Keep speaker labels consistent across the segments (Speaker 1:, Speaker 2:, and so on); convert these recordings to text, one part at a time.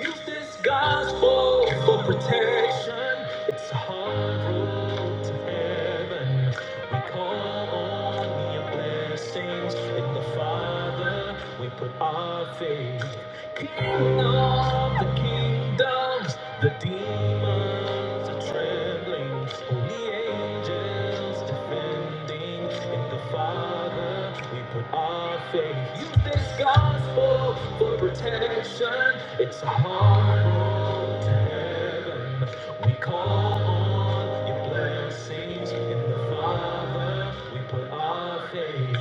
Speaker 1: Use this gospel for protection. It's a hard road to heaven. We call on your blessings in the Father. We put our faith. King of the kingdoms, the demons are trembling. Holy angels defending in the Father. We put our faith. Use this gospel for protection. It's a hard road to heaven. We call on your blessings in the Father. We put our faith.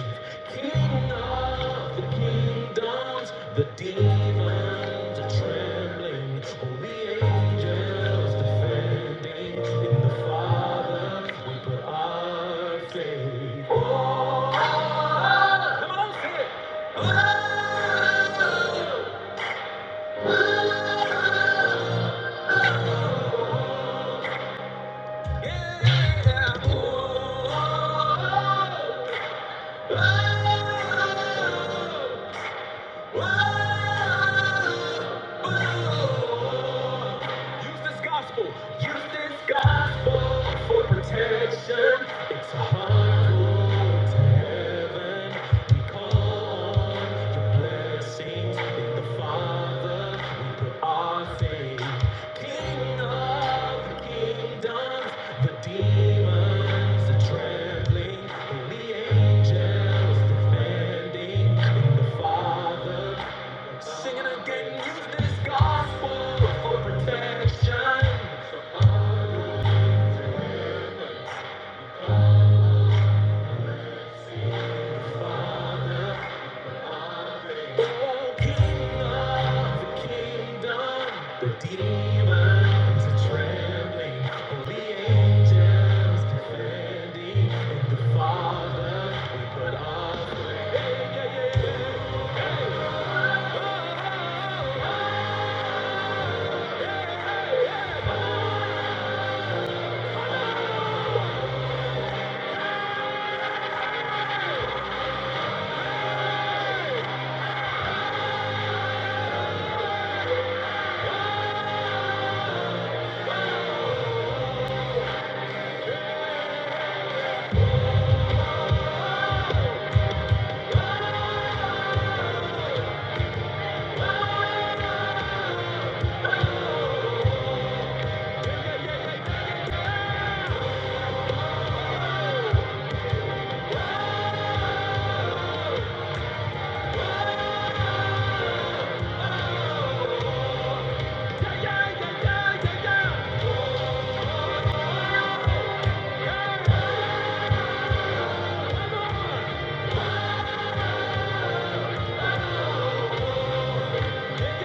Speaker 1: King of the kingdoms, the demons are trembling. Holy angels defending in the Father. We put our faith. Oh, come on, sing it. Oh. Use this gospel. Use this gospel for protection. It's a hard road to heaven. We call on your blessing the Father, we put our faith. King of the kingdoms, the demons are trembling. Holy angels defending. the Father, singing again. Use this gospel for protection. the Father. Yeah.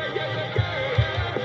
Speaker 1: yeah, yeah, yeah, yeah.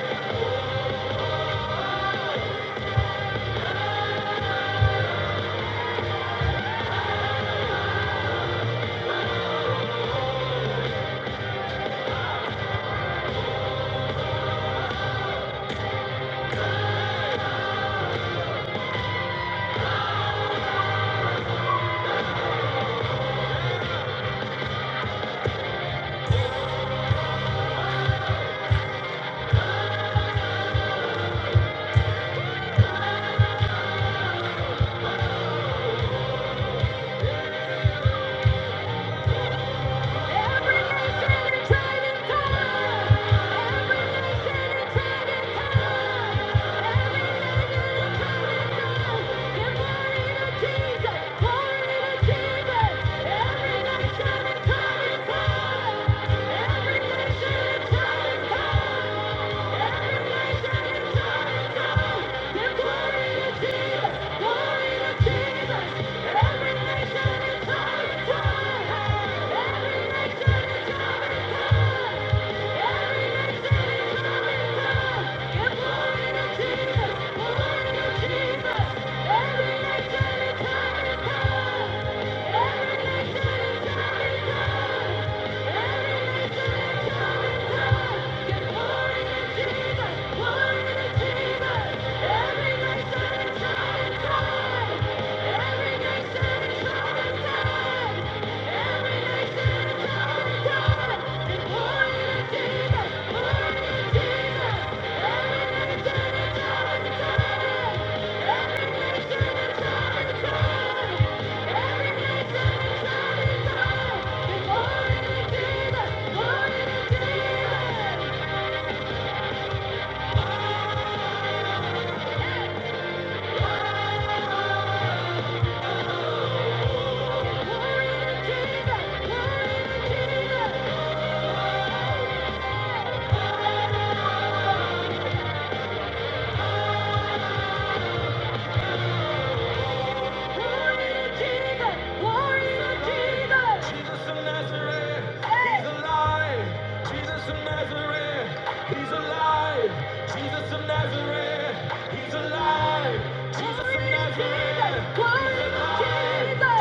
Speaker 1: Every nation and tribe and tongue. Every nation, every tongue, every nation, every tongue, give glory. Thank you. Thank you. Jesus of Nazareth, he's alive. Jesus of Nazareth, he's alive. Jesus of Nazareth, he's alive. Jesus of Nazareth,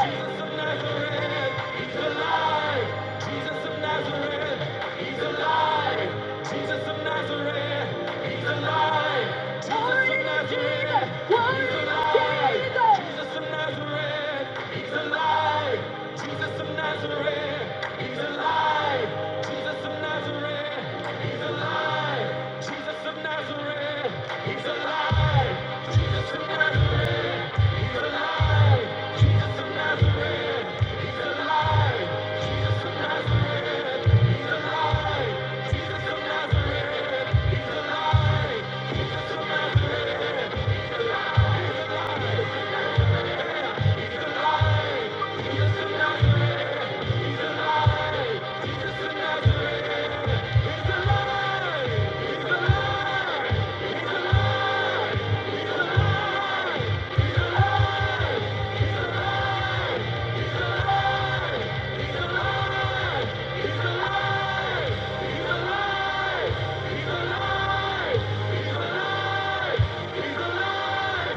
Speaker 1: Jesus of Nazareth, he's alive. Jesus of Nazareth, he's alive. Jesus of Nazareth, he's alive. Jesus of Nazareth, he's alive. Jesus of Nazareth, he's alive. Jesus of Nazareth, he's alive. Jesus of Nazareth, he's alive. Jesus of Nazareth, he's alive. Jesus He's alive! He's alive! He's alive!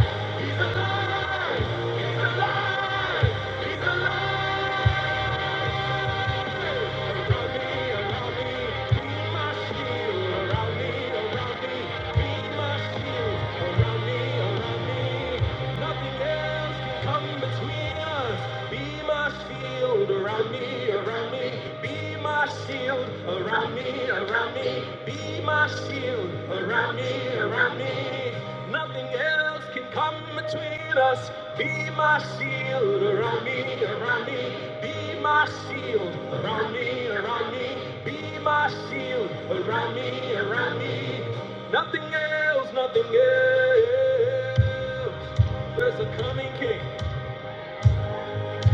Speaker 1: He's alive! He's alive! He's alive! Around me, around me, be my shield. Around me, around me, be my shield. Around me, around me, nothing else can come between us. Be my shield. Around me, around me, be my shield around me, around me. Be my shield around me, around me. Nothing else can come between us. Be my shield around me, around me. Be my shield around me, around me. Be my shield around me, around me. Nothing else, nothing else. There's a coming King.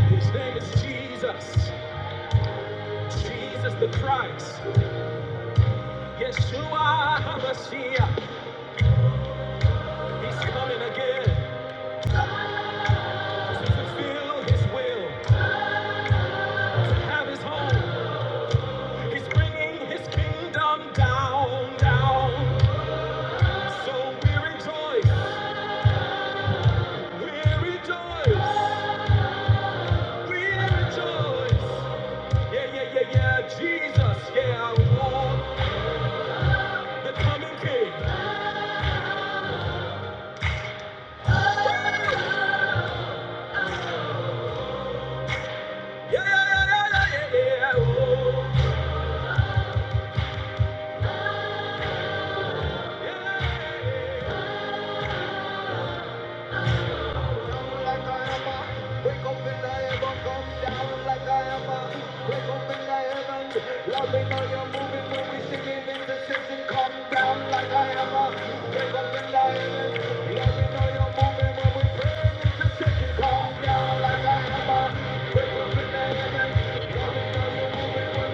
Speaker 1: His name is Jesus. Jesus the Christ. Yeshua HaMashiach, He's coming again to fulfill His will, to have His home. He's bringing His kingdom down, down. So we rejoice, we rejoice, we rejoice. Yeah, yeah, yeah, yeah, Jesus, yeah, oh, the coming King. Yeah, yeah, yeah, yeah, yeah, yeah, yeah, oh, yeah. yeah. Down like I am, break up in the heaven. Let me know you're moving when we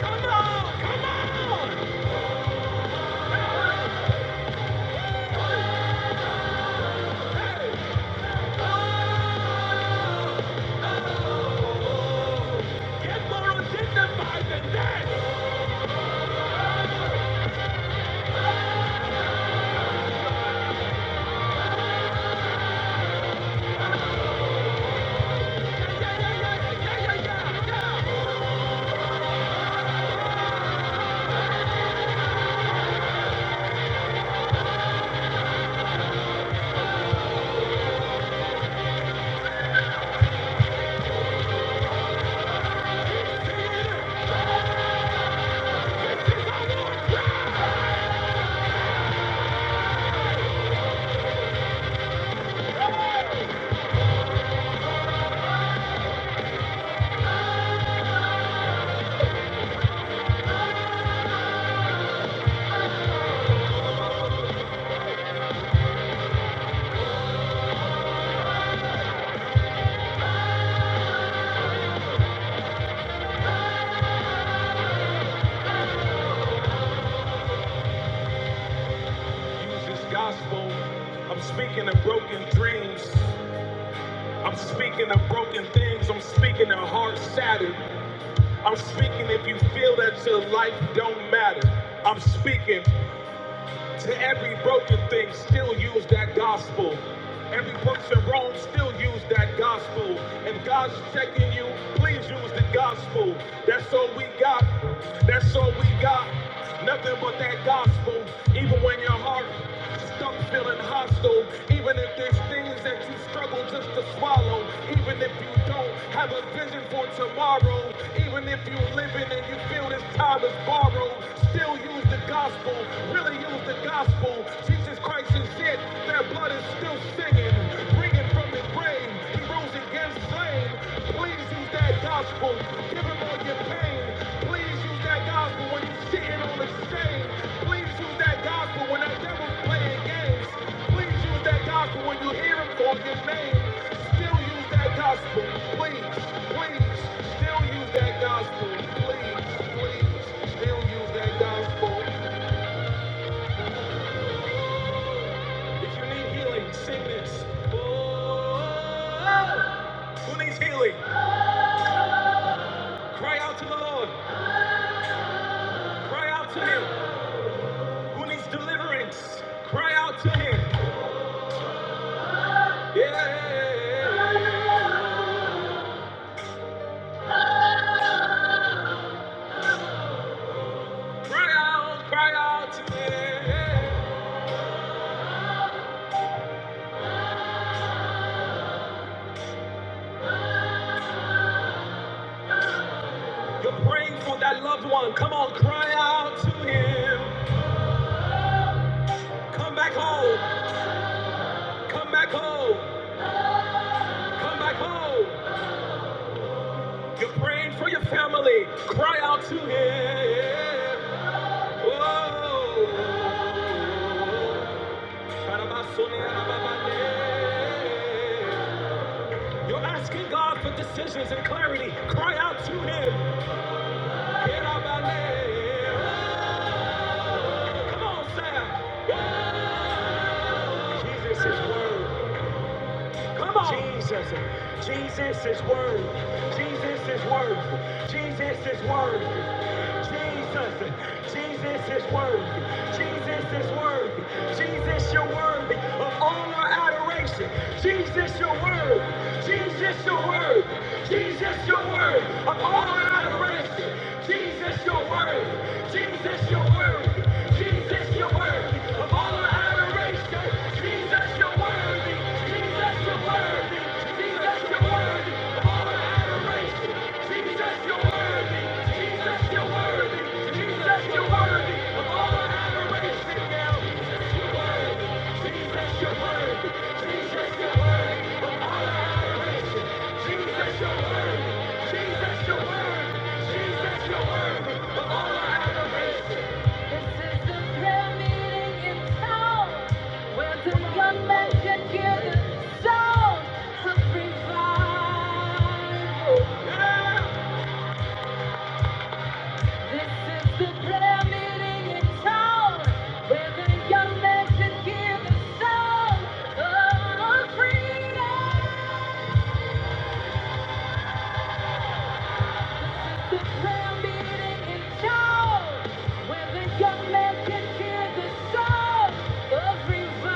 Speaker 1: Come on! Come on! Use this gospel. I'm speaking of broken dreams. I'm speaking of broken things. I'm speaking of hearts shattered. I'm speaking if you feel that your life don't matter. I'm speaking. To every broken thing, still use that gospel. Every person wrong, still use that gospel. And God's checking you, please use the gospel. That's all we got. That's all we got. Nothing but that gospel. Even when your heart stuck feeling hostile, even if there's things that you struggle just to swallow, even if you don't have a vision for tomorrow, even if you're living and you feel this time is borrowed, still use the gospel really use the gospel. Jesus Christ is dead. Their blood is still singing. Bringing from the grave. He rose again slain. Please use that gospel. Give him all your pain. Please use that gospel when you're sitting on the stage. Please use that gospel when that devil's playing games. Please use that gospel when you hear him call your name. Still use that gospel. Please, please, still use that gospel. Please, please, still use that gospel. If you need healing, sing this. Oh, who needs healing? Cry out to the Lord. Cry out to Him. Who needs deliverance? Cry out to Him. Yeah. Cry out, cry out to Him. You're praying for that loved one. Come on, cry out to Him. Come back home. Come back home. Come back home. You're praying for your family. Cry out to Him. You're asking God for decisions and clarity. Cry out to Him. Come on, Sam. Jesus is word. Come on. Jesus. Jesus is worthy. Jesus is worthy. Jesus is worthy. Jesus. Jesus is worthy. Jesus is worthy. Jesus, you're worthy of all our adoration. Jesus, you're worthy. Jesus, you're worthy. Jesus, you're worthy of all our adoration. Jesus, you're worthy. Jesus, you're worthy. Jesus, you're worthy of all our adoration. Jesus, you're worthy. Jesus, you're worthy of all our adoration. This is the prayer meeting in town where the young men can hear the sound of revival. This is the prayer meeting in town where the young men can hear the sound of freedom. Young man can hear the sound of freedom.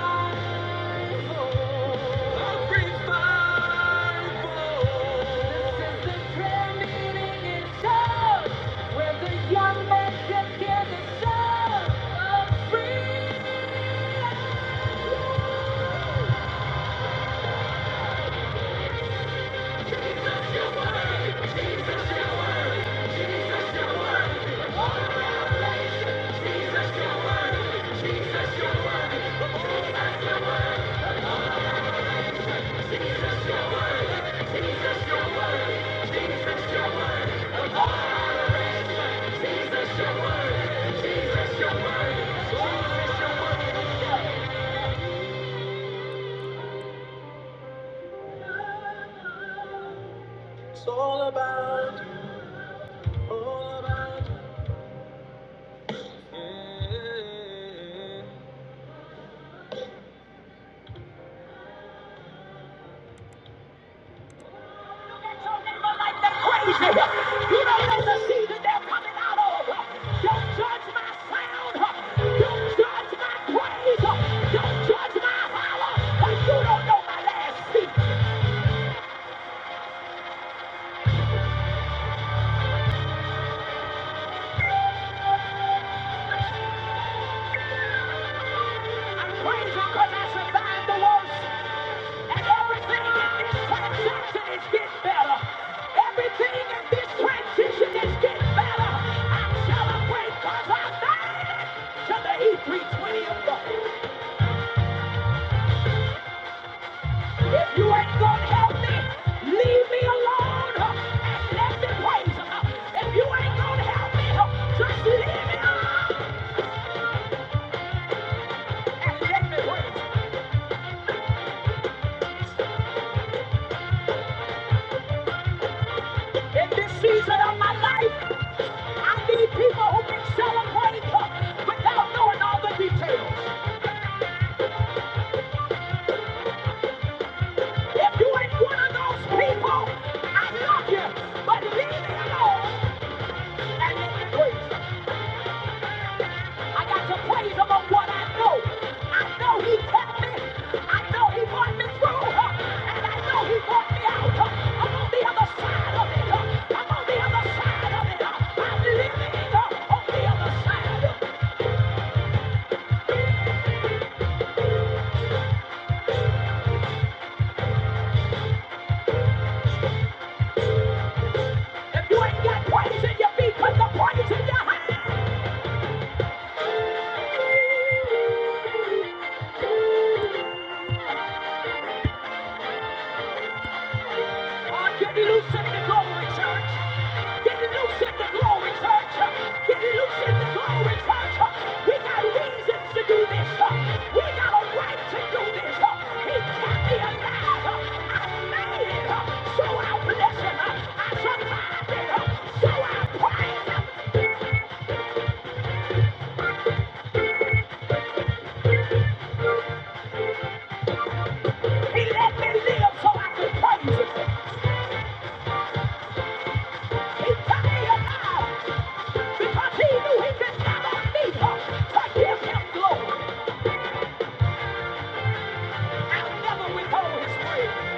Speaker 1: It's all about Crazy. You don't know the season they're coming out Don't judge my sound. Don't judge my praise. Don't judge my holler. You don't know my last seat. I'm praising I survived the worst. And everything in this transition is getting better. Everything in this transition is getting better. I celebrate because I made it to the E320 If you ain't gonna help me, leave me alone uh, and let me praise If you ain't gonna help me, uh, just leave me and let me praise In this season of my life, I need people who can celebrate without knowing all the details. If you ain't one of those people, I love you, but leave me alone and let me praise him. I got to praise him on what I know. I know he kept me. I know he brought me through, huh? and I know he brought me out. huh? I'm on the other side of it. huh? I'm on the other side of it. huh? I'm living on the other side. huh? If you ain't got praise in your feet, put the praise in your hands. Oh, get loose in glory, church. Get loose in glory, church. Get loose in glory, church. We got reasons to do this. We got a right to do this. He kept me alive. I made it. So I bless him. I survived it. So I praise him. He let me live so I could praise him. He kept me alive because he knew he could never leave. To give him glory. I'll never withhold his praise.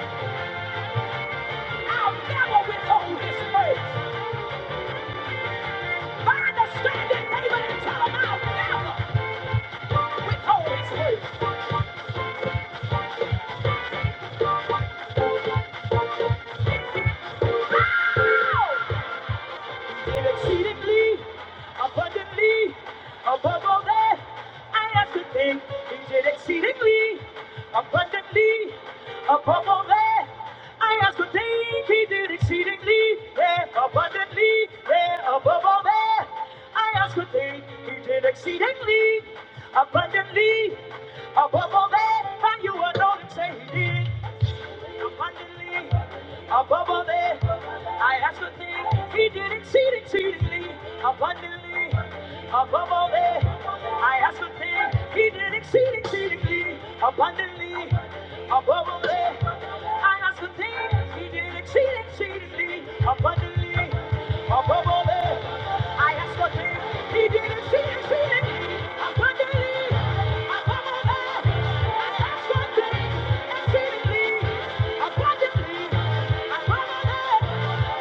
Speaker 1: I'll never withhold his praise. Find a standing neighbor and tell him I'll never withhold his praise. exceedingly, abundantly, above all that I ask to think. He did exceedingly, abundantly, above all that I ask to think. He did exceedingly, yeah, abundantly, yeah, above all that I ask to think. He did exceedingly, abundantly, above all that. And you alone and say he did abundantly above all that I ask a thing. He did exceed exceedingly abundantly above all that I ask a thing. He did exceed exceedingly abundantly above all that I ask a thing. He did exceed exceedingly abundantly above all that I ask a thing. He did it, see it, see it. Abundantly, above I ask one thing, exceedingly, abundantly, above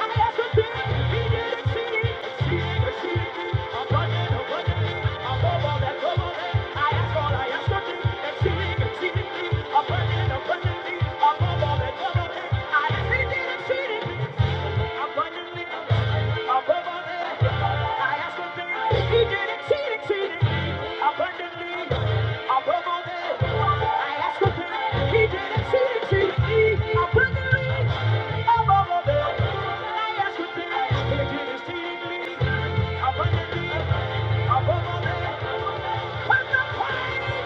Speaker 1: I ask a thing. He did it, see it, see it, see it. Abundant, abundantly, above all that, above all that. I ask all, I ask nothing, exceeding, exceedingly, abundant, abundant. Abundantly, above all that, what the price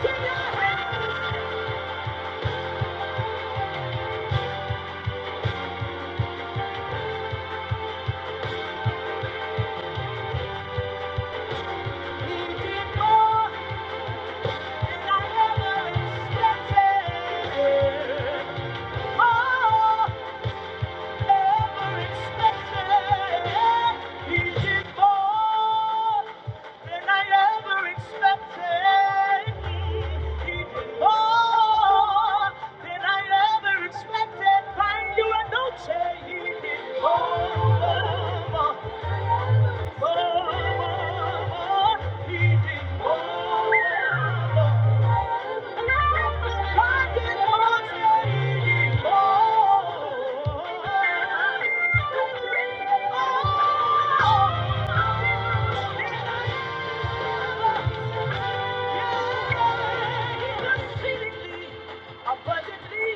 Speaker 1: in your hand, he did more. Expected, find you a noche, he did more. more, more. Oh! abundantly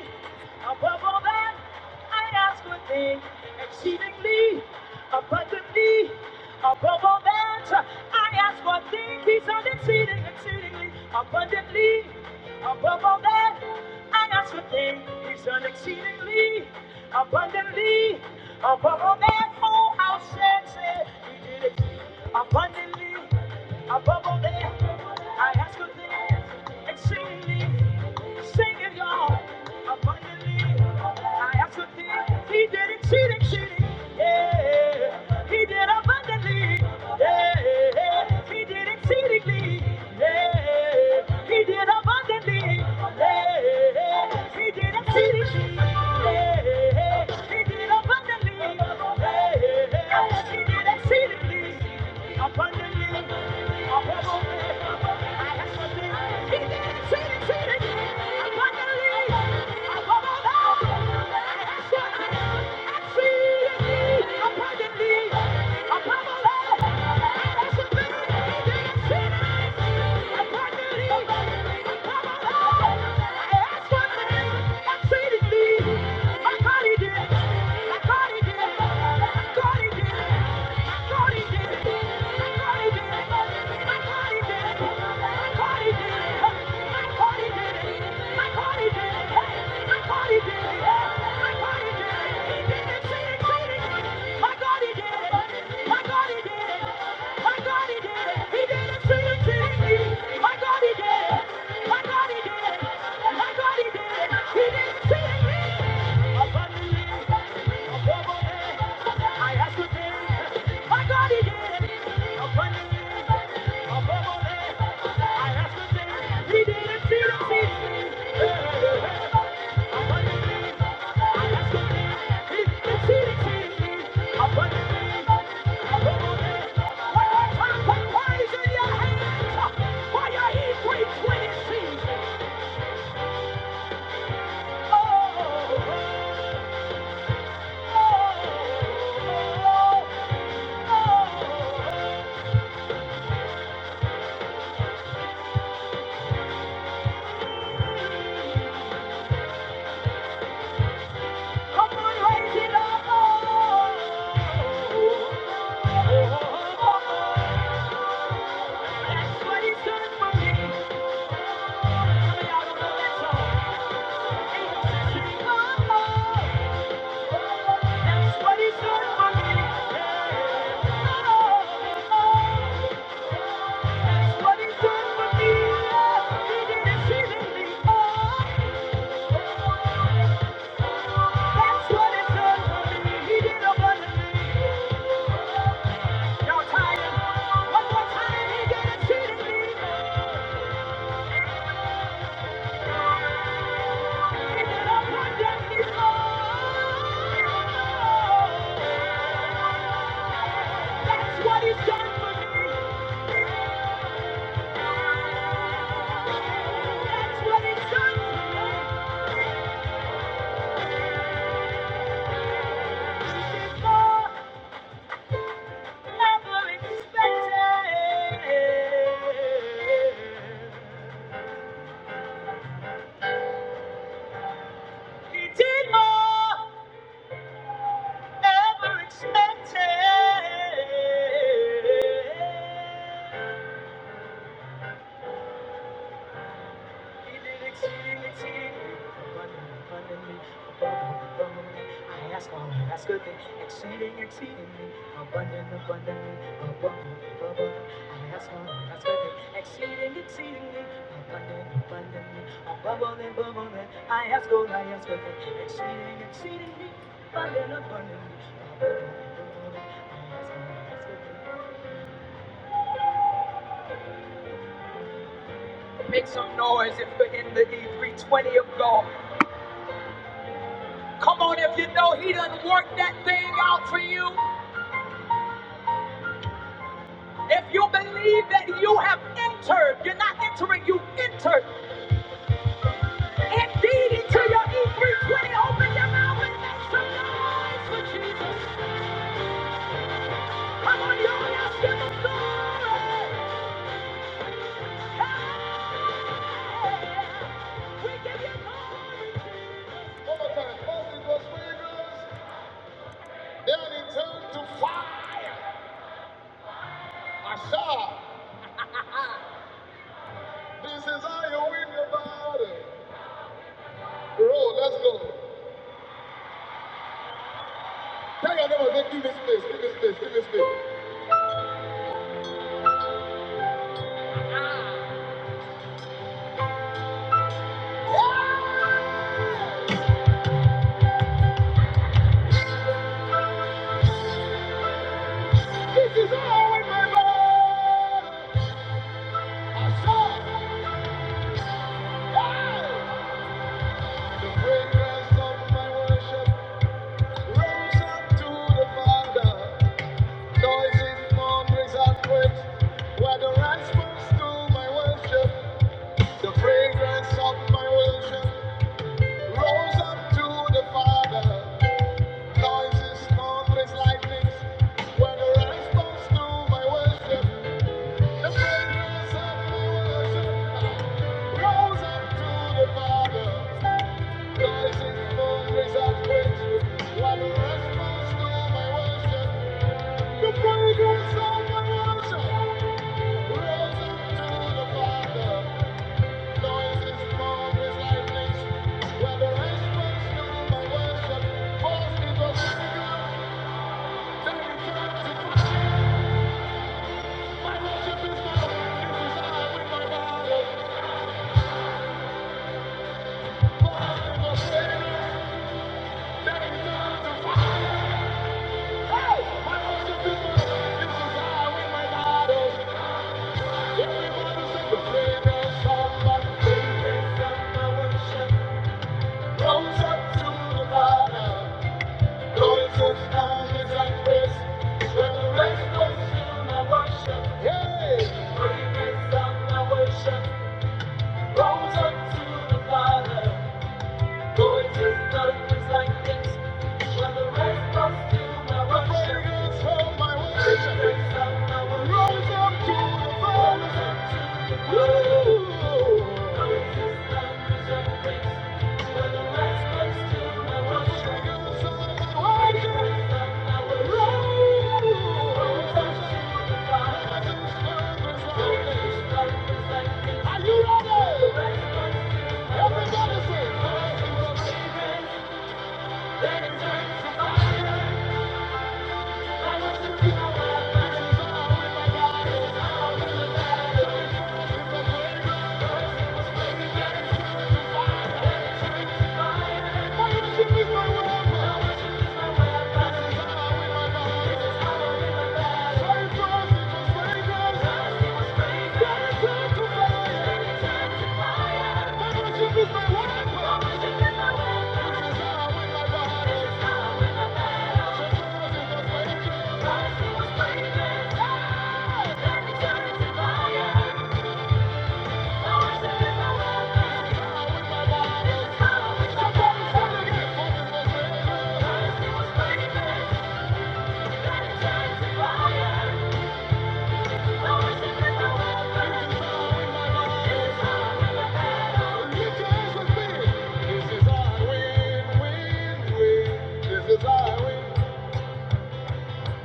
Speaker 1: above all that I ask or think, exceedingly abundantly above all that I ask or think. He's done exceeding, exceedingly abundantly above all that I ask or think. He's done exceedingly abundantly abundantly, Above all our senses, He did it abundantly, above all that. I ask of thee, exceedingly, sing it, y'all, abundantly. I ask of thee, He did exceeding, exceeding, yeah, He did abundantly. Yeah, he did exceedingly. Yeah, he did abundantly. Yeah, he did exceedingly. Yeah, he did abundantly. Yeah, he did exceedingly. Abundantly. Above all. He did exceedingly. Abundantly. Above all. I got it. He did it. He did it. Abundantly, above all. I have to think. My God, he did. A funny, a bubble, I have to think. He did it seriously. A funny, I have to think. He did it seriously. A funny, a bubble, One more time, in your hands. For your heat breaks when it sees. Oh, oh, oh, oh. That's what he's done for me. He did it, she did it. Oh. That's what it's done for me. He did a wonder for me. Y'all tired? One more time, he did it to me. He did a wonder for me. That's what he's done for me. That's what he's done for me. never expected. He did more ever expected. I ask all I ask good thing, exceeding, exceedingly, abundant, abundantly, above, I ask all I ask good thing, exceeding, exceedingly, abundant, abundantly, above all I ask all I ask good thing, exceeding, exceedingly, abundant, abundantly, above Make some noise if we're in the E320 of God. You know he done worked that thing out for you. If you believe that you have entered, you're not entering, you entered indeed into your E320. Open your mouth and make some noise for Jesus. Come on, y'all, let's give him glory. Hey, we give you glory. Jesus. Yeah, this is all we remember. I saw, hey, where the rest was to my worship. The fragrance of my worship rose up to the Father. Noises, thunders, lightnings were the response to my worship. The fragrance of my worship rose up to the Father. Noises, thunders, earthquakes were the response to my worship. The fragrance of my worship rose up to the Father. Rose up to the bottom. the to to up up Thank Are you ready? Everybody say, then Thank you.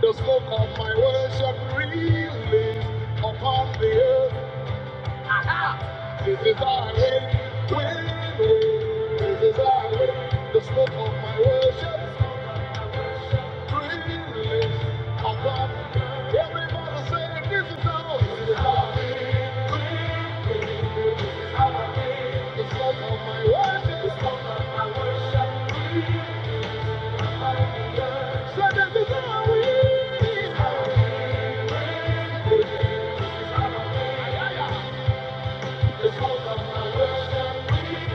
Speaker 1: The smoke of my worship release upon the earth. This is our way, freely. This is our way. The smoke of my worship freely. I come. Everybody say this is our way. This is our way, freely. This is our way. The smoke of my worship. The smoke of my worship freely. Say this is our way. This is our way. This is our way. The smoke of my worship freely.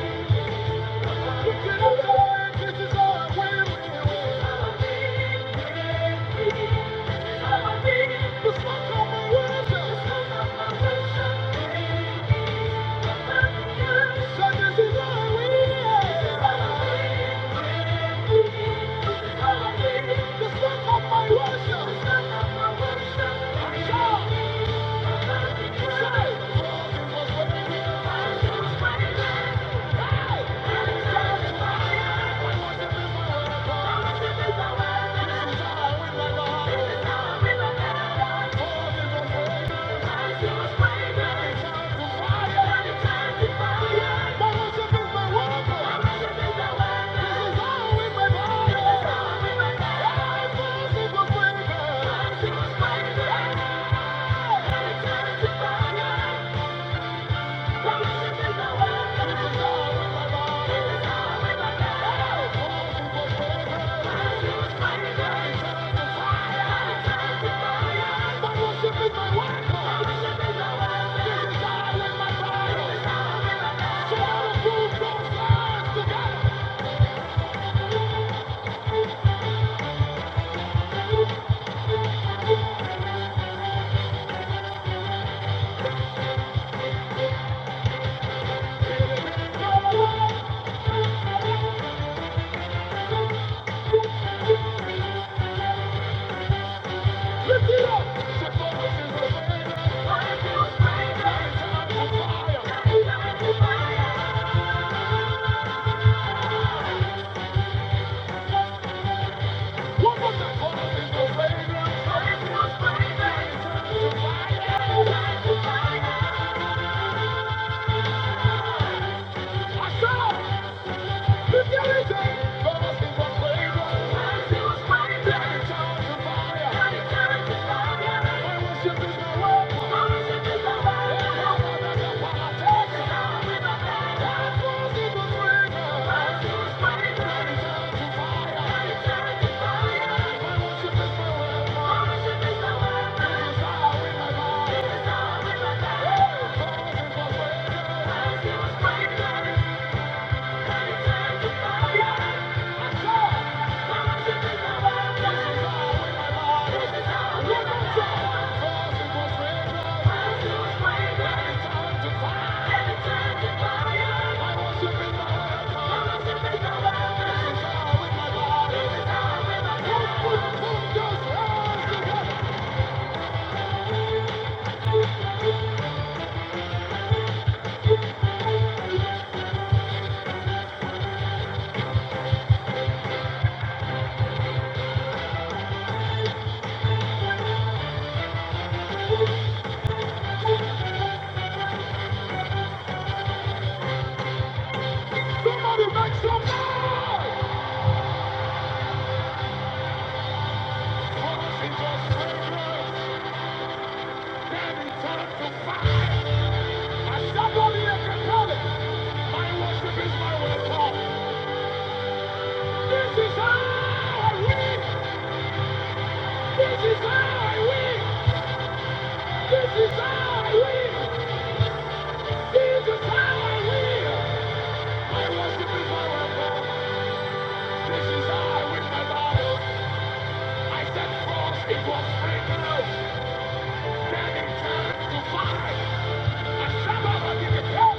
Speaker 1: This is my worship. Thank you. Fire! One more time. Hold on, it's the fragrance. I saw. he Thank you. This is how I win! This is how I win! This is how I live. This is how I live. My worship is my weapon. This is how I win I set forth it was fragrance. Then it turned to fire. A shabbat I give it up.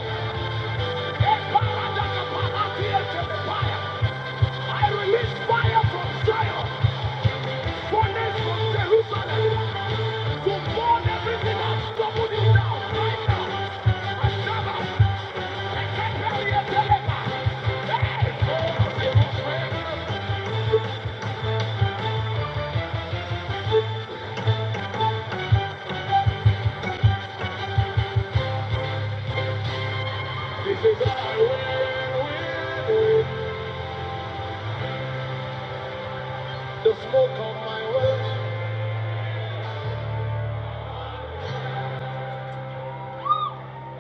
Speaker 1: A paradaka palatia to the fire. I release fire from Zion. Furnace from Jerusalem. To burn everything that's troubled down right now. A shabbat. This is how you win, win, win. The smoke on my way.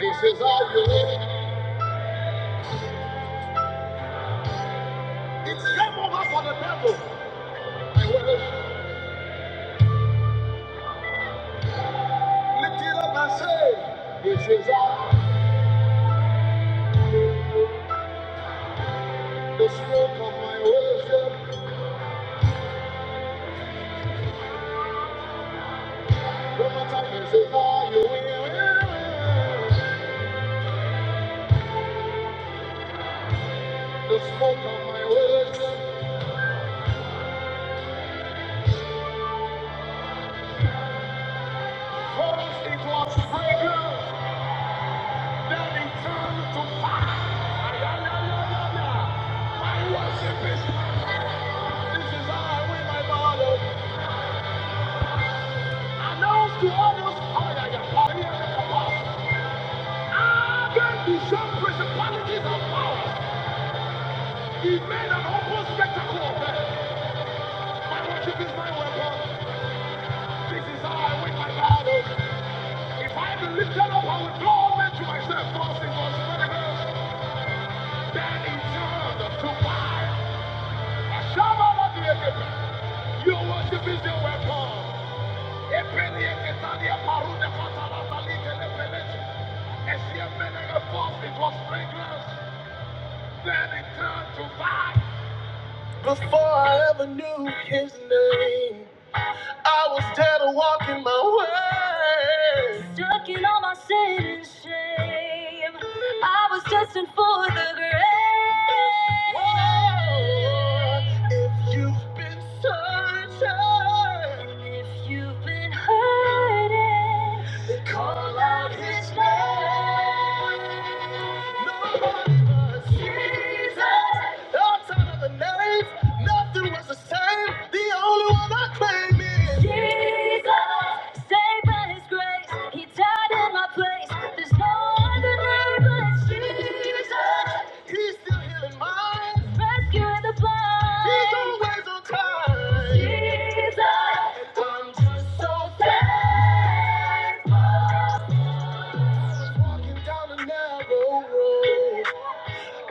Speaker 1: This is how you win, my worship. Say, this is how the smoke of my worship. One more time, this is how you live win, The smoke of my worship. For us it was fragrance. Ah, My worship is announced to almost all those oh, yeah, yeah, power, yeah, yeah, Against the same principalities and powers. He made an open spectacle of them. My worship is my weapon. This is how I win my battles. If I be lifted up, I will draw men to myself. Thus it was spoken. Then he turned to fire. A shaman of the Egypt. Your worship is your weapon. Epele eketalia parude fatala talike lepeleche. Esie mele reforce, it was fragrance. Stuck in all my sin and shame. I was destined for the grave. If you've been searching, if you've been hurting, then call out his name. Jesus, I'm just so thankful. I was walking down a narrow road.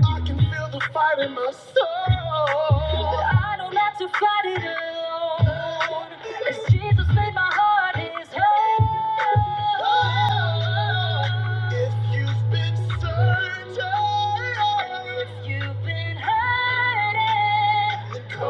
Speaker 1: I can feel the fight in my soul. But I don't have to fight it alone. As Jesus made my heart his home. If you've been searching, if you've been He's still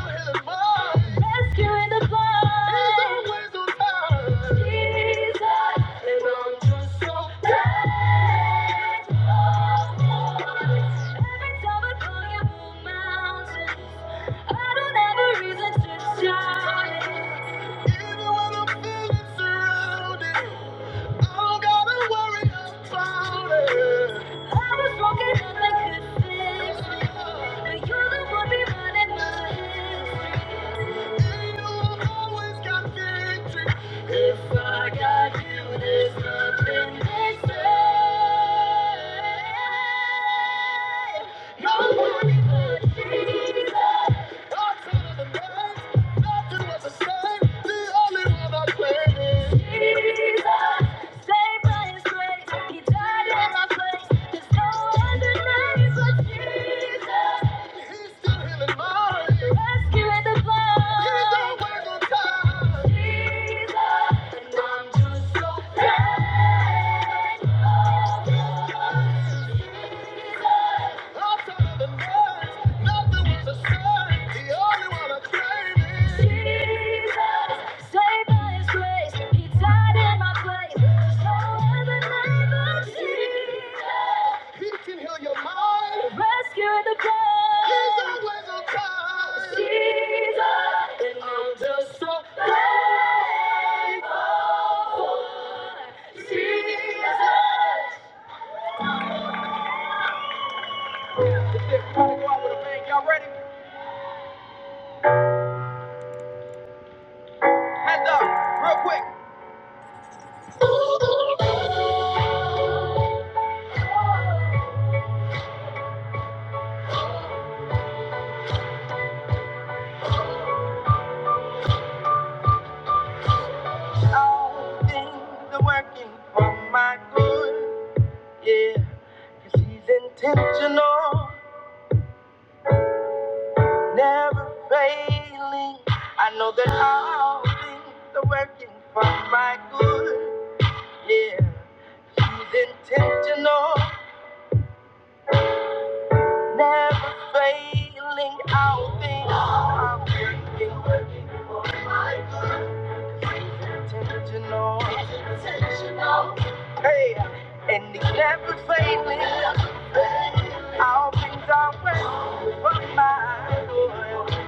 Speaker 1: in mind. Rescuing the blind. He's always on time. Jesus. Nobody but Jesus. God created the names. Nothing was the same. The only one I claim is Jesus. Saved by His grace, He died in my place. There's no other name but Jesus. He's still healing my rescuing the blind. He's always on time. Jesus, and I'm just so thankful. All things working for my good. Yeah, 'cause he's intentional, never failing. I know that all things are working for my good. Yeah, 'cause he's intentional, never failing. All things are working. 'cause He's intentional. Hey, and he's never failing. All things are working for my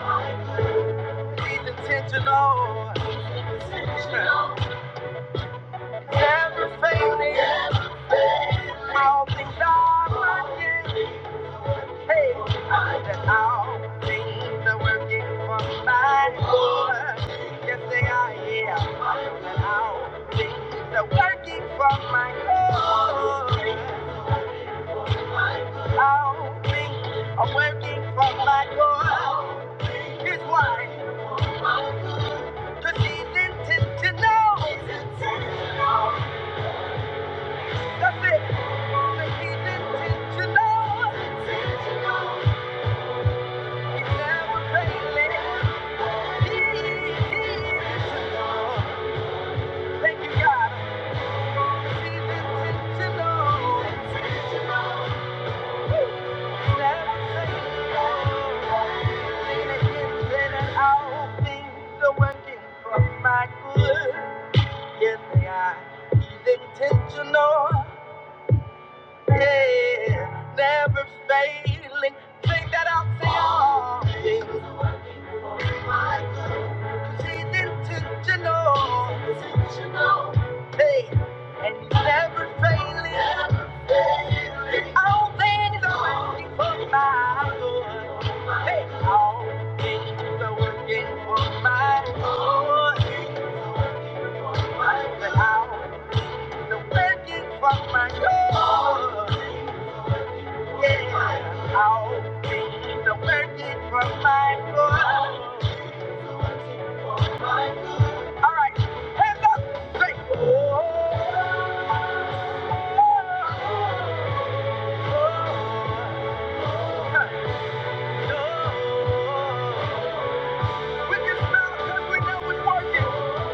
Speaker 1: good. He's intentional. Never failing, all working. Hey, for my good. Yes, Yeah, working for my good. All working for my good. Here's why, 'cause he's intent to know. That's it. he's intentional. Intentional. never failing. He intentional. Thank you, God. He's intentional. never failing. Lean against it and all things are working for my good. Yes, they are. He's intentional. Yeah, never failing. Sing that out to y'all. Yeah, Cause he's intentional. Hey, and he's never failing. Never failing. All things are working for my good. Hey, all things are working for my good. All things are working for my good. I'll be the working for my good. All right, hands up, say, oh. oh, oh, oh. We can smell it 'cause we know it's working.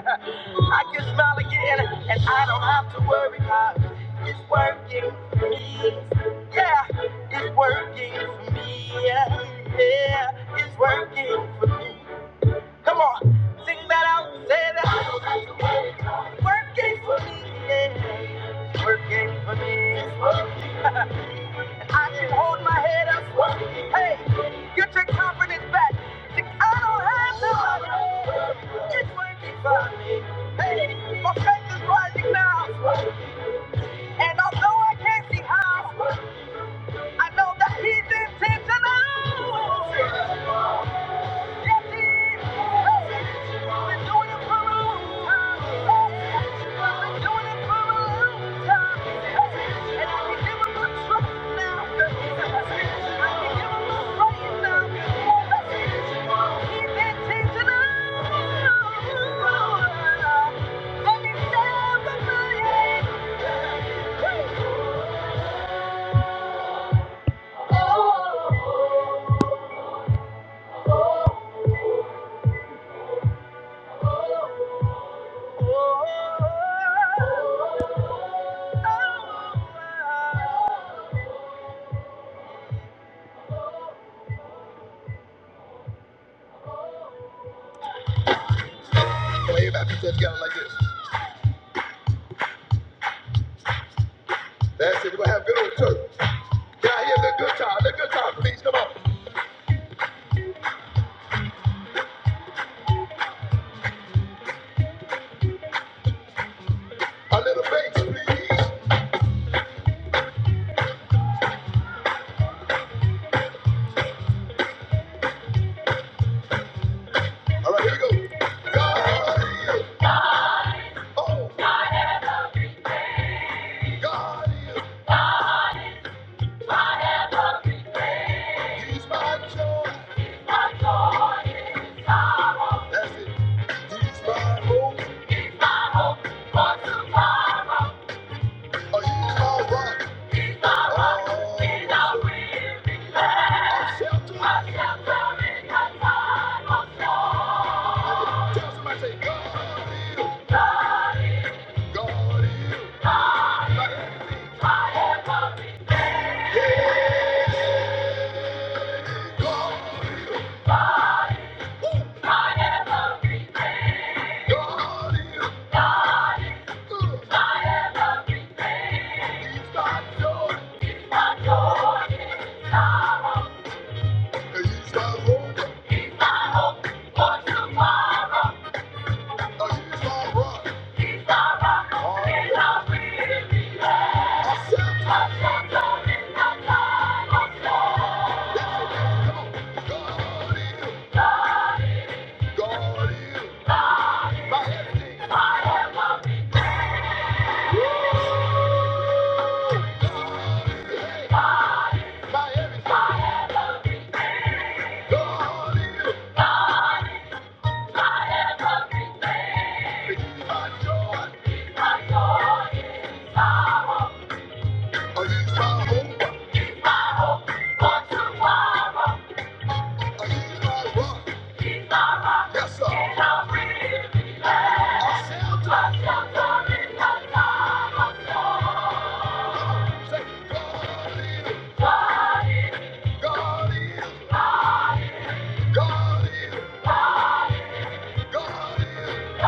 Speaker 1: I can smile again and I don't have to worry 'cause it's working for me. Yeah. It's working for me. Yeah, yeah, it's working for me. Come on, sing that out, say that. It's Working for me. Yeah, it's working for me. It's working. I can hold my head up. Hey, get your confidence back. Think I don't have the money. It's working for me. Hey, my faith is rising now. And although I can't see how. I know that he's intentional. Yes, he is. I've been doing it for a long time. I've been doing it for a long time. And I can give him my trust now. I can give him my praise now. He's intentional. And he's never lying. Oh. Wave at that together like this. That's it. We're gonna have a good old church. Can I hear the good time? The good time, please. Come on. A little bass, please. All right, here we go. God is, oh, God is, He's my joy. That's it. He's my hope. Oh, He's my rock. Oh, God is my everything. by every God is my joy. Oh, he's my hope. Oh, he's my rock. Yes, sir. My shelter. Say, God is, God God is, God is.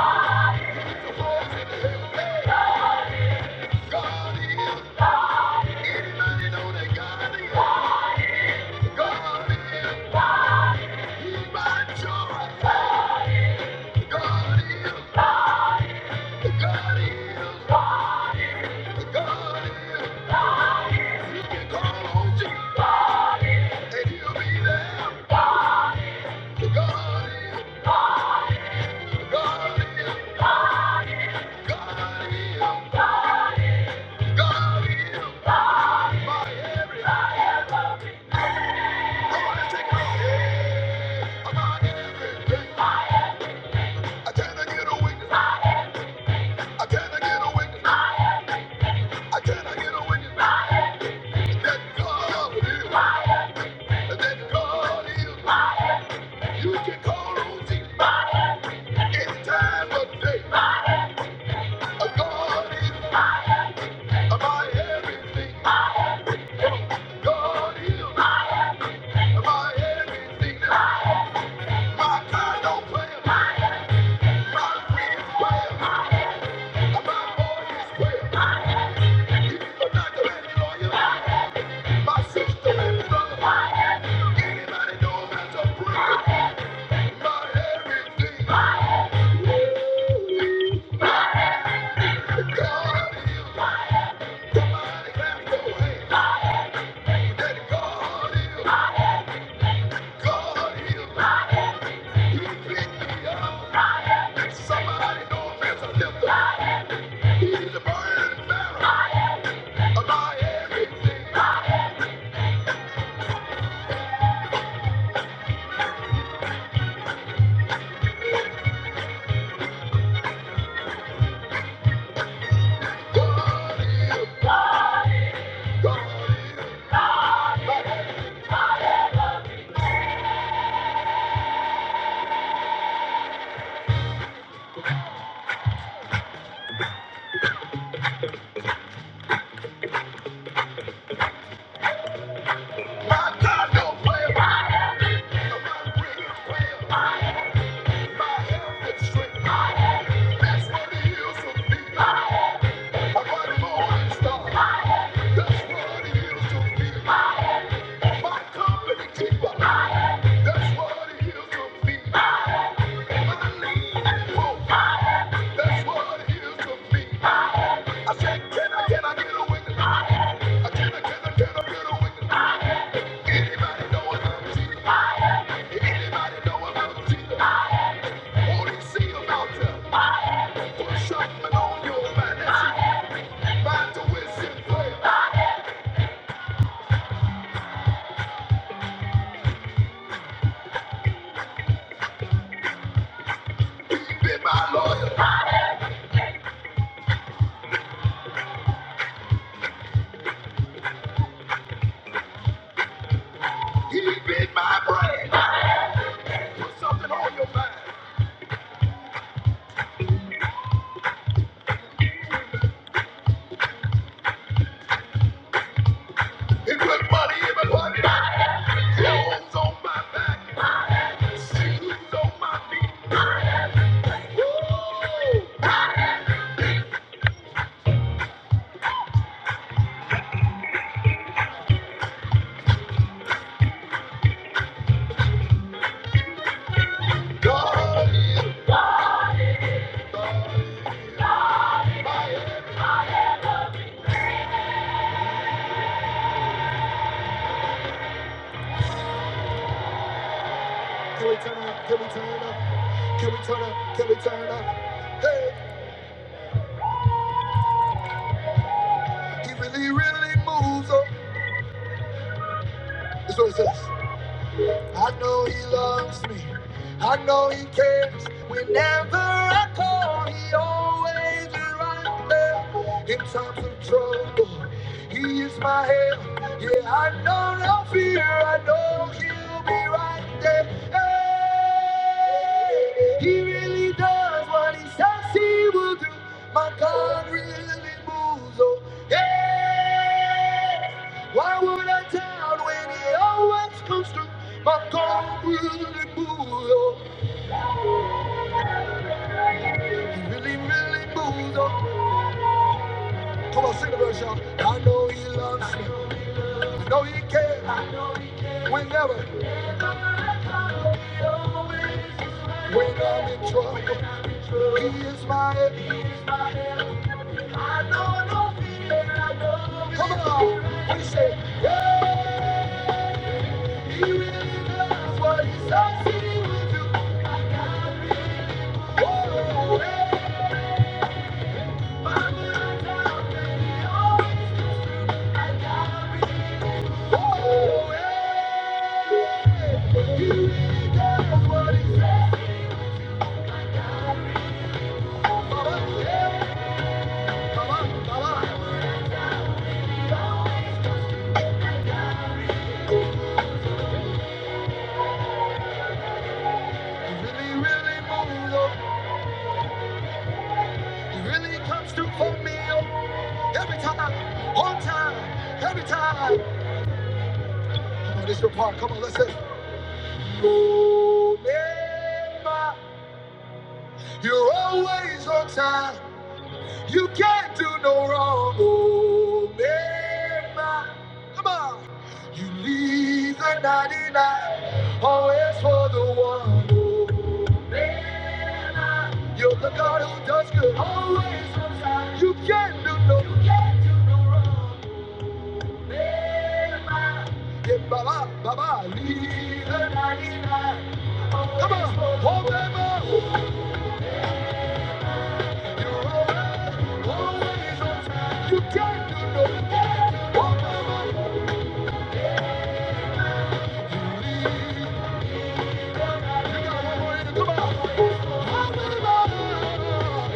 Speaker 1: Lift your voice in the heaven. Hey, God is. Anybody know that God is? God is. He's my joy. God is. God is. You can call on Jesus any time of day. A God is. My everything, God is my everything. My God don't play. My friend is well. My boy is well. He is the doctor and the lawyer. My sister and brother. Anybody know how to pray? My everything, God is. Somebody clap your hands. That God is, God is, He picked me up. And somebody knows there's a lifter. He's the burden bearer of my everything. God is, God is. My God don't play about it. My bring is My health is strength. That's what He is to me. I'm a morning star. That's what He is to me. My company keeper. That's what it is to be. My name is hope. That's what it is to be. I said, can I, can I get a witness? I can, I can, I can, I get a witness. Anybody know about Jesus? Anybody know about Jesus? All he see about you. Put something on your mind. That's it. Mind to wisdom prayer. He been my lawyer. He been my brain. Put something on your mind. It put money in my pocket, clothes on my back, shoes on my feet. Oh, God is God. He really, really moves on. That's what it says. I know He loves me. I know He cares. Whenever I call, He always is right there in times of trouble. He is my help. Yeah, I know no fear. I know he'll be right there. Hey, he really does what he says he will do. My God really moves. Oh, yeah. Why would I doubt when he always comes through? My God really moves. Oh, he really, really moves. Oh, come on, sing the verse, y'all. I know he loves me. I know he cares. Whenever. When I'm in trouble, I know no fear, I know. no. Come on, we say, yeah, he really does what he says he will do. Oh, hey, my mind out, and he always comes through. I gotta be, oh, hey, mama, yeah, mama, mama. He really, really moves on. He really comes through for me every time, on time, every time. Oh, this is your part. Come on, let's listen. Omema, you're always on time. You can't do no wrong. Omema, come on. You leave the 99, always for the one. Omema, you're the God who does good. Always on time. You can't do no. You can't do no wrong. Get Baba, Baba, leave the 99. Come on, hold them up. You're always, always on time. You can't do no good. Hold them up. You leave the 99. You got one more in you. Come on. Hold them up.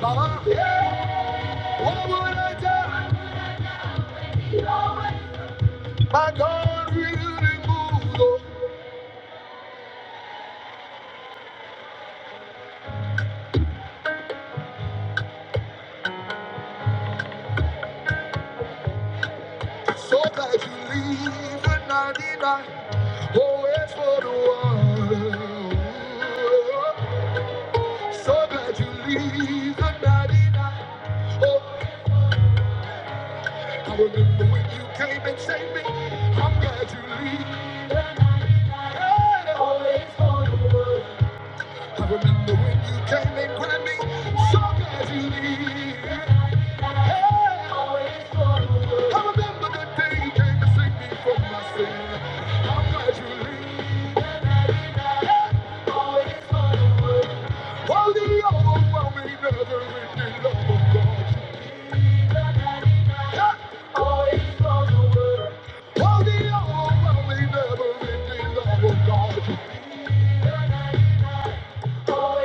Speaker 1: Baba, yeah. What would I do? My God will remove. So that if you leave the 99 always for the one. So that you leave the 99. Oh, I remember when you came and saved me. I'm glad you leave. Oh, I remember when you came and grabbed me. So glad you leave. Hey, always for the one. I remember the day you came to save me from my sin. I'm glad you leave. Well, the overwhelming love of God. So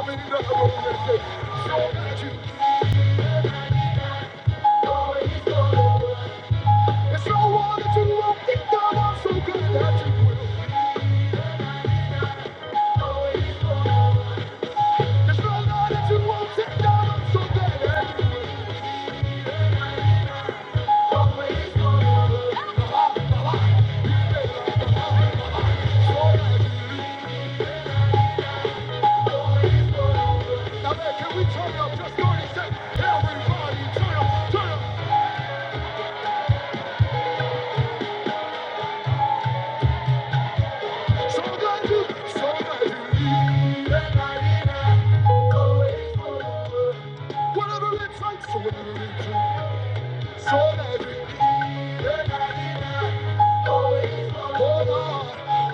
Speaker 1: that you always know. the word. Yes, I wanted to walk it down, I'm so glad that you will always follow. Yes, I wanted to walk it down, I'm so glad that you always follow. Ah, ah, ah, ah, ah, ah. Now, man, can we turn up just 30 seconds? Everybody turn up, turn up. So glad you, so glad you leave. Whatever it takes, so whatever it takes. Whatever it takes,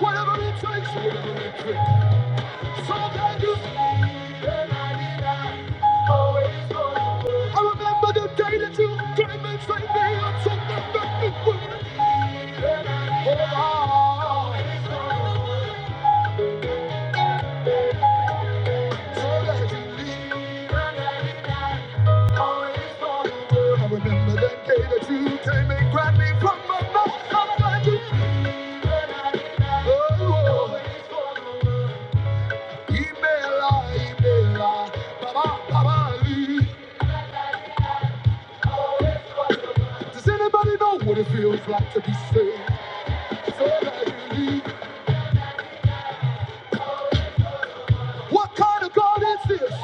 Speaker 1: whatever it takes. So that you, I remember the day that you came and saved me. I'm so thankful for it. So that you leave. I remember that day that you came and grabbed me from my mouth. I'm glad you. Oh, oh. Ibela, Ibela, Baba, Baba Lee. Does anybody know what it feels like to be saved? So that you leave. What kind of God is this?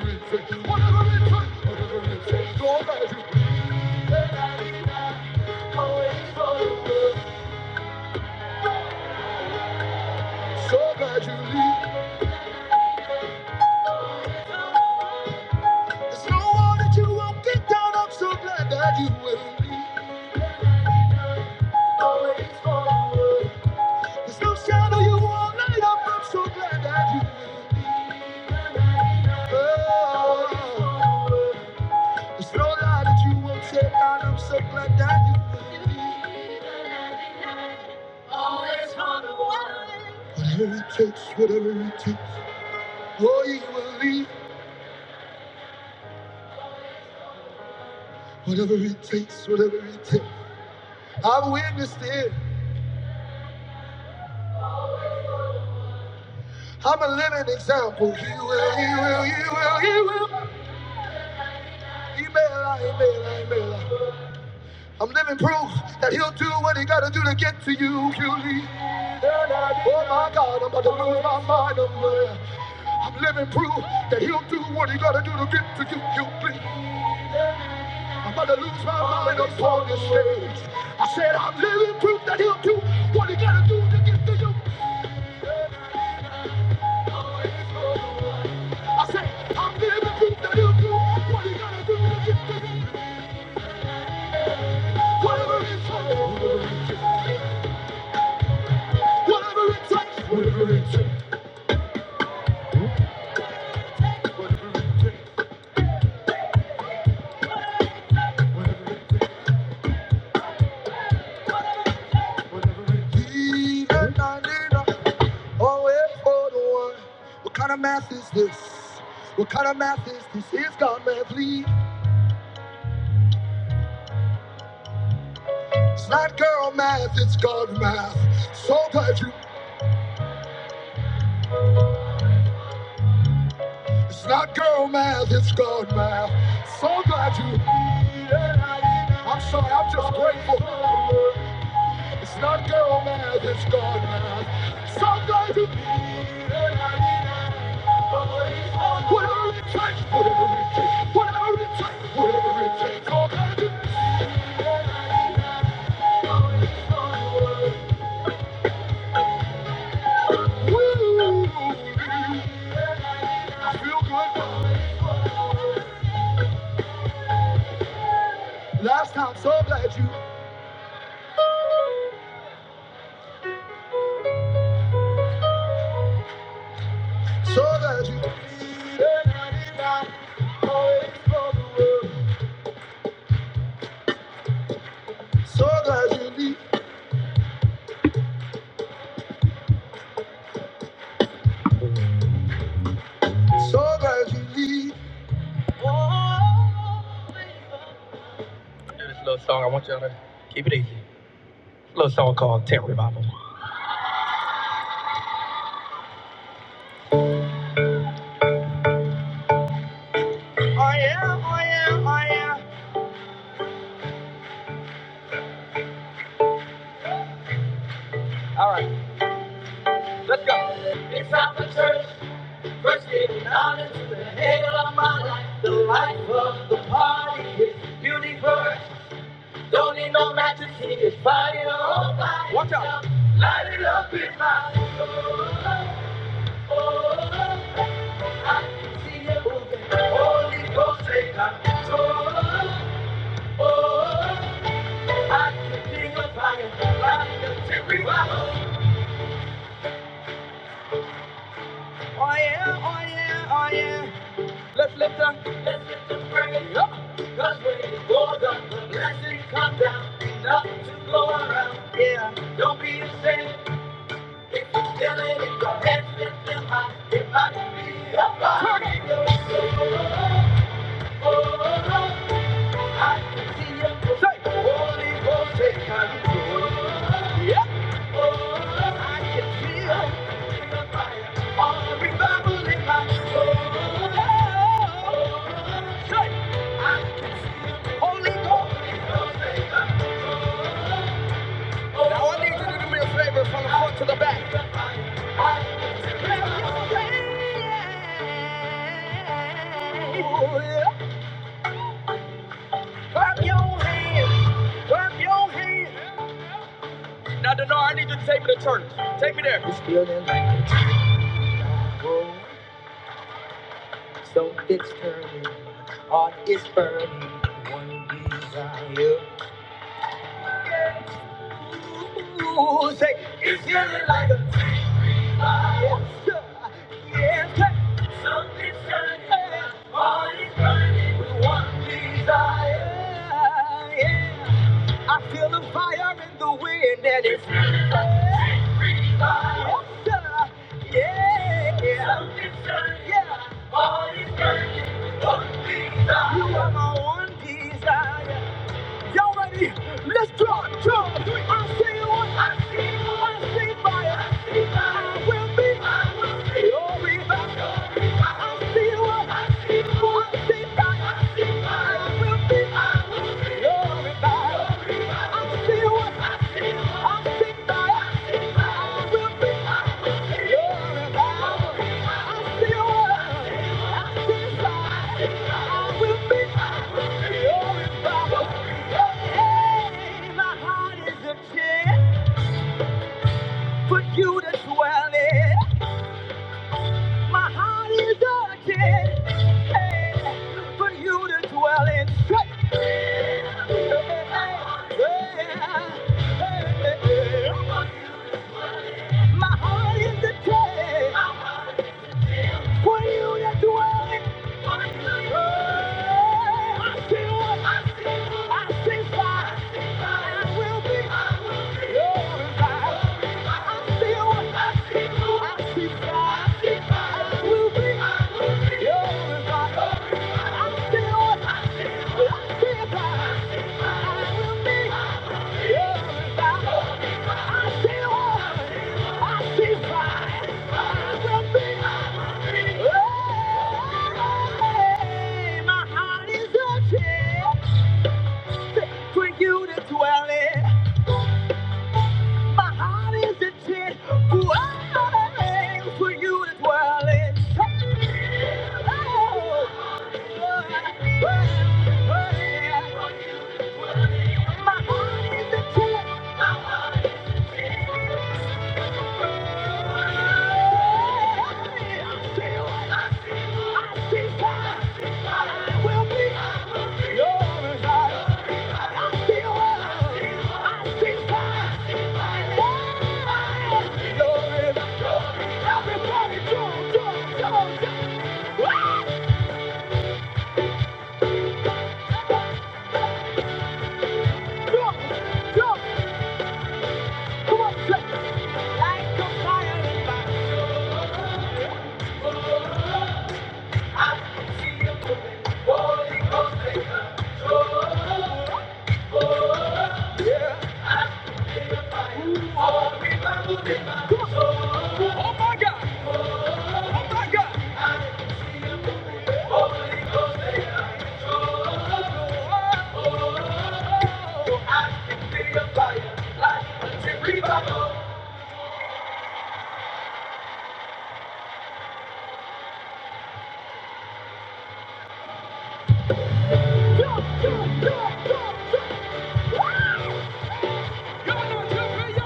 Speaker 1: Everything, whatever it took. So glad you leave. There's no one that you won't get down. I'm so glad that you will leave. Always forward. There's no shadow you won't light up. I'm so glad that you will leave. Oh. There's no lie that you won't take mine. I'm so glad that you believe. Whatever it takes, whatever it takes. Oh, you will leave. Whatever it takes, whatever it takes. I've witnessed it. I'm a living example. He will, he will, he will, he will. He may lie, he may lie, he may lie. I'm living proof that he'll do what he gotta do to get to you, Julie. Oh my God, I'm about to lose my mind. I'm, uh, I'm living proof that he'll do what he gotta do to get to you, Julie. I'm about to lose my mind up on this stage. I said I'm living proof that he'll do what he gotta do to get to you. What he gotta do. He I need a- always for the one. What kind of math is this? What kind of math is this? It's God math, lead. It's not girl math, it's God math. So glad you. It's not girl math, it's God math. So glad you. I'm sorry, I'm just grateful. It's not girl math, it's God math. Sometimes you need an arena, but it's all whatever it takes, whatever it takes, whatever it takes, whatever it takes. All kinds of Woo! I feel good. Last time, so glad you, so glad you. So glad you leave, so glad you leave. This little song, I want y'all to keep it easy. It's a little song called Tent Revival. The hell of my life, the life of the party is universe. Don't need no matches here, it's fire on fire. Watch out. Light it up in my soul. Oh, oh, I can see you moving. Holy Ghost, take control. Oh, I can feel the fire. Light the tent revival. Now, Denard, take me there. music is feeling like a fire. Yeah, something's turning, all is burning with one desire. Yeah, I feel the fire in the wind and it's feeling like a free fire. Yeah, something's turning, yeah, all is desire. You are my one desire. Y'all ready? Let's drop, drop. I see one, I see one, I see fire. I see fire. I will be, I will be your revival. I see one, I see one, I see fire. I see fire. I will be, I will be your revival. I feel what I feel. I'm sick by I will be your revival. I feel what I feel. I'm sick by I will be your revival. Hey, my heart is a tent for you to dwell in. My heart is a tent hey, for you to dwell in. Straight. Hey, hey, hey, hey. My heart is the cage for you to dwell. I still, I still, I still fight. I will be, I will be glorified. I still, I still, I still fight. I will be, I will be glorified. For you to dwell in, my heart is a tent for you to dwell in. Everybody, go, go, go, go! Y'all know Jumping, y'all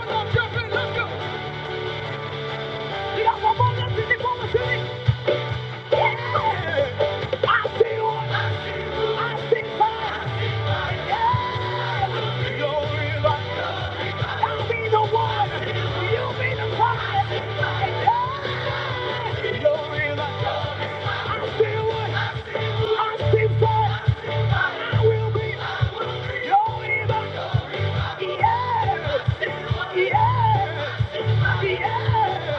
Speaker 1: know jumping, Let's go! You got one more left in the conversation. Yeah! Yeah! Yeah!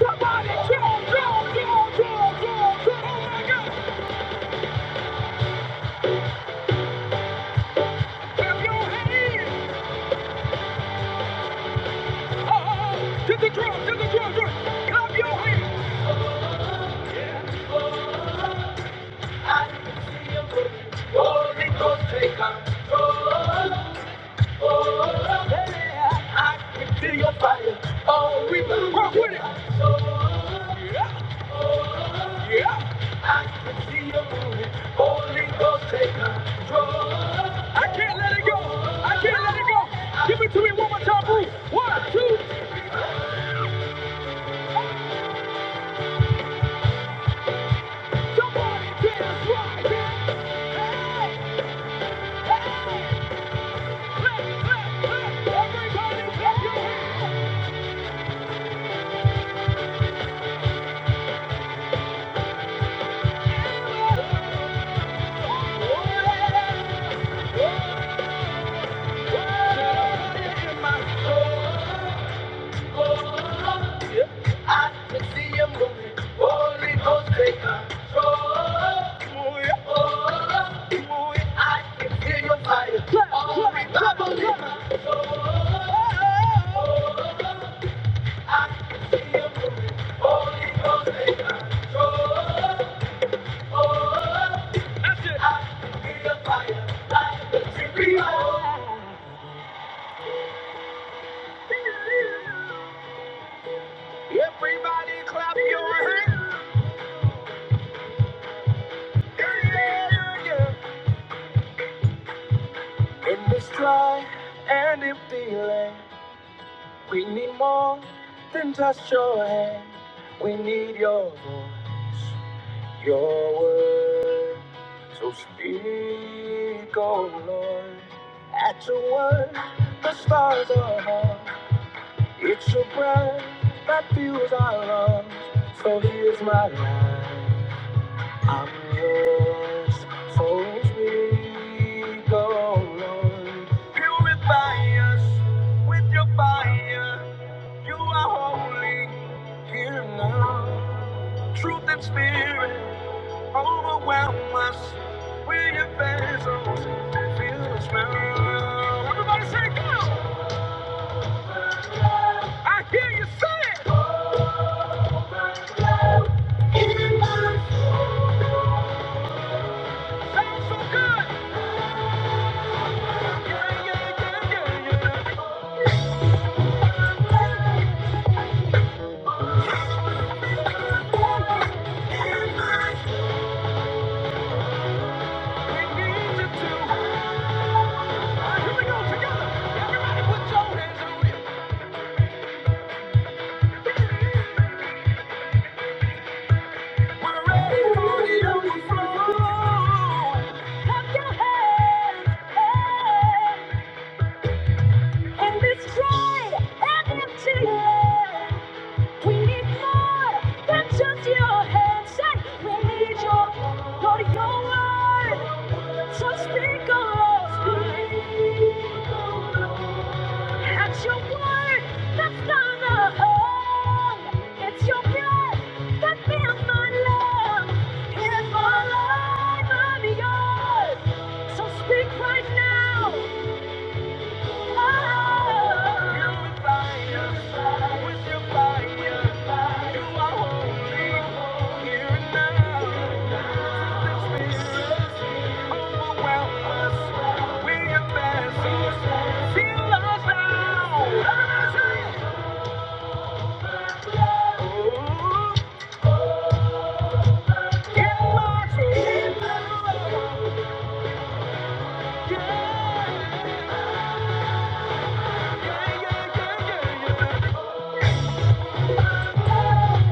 Speaker 1: Somebody draw, draw, draw, draw, draw, Oh my God! Clap your hands. Oh, to the drum, to the drum, drum. Clap your hands. Oh, oh, yeah. I can feel your fire. Oh, we will rock Oh, yeah, yeah. I can see you moving. Holy Ghost, take control. I can't let it go. I can't let it go. Give it to me one more time, Bruce. One, two. Somebody dance right. Hey. I can see him moving. Holy Ghost, take control. I can feel your fire. All revival in my I can see him moving. Holy Ghost, take control. We need your voice, your word. So speak, oh Lord, at your word, the stars are hung. It's your breath that fuels our lungs. So here's my life, I'm yours. So speak, oh Lord, purify us with your fire. Just your hands, say, we need your, Lord, your word. So speak, O Lord. Speak, Oh Lord. That's your word that's not a home. It's your blood that fills my lungs. Here's my life, I'm yours. So speak right now. Yeah. yeah, yeah, yeah, yeah, yeah.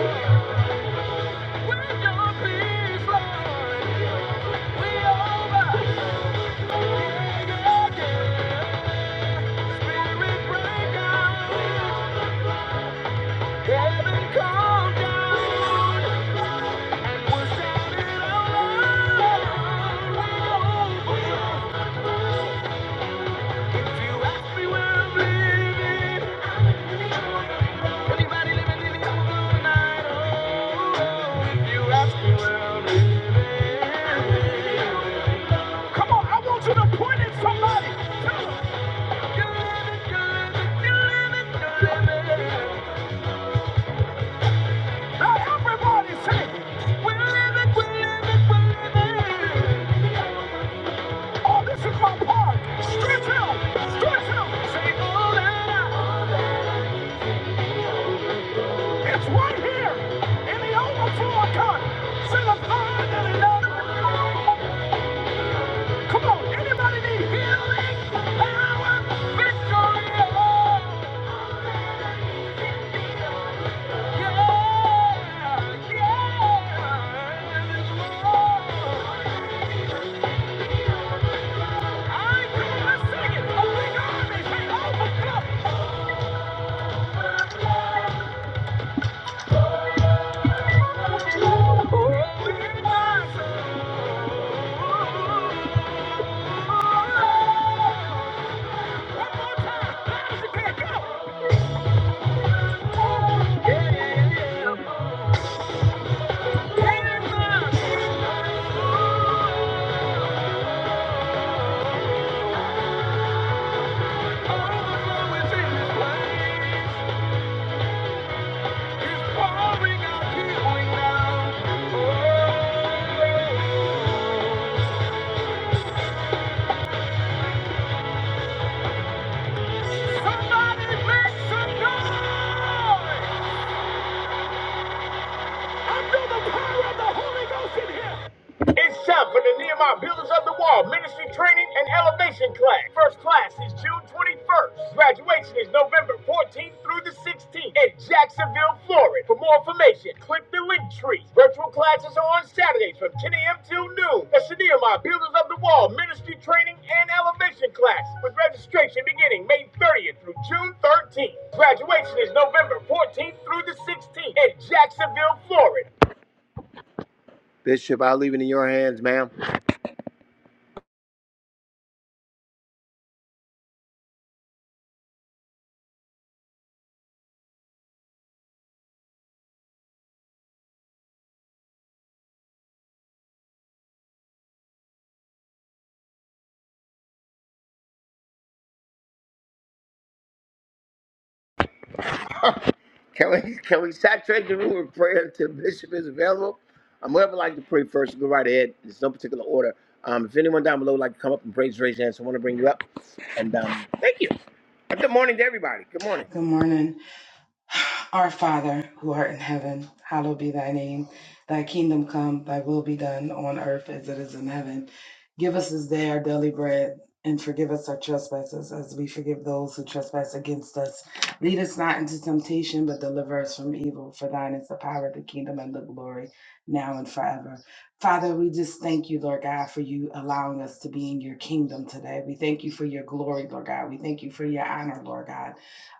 Speaker 1: Yeah. Thank you. Come on, I want you to point at somebody. Tell them, "You live it, you live it, you Now everybody say, "We are living, we are living, we are living. Oh, this is my part. Stretch out. Stretch out. Say, all that I- It's right here in the overflow account. Say the third and another. Come on, anybody need healing, power, victory? love? yeah, yeah. It's Lord. I come on, let's sing it. A big army, say overflow. Yeah.
Speaker 2: Good morning. Our Father, who art in heaven, hallowed be thy name. Thy kingdom come, thy will be done on earth as it is in heaven. Give us this day our daily bread, and forgive us our trespasses as we forgive those who trespass against us. Lead us not into temptation, but deliver us from evil. For thine is the power, the kingdom, and the glory, now and forever. Father, we just thank you, Lord God, for you allowing us to be in your kingdom today. We thank you for your glory, Lord God. We thank you for your honor, Lord God.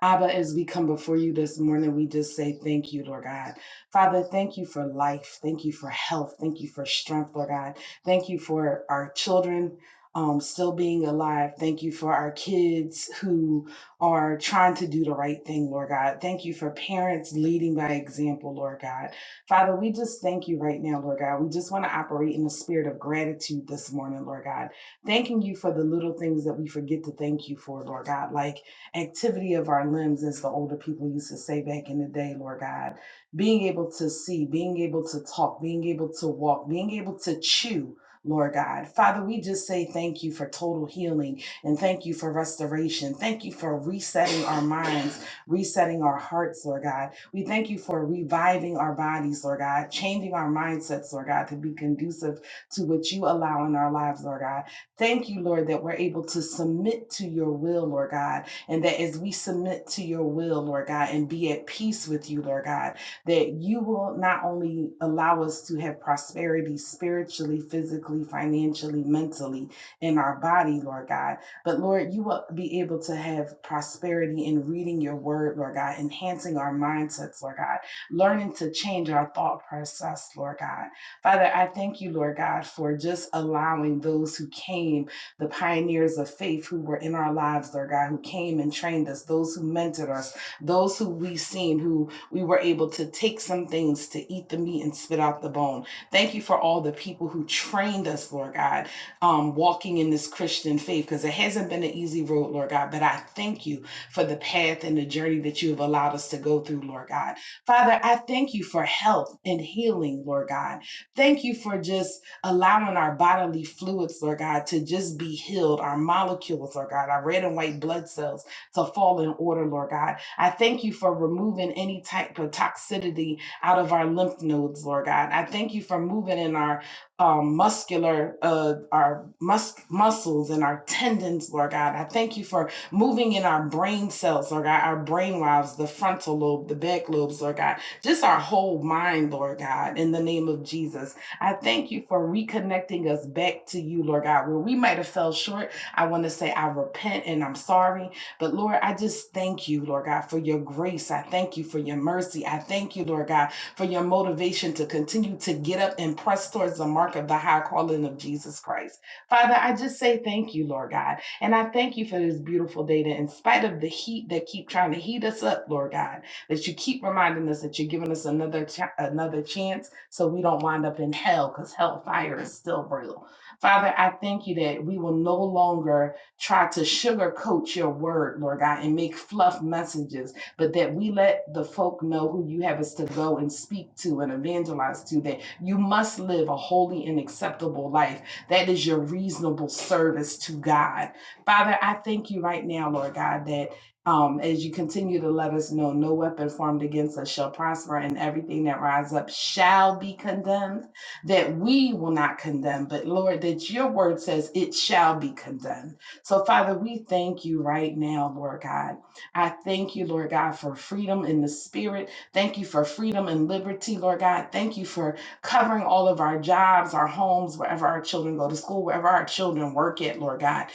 Speaker 2: Abba, as we come before you this morning, we just say thank you, Lord God. Father, thank you for life. Thank you for health. Thank you for strength, Lord God. Thank you for our children. Um, still being alive. Thank you for our kids who are trying to do the right thing, Lord God. Thank you for parents leading by example, Lord God. Father, we just thank you right now, Lord God. We just want to operate in the spirit of gratitude this morning, Lord God. Thanking you for the little things that we forget to thank you for, Lord God. Like activity of our limbs, as the older people used to say back in the day, Lord God. Being able to see, being able to talk, being able to walk, being able to chew. Lord God. Father, we just say thank you for total healing and thank you for restoration. Thank you for resetting our minds, resetting our hearts, Lord God. We thank you for reviving our bodies, Lord God, changing our mindsets, Lord God, to be conducive to what you allow in our lives, Lord God. Thank you, Lord, that we're able to submit to your will, Lord God and that as we submit to your will, Lord God, and be at peace with you, Lord God, that you will not only allow us to have prosperity spiritually, physically, financially, mentally in our body, Lord God, but Lord, you will be able to have prosperity in reading your word, Lord God, enhancing our mindsets, Lord God, learning to change our thought process, Lord God. Father, I thank you, Lord God, for just allowing those who came the pioneers of faith who were in our lives, Lord God, who came and trained us, those who mentored us, those who we've seen who we were able to take some things to eat the meat and spit out the bone. Thank you for all the people who trained us, Lord God, um, walking in this Christian faith because it hasn't been an easy road, Lord God. But I thank you for the path and the journey that you have allowed us to go through, Lord God. Father, I thank you for health and healing, Lord God. Thank you for just allowing our bodily fluids, Lord God, to just be healed, our molecules, Lord God, our red and white blood cells to fall in order, Lord God. I thank you for removing any type of toxicity out of our lymph nodes, Lord God. I thank you for moving in our um, muscular, uh, our mus- muscles and our tendons, Lord God. I thank you for moving in our brain cells, Lord God, our brain waves, the frontal lobe, the back lobes, Lord God, just our whole mind, Lord God, in the name of Jesus. I thank you for reconnecting us back to you, Lord God, where we might have fell short. I want to say I repent and I'm sorry. But Lord, I just thank you, Lord God, for your grace. I thank you for your mercy. I thank you, Lord God, for your motivation to continue to get up and press towards the mark of the high calling of Jesus Christ. Father, I just say thank you, Lord God. And I thank you for this beautiful day that in spite of the heat that keep trying to heat us up, Lord God, that you keep reminding us that you're giving us another cha- another chance so we don't wind up in hell because hellfire is still real. Father, I thank you that we will no longer try to sugarcoat your word, Lord God, and make fluff messages, but that we let the folk know who you have us to go and speak to and evangelize to, that you must live a holy and acceptable life. That is your reasonable service to God. Father, I thank you right now, Lord God, that. Um, as you continue to let us know, no weapon formed against us shall prosper, and everything that rise up shall be condemned. That we will not condemn, but Lord, that your word says it shall be condemned. So, Father, we thank you right now, Lord God. I thank you, Lord God, for freedom in the spirit. Thank you for freedom and liberty, Lord God. Thank you for covering all of our jobs, our homes, wherever our children go to school, wherever our children work at, Lord God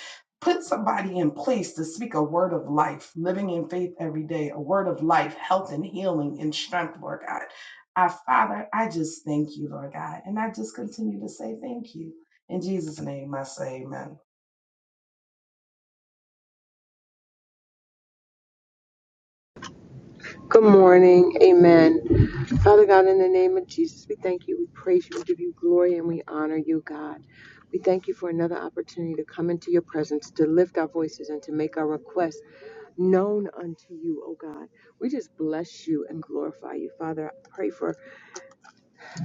Speaker 2: put somebody in place to speak a word of life, living in faith every day, a word of life, health and healing and strength, Lord God. Our Father, I just thank you, Lord God. And I just continue to say thank you. In Jesus' name, I say amen.
Speaker 3: Good morning. Amen. Father God, in the name of Jesus, we thank you. We praise you. We give you glory and we honor you, God. We thank you for another opportunity to come into your presence, to lift our voices, and to make our requests known unto you, O God. We just bless you and glorify you, Father. I pray for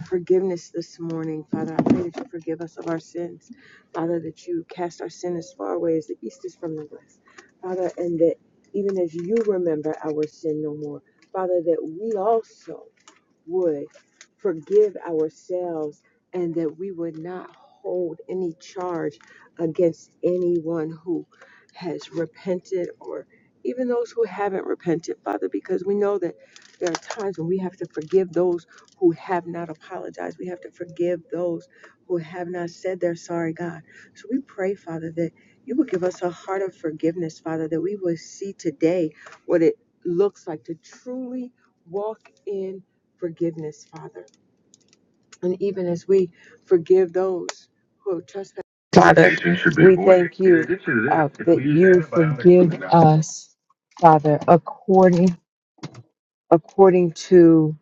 Speaker 3: forgiveness this morning, Father. I pray that you forgive us of our sins, Father, that you cast our sin as far away as the east is from the west, Father, and that even as you remember our sin no more, Father, that we also would forgive ourselves and that we would not hold any charge against anyone who has repented or even those who haven't repented, Father, because we know that there are times when we have to forgive those who have not apologized. We have to forgive those who have not said they're sorry, God. So we pray, Father, that you would give us a heart of forgiveness, Father, that we would see today what it looks like to truly walk in forgiveness, Father. And even as we forgive those who have trespassed, Father, we thank you uh, that you forgive us, Father, according according to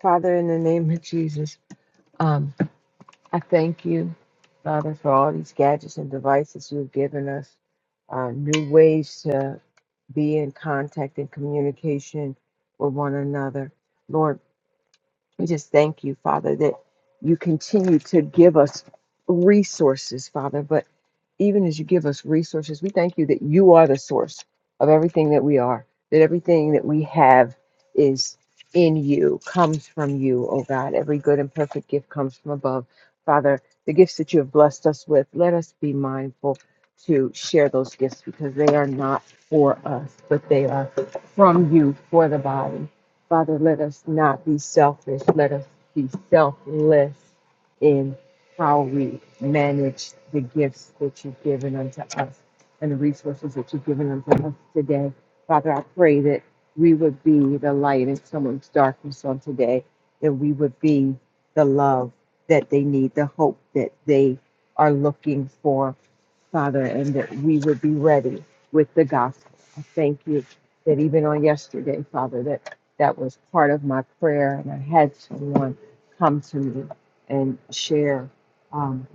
Speaker 3: Father, in the name of Jesus, um, I thank you, Father, for all these gadgets and devices you've given us, um, new ways to. be in contact and communication with one another. Lord, we just thank you, Father, that you continue to give us resources, Father. But even as you give us resources, we thank you that you are the source of everything that we are, that everything that we have is in you, comes from you, oh God. Every good and perfect gift comes from above. Father, the gifts that you have blessed us with, let us be mindful to share those gifts because they are not for us, but they are from you for the body. Father, let us not be selfish. Let us be selfless in how we manage the gifts that you've given unto us and the resources that you've given unto us today. Father, I pray that we would be the light in someone's darkness on today, that we would be the love that they need, the hope that they are looking for. Father, and that we would be ready with the gospel. I thank you that even on yesterday, Father, that that was part of my prayer, and I had someone come to me and share um,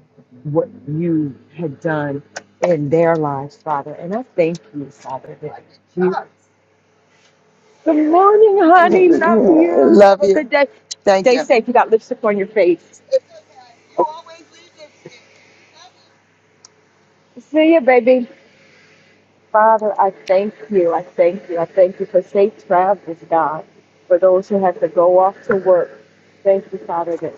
Speaker 3: what you had done in their lives, Father. And I thank you, Father, that you. Good morning, honey. Love you. Love Have a you. good day. Thank Stay you. safe. You got lipstick on your face. See you, baby. Father, I thank you. I thank you. I thank you for safe travels, God, for those who have to go off to work. Thank you, Father, that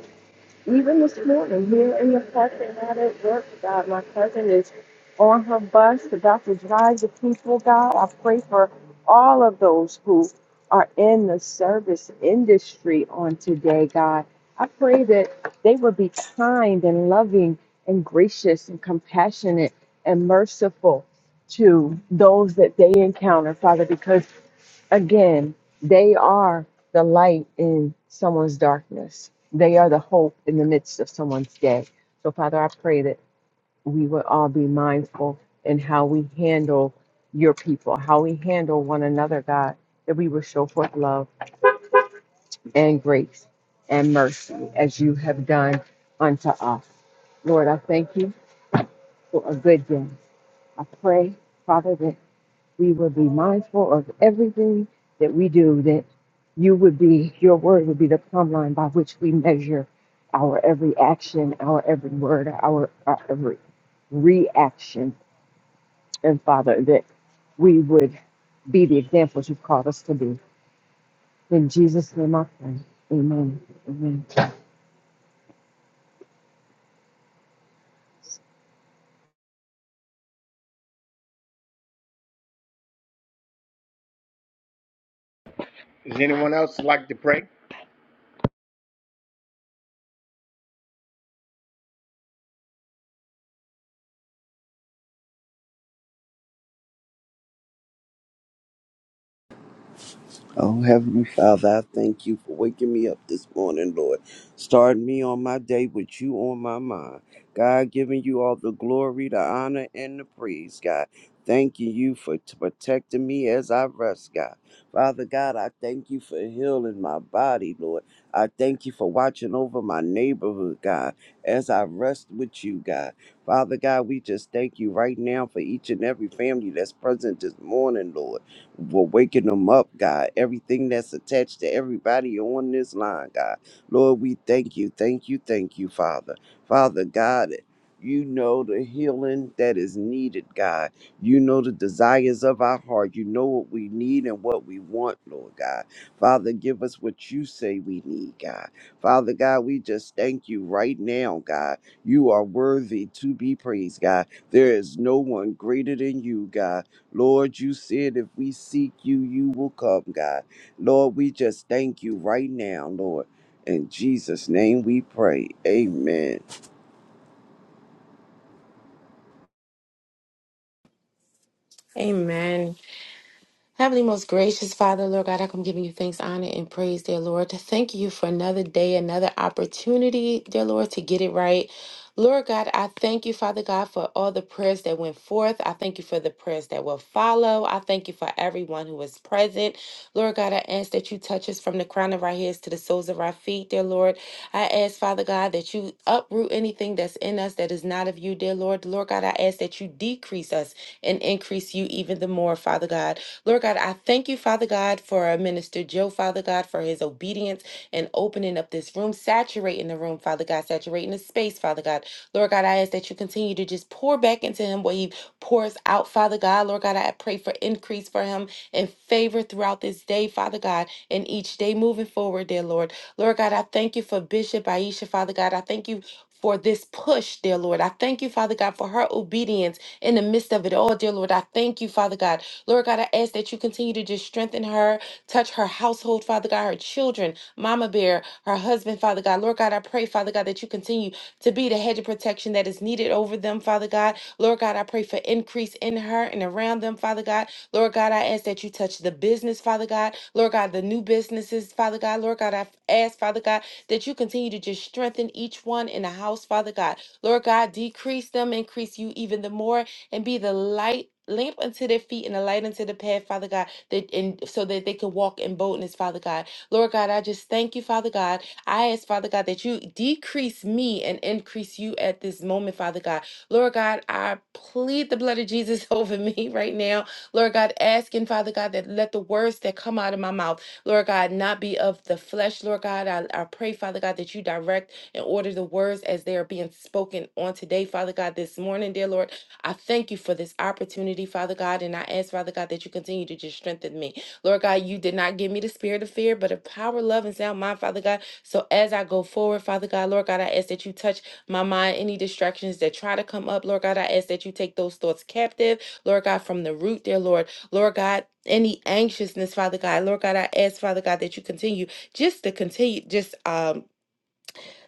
Speaker 3: even this morning, here in the parking lot at work, God, my cousin is on her bus about to drive the people, God. I pray for all of those who are in the service industry on today, God. I pray that they will be kind and loving and gracious and compassionate and merciful to those that they encounter, Father, because again, they are the light in someone's darkness. They are the hope in the midst of someone's day. So, Father, I pray that we will all be mindful in how we handle your people, how we handle one another, God, that we will show forth love and grace and mercy as you have done unto us. Lord, I thank you for a good day. I pray, Father, that we would be mindful of everything that we do, that you would be, your word would be the plumb line by which we measure our every action, our every word, our, our every reaction. And Father, that we would be the examples you've called us to be. In Jesus' name I pray. Amen. Amen.
Speaker 4: Oh, Heavenly Father, I thank you for waking me up this morning, Lord. Starting me on my day with you on my mind. God, giving you all the glory, the honor, and the praise, God. Thanking you for t- protecting me as I rest, God. Father God, I thank you for healing my body, Lord. I thank you for watching over my neighborhood, God, as I rest with you, God. Father God, we just thank you right now for each and every family that's present this morning, Lord for waking them up, God. Everything that's attached to everybody on this line, God. Lord, we thank you, thank you, thank you, Father. Father God, you know the healing that is needed, God. You know the desires of our heart. You know what we need and what we want, Lord God. Father, give us what you say we need, God. Father God, we just thank you right now, God. You are worthy to be praised, God. There is no one greater than you, God. Lord, you said if we seek you, you will come, God. Lord, we just thank you right now, Lord. In Jesus' name we pray. Amen.
Speaker 5: Amen. Heavenly, most gracious Father, Lord God, I come giving you thanks, honor, and praise, dear Lord. To thank you for another day, another opportunity, dear Lord, to get it right. Lord God, I thank you, Father God, for all the prayers that went forth. I thank you for the prayers that will follow. I thank you for everyone who was present. Lord God, I ask that you touch us from the crown of our heads to the soles of our feet, dear Lord. I ask, Father God, that you uproot anything that's in us that is not of you, dear Lord. Lord God, I ask that you decrease us and increase you even the more, Father God. Lord God, I thank you, Father God, for uh, Minister Joe, Father God, for his obedience and opening up this room, saturating the room, Father God, saturating the space, Father God. Lord God, I ask that you continue to just pour back into him what he pours out, Father God. Lord God, I pray for increase for him and favor throughout this day, Father God, and each day moving forward, dear Lord. Lord God, I thank you for Bishop Aisha, Father God. I thank you for this push, dear Lord. I thank you, Father God, for her obedience in the midst of it all, dear Lord. I thank you, Father God. Lord God, I ask that you continue to just strengthen her, touch her household, Father God, her children, Mama Bear, her husband, Father God. Lord God, I pray, Father God, that you continue to be the hedge of protection that is needed over them, Father God. Lord God, I pray for increase in her and around them, Father God. Lord God, I ask that you touch the business, Father God. Lord God, the new businesses, Father God. Lord God, I ask, Father God, that you continue to just strengthen each one in the house, Father God. Lord God, decrease them, increase you even the more and be the light lamp unto their feet and a light unto the path, Father God, that and so that they can walk in boldness, Father God. Lord God, I just thank you, Father God. I ask, Father God, that you decrease me and increase you at this moment, Father God. Lord God, I plead the blood of Jesus over me right now. Lord God, asking, Father God, that let the words that come out of my mouth, Lord God, not be of the flesh. Lord God, I, I pray, Father God, that you direct and order the words as they are being spoken on today, Father God, this morning, dear Lord. I thank you for this opportunity, Father God, and I ask, Father God, that you continue to just strengthen me. Lord God, you did not give me the spirit of fear, but of power, love, and sound mind, Father God. So as I go forward, Father God, Lord God, I ask that you touch my mind, any distractions that try to come up, Lord God, I ask that you take those thoughts captive, Lord God, from the root, dear Lord. Lord God, any anxiousness, Father God, Lord God, I ask, Father God, that you continue just to continue, just um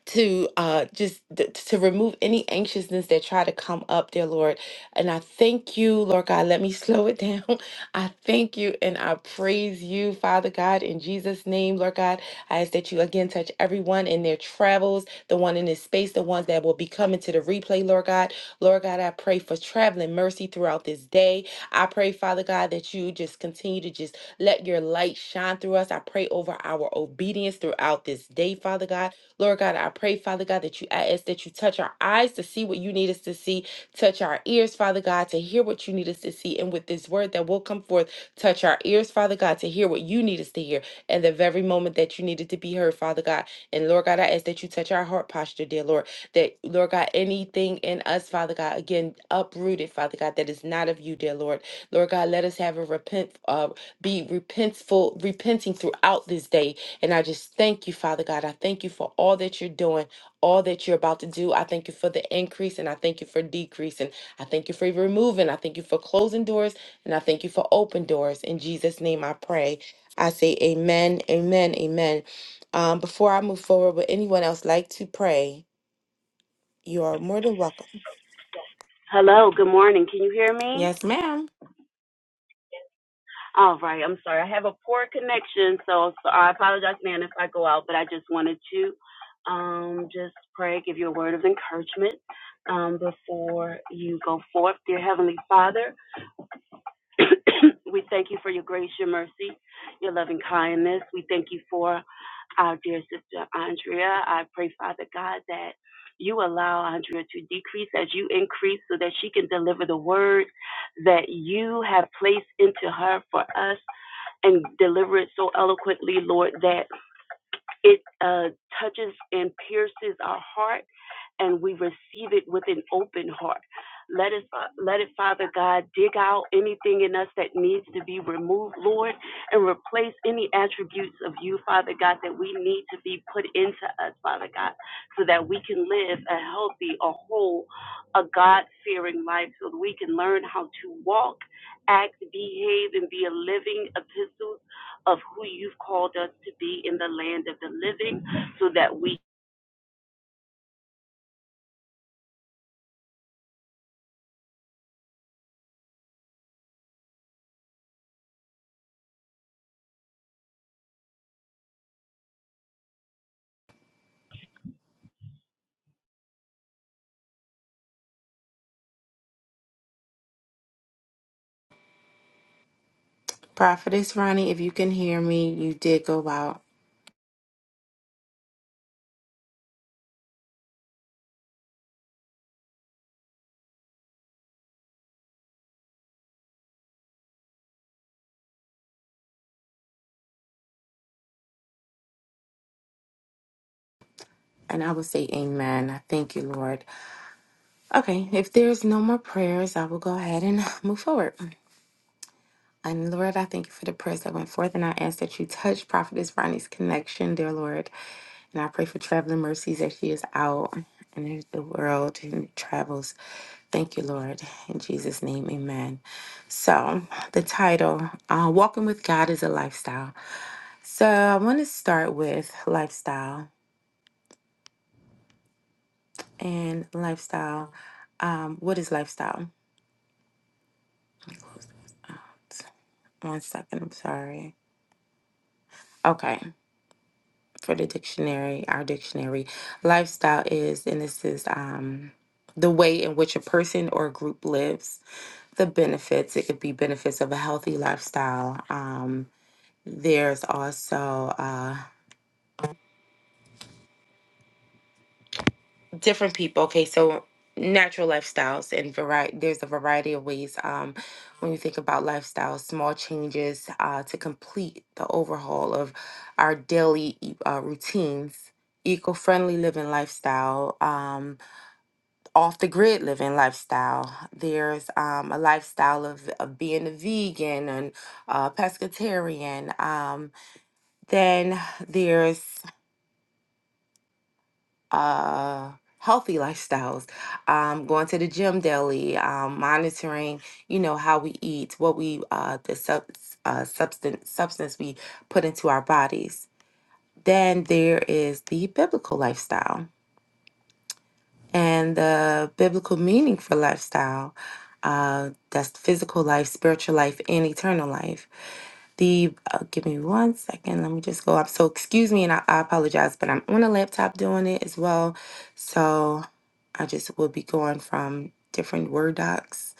Speaker 5: to uh, just th- to remove any anxiousness that try to come up, dear Lord. And I thank you, Lord God. Let me slow it down. I thank you and I praise you, Father God, in Jesus' name, Lord God. I ask that you again touch everyone in their travels, the one in this space, the ones that will be coming to the replay, Lord God. Lord God, I pray for traveling mercy throughout this day. I pray, Father God, that you just continue to just let your light shine through us. I pray over our obedience throughout this day, Father God. Lord God, I pray, Father God, that you I ask that you touch our eyes to see what you need us to see, touch our ears, Father God, to hear what you need us to see. And with this word that will come forth, touch our ears, Father God, to hear what you need us to hear. And the very moment that you needed to be heard, Father God. And Lord God, I ask that you touch our heart posture, dear Lord. That Lord God, anything in us, Father God, again, uprooted, Father God, that is not of you, dear Lord. Lord God, let us have a repent uh be repentful, repenting throughout this day and I just thank you, Father God. I thank you for all that you're doing, all that you're about to do. I thank you for the increase and I thank you for decreasing. I thank you for removing. I thank you for closing doors and I thank you for open doors. In Jesus' name I pray. I say amen, amen, amen. Um, before I move forward, would anyone else like to pray? You are more than welcome.
Speaker 6: Hello, good morning. Can you hear me?
Speaker 5: Yes, ma'am.
Speaker 6: All right, I'm sorry. I have a poor connection, so, so I apologize, man, if I go out, but I just wanted to um, just pray, give you a word of encouragement um, before you go forth. Dear Heavenly Father, we thank you for your grace, your mercy, your loving kindness. We thank you for our dear sister Andrea. I pray, Father God, that you allow Andrea to decrease as you increase so that she can deliver the word that you have placed into her for us and deliver it so eloquently, Lord, that it uh, touches and pierces our heart, and we receive it with an open heart. Let us, uh, let it, Father God, dig out anything in us that needs to be removed, Lord, and replace any attributes of you, Father God, that we need to be put into us, Father God, so that we can live a healthy, a whole, a God fearing life, so that we can learn how to walk, act, behave, and be a living epistle of who you've called us to be in the land of the living so that we
Speaker 5: Prophetess Ronnie, if you can hear me, you did go out. And I will say amen. I thank you, Lord. Okay, if there's no more prayers, I will go ahead and move forward. And Lord, I thank you for the prayers that went forth, and I ask that you touch Prophetess Ronnie's connection, dear Lord. And I pray for traveling mercies as she is out in the world and travels. Thank you, Lord. In Jesus' name, amen. So, the title, uh, Walking with God is a Lifestyle. So, I want to start with lifestyle and lifestyle. Um, what is lifestyle? One second, I'm sorry. Okay, for the dictionary, our dictionary, lifestyle is, and this is um, the way in which a person or group lives, the benefits. It could be benefits of a healthy lifestyle. Um, there's also uh, different people okay so natural lifestyles and variety there's a variety of ways um, when you think about lifestyles small changes uh, to complete the overhaul of our daily e- uh, routines eco-friendly living lifestyle um, off the grid living lifestyle there's um, a lifestyle of, of being a vegan and uh, pescatarian um, then there's uh, healthy lifestyles, um, going to the gym daily, um, monitoring, you know, how we eat, what we, uh, the sub, uh, substance, substance we put into our bodies. Then there is the biblical lifestyle and the biblical meaning for lifestyle. Uh, that's physical life, spiritual life, and eternal life the uh, give me one second. Let me just go up. So excuse me, and I, I apologize, but I'm on a laptop doing it as well. So I just will be going from different Word docs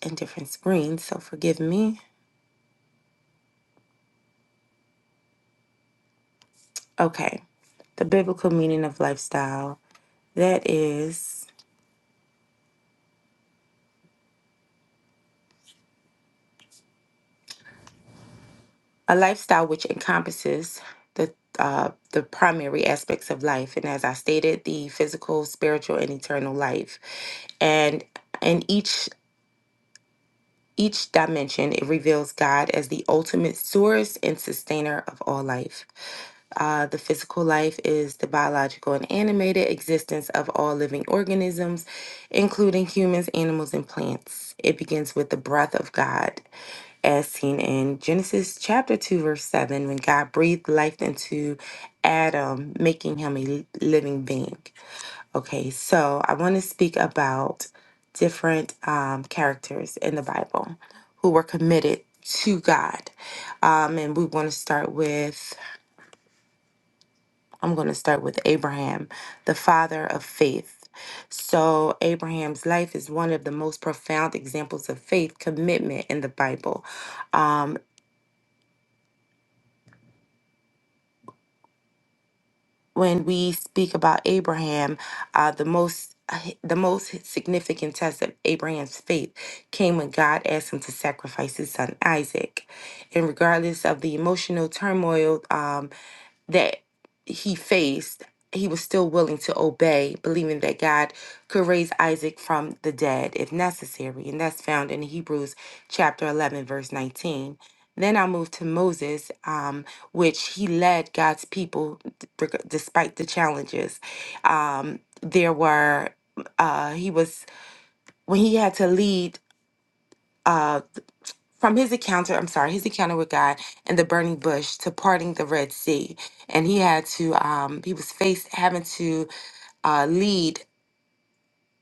Speaker 5: and different screens. So forgive me. Okay, the biblical meaning of lifestyle. That is a lifestyle which encompasses the uh, the primary aspects of life, and as I stated, the physical, spiritual, and eternal life and in each Each dimension, it reveals God as the ultimate source and sustainer of all life. Uh, the physical life is the biological and animated existence of all living organisms, including humans, animals, and plants. It begins with the breath of God, as seen in Genesis chapter 2, verse 7, when God breathed life into Adam, making him a living being. Okay, so I want to speak about different um, characters in the Bible who were committed to God. Um, and we want to start with, I'm going to start with Abraham, the father of faith. So, Abraham's life is one of the most profound examples of faith commitment in the Bible. Um, when we speak about Abraham, uh, the most the most significant test of Abraham's faith came when God asked him to sacrifice his son Isaac. And regardless of the emotional turmoil um, that he faced, he was still willing to obey, believing that God could raise Isaac from the dead if necessary. And that's found in Hebrews chapter 11, verse 19. Then I moved to Moses, um, which he led God's people d- reg- despite the challenges. Um, there were, uh, he was, when he had to lead. uh, from his encounter, I'm sorry, his encounter with God and the burning bush to parting the Red Sea. And he had to, um, he was faced having to uh, lead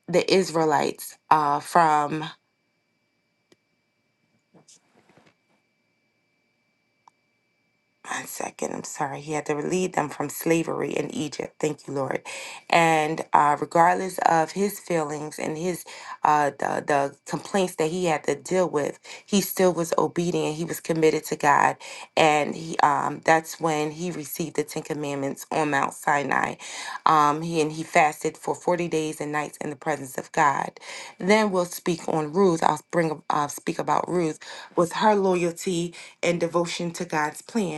Speaker 5: the Israelites uh, from one second, I'm sorry. He had to lead them from slavery in Egypt. Thank you, Lord. And uh, regardless of his feelings and his uh, the, the complaints that he had to deal with, he still was obedient. He was committed to God, and he um, that's when he received the Ten Commandments on Mount Sinai. Um, he and he fasted for forty days and nights in the presence of God. Then we'll speak on Ruth. I'll bring uh, speak about Ruth with her loyalty and devotion to God's plan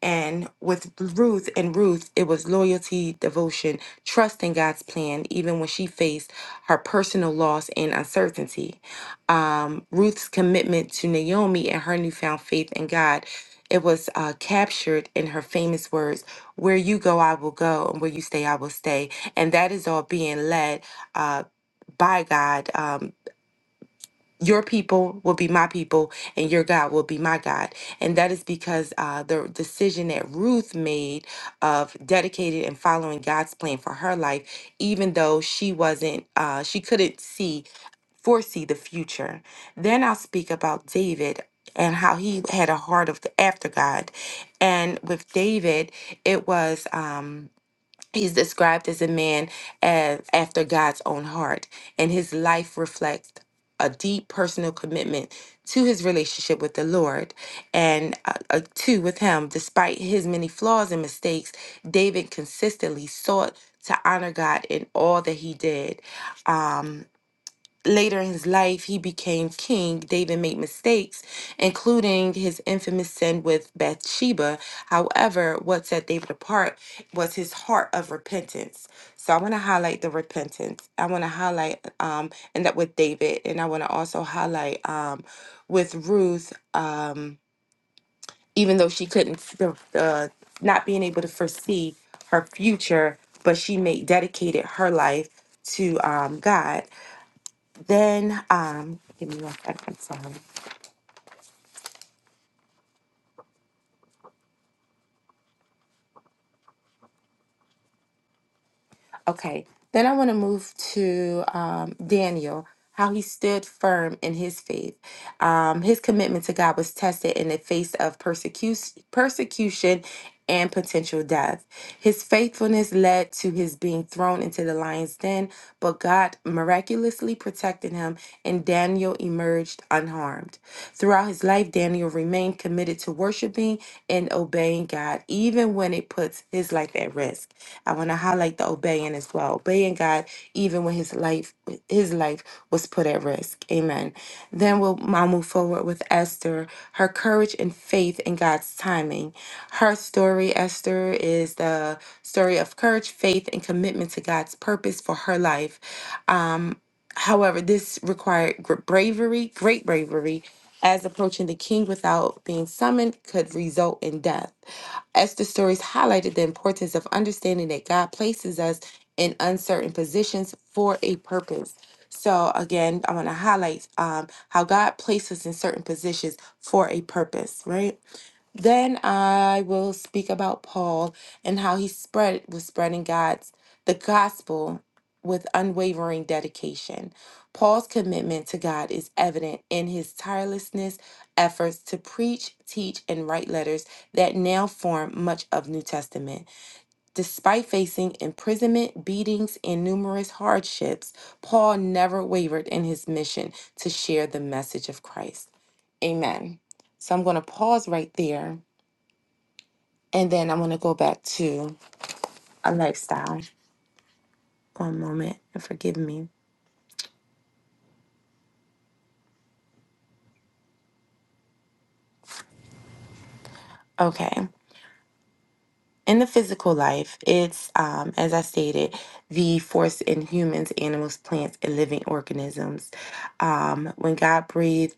Speaker 5: and with Ruth and Ruth, it was loyalty, devotion, trust in God's plan, even when she faced her personal loss and uncertainty. Um, Ruth's commitment to Naomi and her newfound faith in God, it was uh, captured in her famous words, "Where you go, I will go, and where you stay, I will stay." And that is all being led uh, by God. Um, your people will be my people and your God will be my God. And that is because uh, the decision that Ruth made of dedicated and following God's plan for her life, even though she wasn't, uh, she couldn't see, foresee the future. Then I'll speak about David and how he had a heart of after God. And with David, it was. Um, He's described as a man as after God's own heart, and his life reflects a deep personal commitment to his relationship with the Lord and uh, uh, to with him. Despite his many flaws and mistakes, David consistently sought to honor God in all that he did. Um, Later in his life, he became king. David made mistakes, including his infamous sin with Bathsheba. However, what set David apart was his heart of repentance. So I want to highlight the repentance. I want to highlight um, and that with David, and I want to also highlight um, with Ruth, um, even though she couldn't, uh, not being able to foresee her future, but she made dedicated her life to um, God. Then, um, give me one second. I'm sorry. Okay. Then I want to move to um, Daniel, how he stood firm in his faith. Um, his commitment to God was tested in the face of persecution, persecution and potential death. His faithfulness led to his being thrown into the lion's den, but God miraculously protected him, and Daniel emerged unharmed. Throughout his life, Daniel remained committed to committed to worshiping and obeying God, even when it puts his life at risk. I want to highlight the obeying as well. Obeying God, even when his life his life was put at risk. Amen. Then we'll I'll move forward with Esther, her courage and faith in God's timing. Her story, Esther, is the story of courage, faith, and commitment to God's purpose for her life. Um, However, this required gr- bravery, great bravery, as approaching the king without being summoned could result in death. Esther's stories highlighted the importance of understanding that God places us in uncertain positions for a purpose. So, again, I want to highlight um, how God places us in certain positions for a purpose, right? Then I will speak about Paul and how he spread was spreading God's the gospel with unwavering dedication. Paul's commitment to God is evident in his tirelessness efforts to preach, teach, and write letters that now form much of New Testament. Despite facing imprisonment, beatings, and numerous hardships, Paul never wavered in his mission to share the message of Christ. Amen. So I'm going to pause right there and then I'm going to go back to a lifestyle. One moment and forgive me. Okay. In the physical life, it's, um, as I stated, the force in humans, animals, plants, and living organisms. Um, when God breathed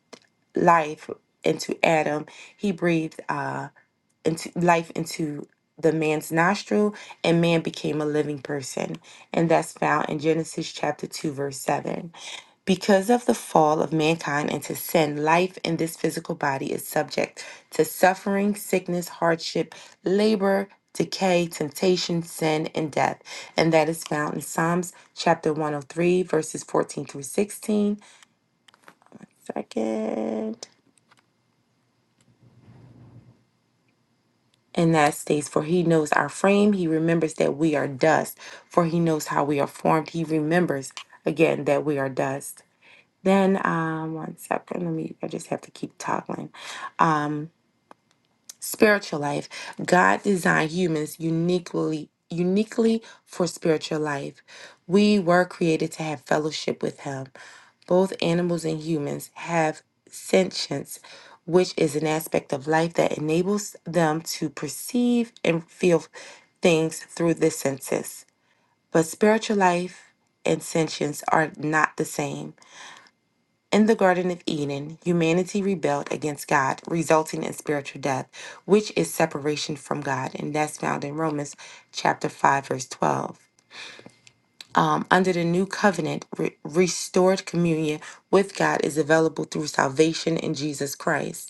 Speaker 5: life into Adam, he breathed. uh, into life into the man's nostril and man became a living person and that's found in genesis chapter 2 verse 7 because of the fall of mankind into sin life in this physical body is subject to suffering sickness hardship labor decay temptation sin and death and that is found in psalms chapter 103 verses 14 through sixteen. Second. in that states, for he knows our frame, he remembers that we are dust, for he knows how we are formed, he remembers again that we are dust. Then um one second, let me I just have to keep toggling. Spiritual life. God designed humans uniquely uniquely for spiritual life. We were created to have fellowship with him. Both animals and humans have sentience, which is an aspect of life that enables them to perceive and feel things through the senses. But spiritual life and sentience are not the same. In the Garden of Eden, humanity rebelled against God, resulting in spiritual death, which is separation from God, and that's found in Romans chapter 5, verse 12. Um, under the new covenant, re- restored communion with God is available through salvation in Jesus Christ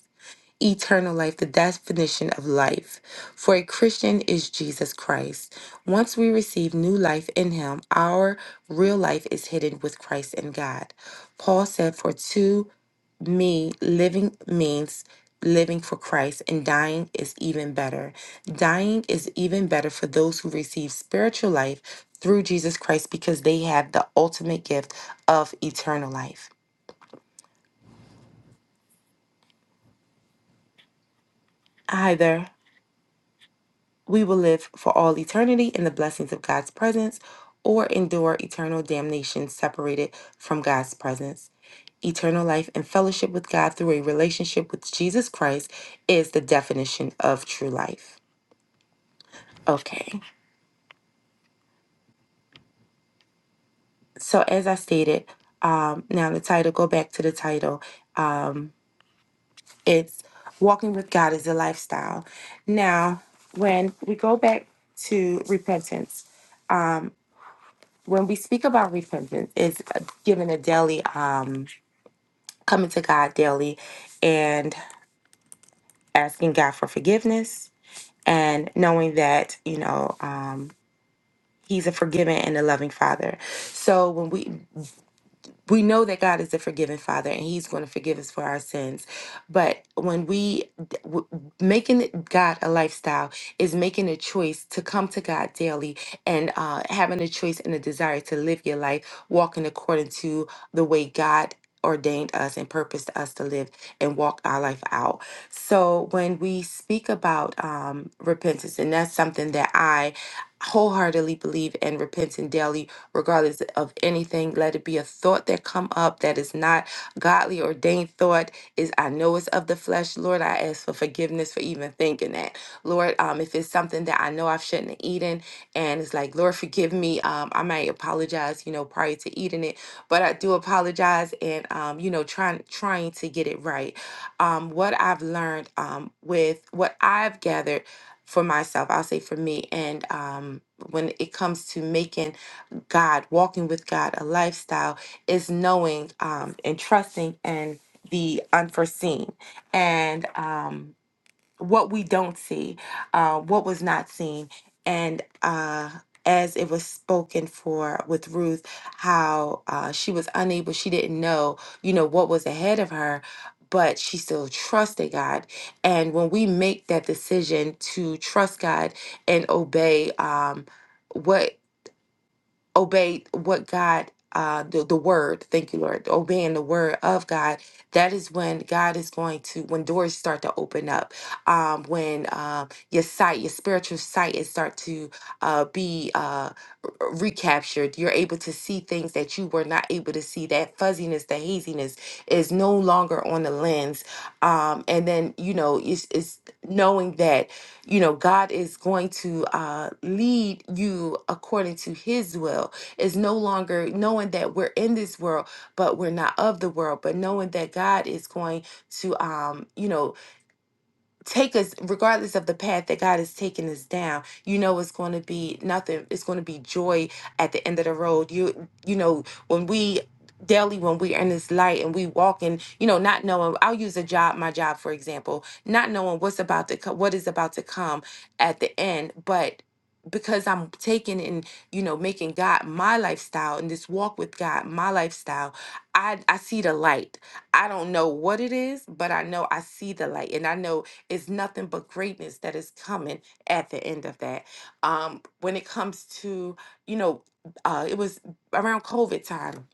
Speaker 5: eternal life, the definition of life. For a Christian is Jesus Christ. Once we receive new life in Him, our real life is hidden with Christ in God. Paul said, For to me, living means living for Christ, and dying is even better. Dying is even better for those who receive spiritual life through Jesus Christ because they have the ultimate gift of eternal life. Hi there. we will live for all eternity in the blessings of God's presence or endure eternal damnation separated from God's presence. Eternal life and fellowship with God through a relationship with Jesus Christ is the definition of true life. Okay, so as I stated, um, now the title, go back to the title. Um, it's Walking with God is a Lifestyle. Now, when we go back to repentance, um, when we speak about repentance, it's giving a daily, um, coming to God daily and asking God for forgiveness and knowing that, you know, um, He's a forgiving and a loving Father. So when we we know that God is a forgiving Father and He's going to forgive us for our sins. But when we d- w- making it God a lifestyle is making a choice to come to God daily and uh, having a choice and a desire to live your life walking according to the way God ordained us and purposed us to live and walk our life out. So when we speak about um, repentance, and that's something that I wholeheartedly believe in repenting daily regardless of anything. Let it be a thought that come up that is not godly ordained thought. Is I know it's of the flesh, Lord. I ask for forgiveness for even thinking that, Lord. Um, if it's something that I know I shouldn't have eaten, and it's like, Lord, forgive me. Um, I might apologize, you know, prior to eating it, but I do apologize, and um, you know, trying trying to get it right. Um, what I've learned, um, with what I've gathered for myself, I'll say for me, and um, when it comes to making God, walking with God, a lifestyle is knowing um, and trusting in the unforeseen and um, what we don't see, uh, what was not seen, and uh, as it was spoken for with Ruth, how uh, she was unable, she didn't know, you know, what was ahead of her. But she still trusted God. And when we make that decision to trust God and obey um, what obey what God, uh, the, the word, thank you, Lord, obeying the word of God, that is when God is going to, when doors start to open up, um, when um, your sight, your spiritual sight is start to uh, be uh, r- recaptured. You're able to see things that you were not able to see. That fuzziness, the haziness is no longer on the lens. Um, and then, you know, it's, it's knowing that you know god is going to uh, lead you according to his will it's no longer knowing that we're in this world but we're not of the world but knowing that god is going to um, you know take us regardless of the path that God has taken us down. You know it's going to be nothing. It's going to be joy at the end of the road. You you know when we daily when we're in this light and we walk in you know not knowing i'll use a job my job for example not knowing what's about to come what is about to come at the end but because i'm taking and you know making god my lifestyle and this walk with god my lifestyle i i see the light i don't know what it is but i know i see the light and i know it's nothing but greatness that is coming at the end of that. Um, when it comes to, you know, uh, it was around COVID time.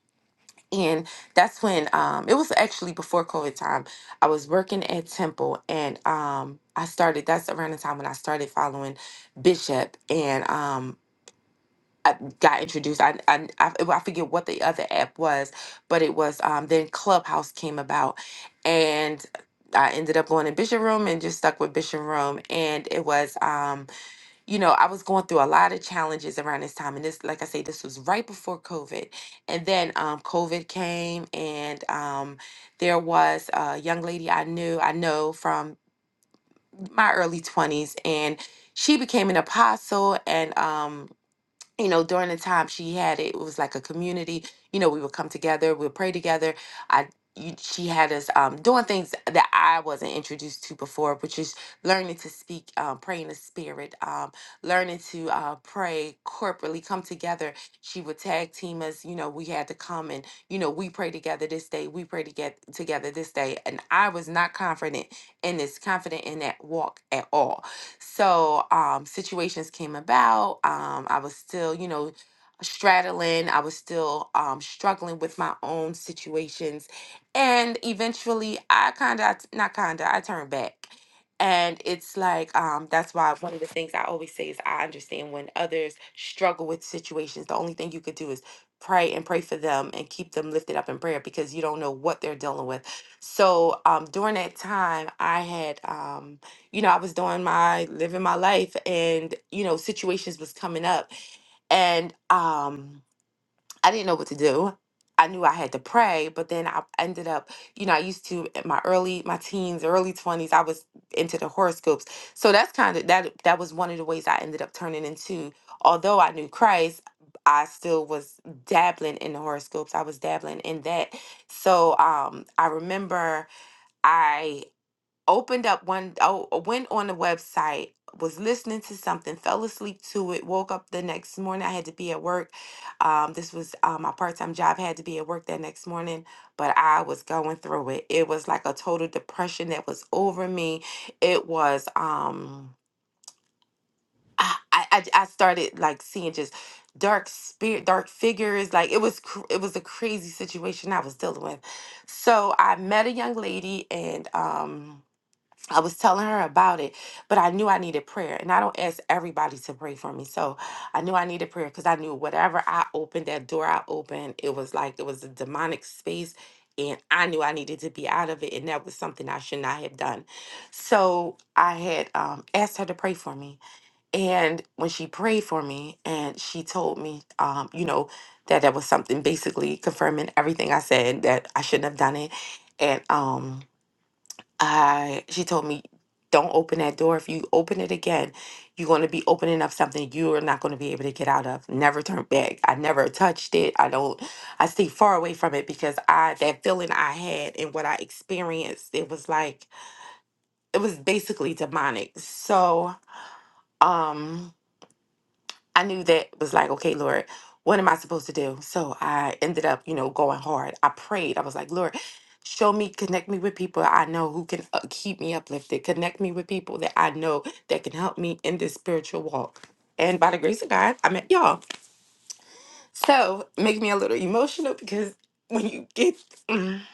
Speaker 5: And that's when um, it was actually before COVID time. I was working at Temple and um, I started, that's around the time when I started following Bishop. And um, I got introduced. I, I I well, I forget what the other app was, but it was um then Clubhouse came about, and I ended up going to Bishop Room and just stuck with Bishop Room, and it was um you know I was going through a lot of challenges around this time, and this like I say this was right before COVID, and then um COVID came, and um there was a young lady I knew I know from my early twenties, and she became an apostle, and um you know, during the time she had it, it was like a community. You know, we would come together, we'd pray together. I, you, she had us um, doing things that I wasn't introduced to before, which is learning to speak, um, pray in the spirit, um, learning to uh, pray corporately, come together. She would tag team us. You know, we had to come and you know we pray together this day, we pray to get together this day, and I was not confident in this, confident in that walk at all so um, situations came about. Um, I was still, you know, straddling. I was still um, struggling with my own situations, and eventually, I kind of not kind of I turned back. And it's like um, that's why one of the things I always say is I understand when others struggle with situations. The only thing you could do is pray and pray for them and keep them lifted up in prayer because you don't know what they're dealing with. So um, during that time, I had. Um, you know, I was doing my living my life and, you know, situations was coming up and um I didn't know what to do. I knew I had to pray, but then I ended up, you know, I used to in my early my teens, early 20s, I was into the horoscopes. So that's kind of that that was one of the ways I ended up turning into although I knew Christ, I still was dabbling in the horoscopes. I was dabbling in that. So um I remember I opened up one oh, uh, went on the website was listening to something fell asleep to it woke up the next morning i had to be at work um, this was uh, my part-time job had to be at work that next morning but i was going through it it was like a total depression that was over me it was um i i, I I started like seeing just dark spirit dark figures like it was cr- it was a crazy situation i was dealing with so i met a young lady and um I was telling her about it, but I knew I needed prayer. And I don't ask everybody to pray for me. So I knew I needed prayer because I knew whatever I opened, that door I opened, it was like it was a demonic space. And I knew I needed to be out of it. And that was something I should not have done. So I had um, asked her to pray for me. And when she prayed for me, and she told me, um, you know, that that was something basically confirming everything I said that I shouldn't have done it. And, um, I she told me, don't open that door. If you open it again, you're going to be opening up something you are not going to be able to get out of. Never turn back. I never touched it. I don't. I stay far away from it because I that feeling I had and what I experienced, it was like it was basically demonic. So, um. I knew that was like, okay, Lord, what am I supposed to do? So I ended up, you know, going hard. I prayed. I was like, Lord, show me, connect me with people I know who can uh, keep me uplifted. Connect me with people that I know that can help me in this spiritual walk. And by the grace of God, I met y'all. So make me a little emotional because when you get, when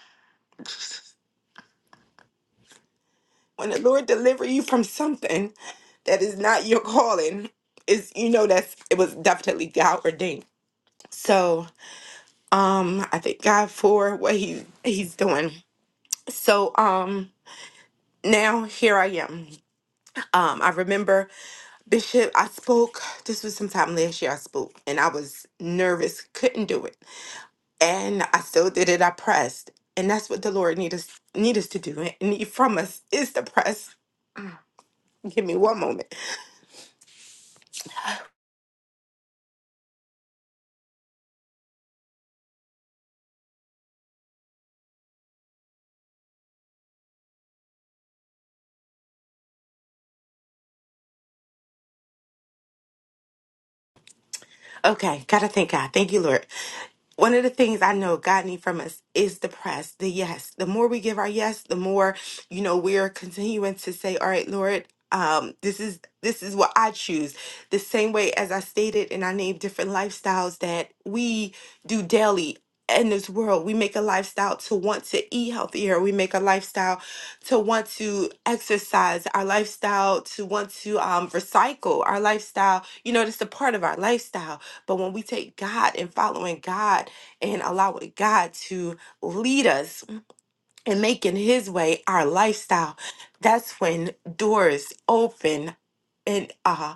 Speaker 5: the Lord deliver you from something that is not your calling, is you know that's it was definitely God ordained. So Um, I thank God for what he he's doing. So um now here I am. Um, I remember Bishop, I spoke, this was sometime last year I spoke, and I was nervous, couldn't do it. And I still did it, I pressed. And that's what the Lord need us need us to do and need from us is to press. Give me one moment. Okay, gotta thank God. Thank you, Lord. One of the things I know God needs from us is the press, the yes. The more we give our yes, the more, you know, we're continuing to say, All right, Lord, um, this is this is what I choose. The same way as I stated and I named different lifestyles that we do daily in this world. We make a lifestyle to want to eat healthier. We make a lifestyle to want to exercise, our lifestyle to want to um, recycle, our lifestyle, you know, that's a part of our lifestyle but when we take God and following God and allowing God to lead us and making His way our lifestyle, that's when doors open and uh,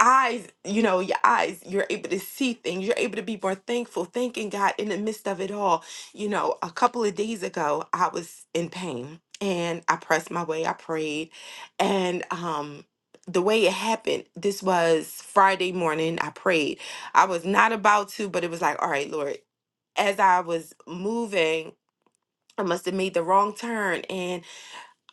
Speaker 5: eyes, you know, your eyes, you're able to see things. You're able to be more thankful, thanking God in the midst of it all. You know, a couple of days ago, I was in pain and I pressed my way, I prayed. And um, the way it happened, this was Friday morning, I prayed. I was not about to, but it was like, all right, Lord, as I was moving, I must have made the wrong turn and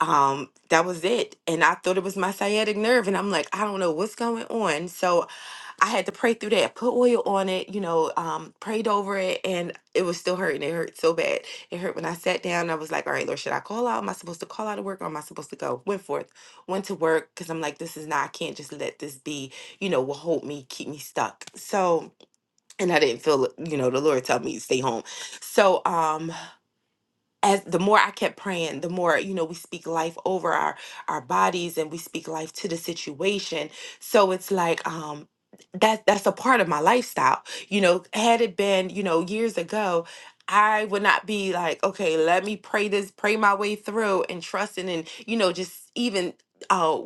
Speaker 5: um that was it and i thought it was my sciatic nerve and i'm like i don't know what's going on so I had to pray through that, put oil on it, you know, um, prayed over it, and it was still hurting. It hurt so bad. It hurt when I sat down. I was like, all right, Lord, should I call out? Am I supposed to call out of work or am I supposed to go? Went forth, went to work because I'm like, this is not, I can't just let this be, you know, will hold me, keep me stuck. So, and I didn't feel, you know, the Lord told me to stay home. So, um, as the more I kept praying, the more, you know, we speak life over our our bodies and we speak life to the situation. So it's like um that that's a part of my lifestyle. You know, had it been, you know, years ago, I would not be like, okay, let me pray this, pray my way through and trusting and, you know, just even uh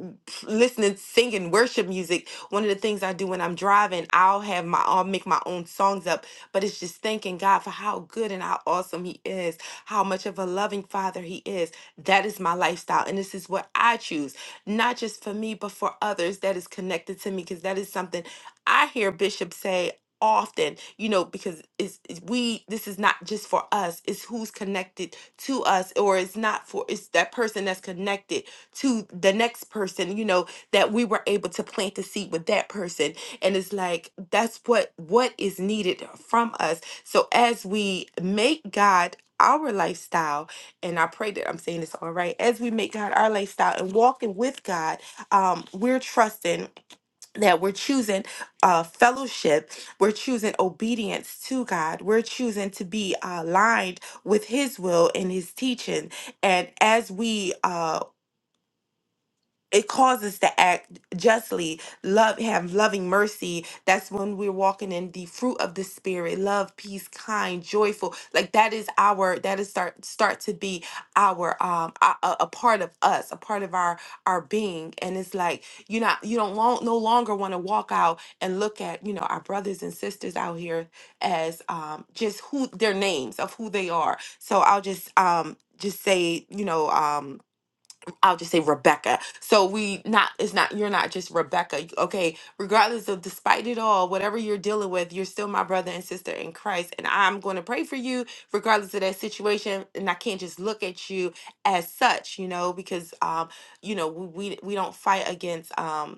Speaker 5: listening singing worship music one of the things i do when i'm driving i'll have my i'll make my own songs up but it's just thanking god for how good and how awesome he is how much of a loving father he is. That is my lifestyle. And this is what I choose, not just for me, but for others that is connected to me, because that is something I hear Bishop say often you know because it's, it's we this is not just for us it's who's connected to us or it's not for it's that person that's connected to the next person you know that we were able to plant the seed with that person and it's like that's what what is needed from us so as we make god our lifestyle, and I pray that I'm saying this all right, as we make God our lifestyle and walking with God, um, we're trusting that we're choosing uh, fellowship, we're choosing obedience to God, we're choosing to be aligned with His will and His teaching. And as we uh, it calls us to act justly, love, have loving mercy. That's when we're walking in the fruit of the spirit, love, peace, kind, joyful. Like that is our, that is start start to be our um a, a a part of us, a part of our our being. And it's like you not you don't long, no longer want to walk out and look at you know our brothers and sisters out here as um just who their names of who they are. So I'll just um just say you know um I'll just say Rebecca. So we not it's not you're not just Rebecca. Okay, regardless of despite it all, whatever you're dealing with, you're still my brother and sister in Christ and I'm going to pray for you regardless of that situation and I can't just look at you as such, you know, because um you know, we we, we don't fight against um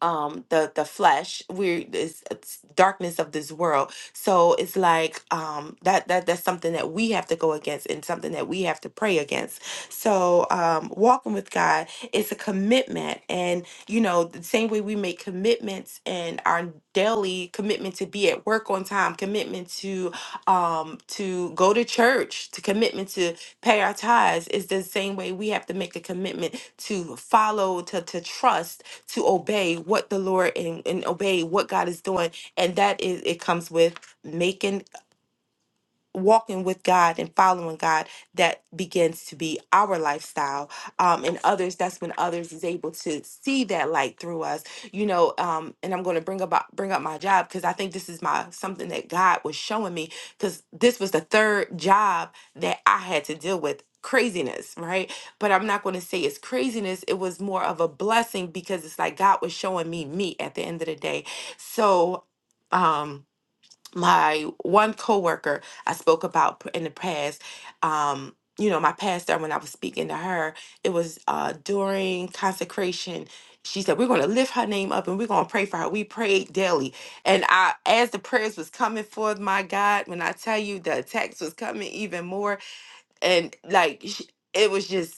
Speaker 5: um the the flesh we're it's, it's darkness of this world so it's like um that that that's something that we have to go against and something that we have to pray against so um walking with god is a commitment and you know the same way we make commitments and our daily commitment to be at work on time commitment to um to go to church to commitment to pay our tithes is the same way we have to make a commitment to follow to to trust to obey what the Lord and, and obey what God is doing. And that is, it comes with making walking with God and following God that begins to be our lifestyle um and others that's when others is able to see that light through us you know um and I'm going to bring about bring up my job because I think this is my something that God was showing me cuz this was the third job that I had to deal with craziness right but I'm not going to say it's craziness it was more of a blessing because it's like God was showing me me at the end of the day so um my one coworker I spoke about p- in the past, um, you know, my pastor, when I was speaking to her, it was uh, during consecration. She said, We're going to lift her name up and we're going to pray for her. We prayed daily. And I, as the prayers was coming forth, my God, when I tell you the attacks was coming even more, and like sh it was just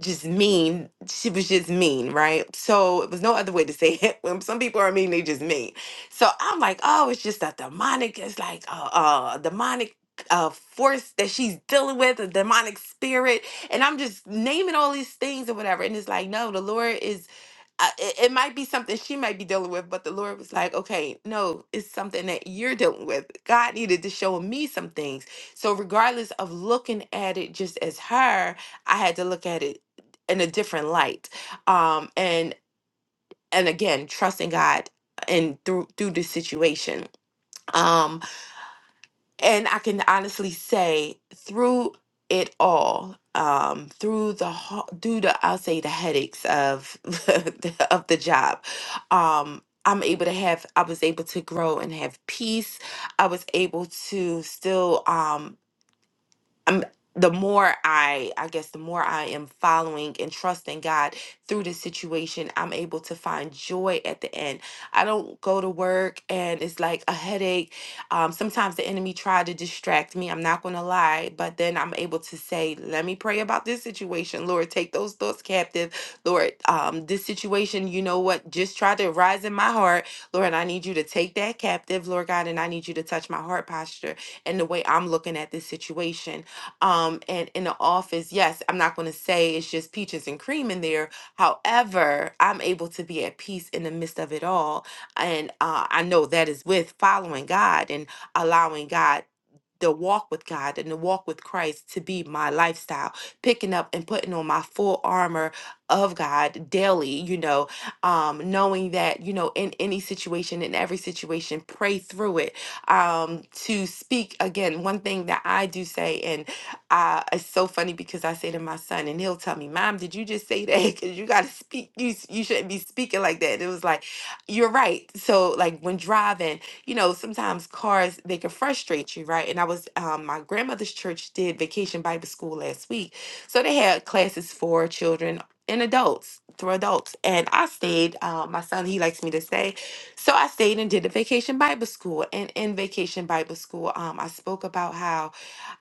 Speaker 5: just mean she was just mean right so it was no other way to say it when some people are mean they just mean so i'm like oh it's just a demonic it's like a, a demonic uh force that she's dealing with a demonic spirit and i'm just naming all these things or whatever and it's like no the lord is I, it, it might be something she might be dealing with, but the Lord was like, okay, no, it's something that you're dealing with. God needed to show me some things. So, regardless of looking at it just as her, I had to look at it in a different light. Um, and and again, trusting God and through through the situation. Um, and I can honestly say through it all, um, through the ho- due to I'll say the headaches of the, of the job, um, I'm able to have I was able to grow and have peace. I was able to still um I'm the more I I guess the more I am following and trusting God through this situation, I'm able to find joy at the end. I don't go to work and it's like a headache. Um, sometimes the enemy try to distract me. I'm not gonna lie, but then I'm able to say, "Let me pray about this situation, Lord. Take those thoughts captive, Lord. Um, this situation, you know what? Just try to rise in my heart, Lord. And I need you to take that captive, Lord God, and I need you to touch my heart posture and the way I'm looking at this situation." um and in the office yes i'm not going to say it's just peaches and cream in there however i'm able to be at peace in the midst of it all and uh, i know that is with following god and allowing god the walk with God and the walk with Christ to be my lifestyle, picking up and putting on my full armor of God daily, you know, um, knowing that, you know, in any situation, in every situation, pray through it. Um, to speak again, one thing that I do say, and uh, it's so funny because I say to my son, and he'll tell me, Mom, did you just say that? Because you got to speak, you, s- you shouldn't be speaking like that. And it was like, You're right. So, like, when driving, you know, sometimes cars they can frustrate you, right? And I was um my grandmother's church did vacation Bible school last week. So they had classes for children and adults through adults. And I stayed, uh, my son, he likes me to stay. So I stayed and did the vacation Bible school. And in vacation Bible school, um, I spoke about how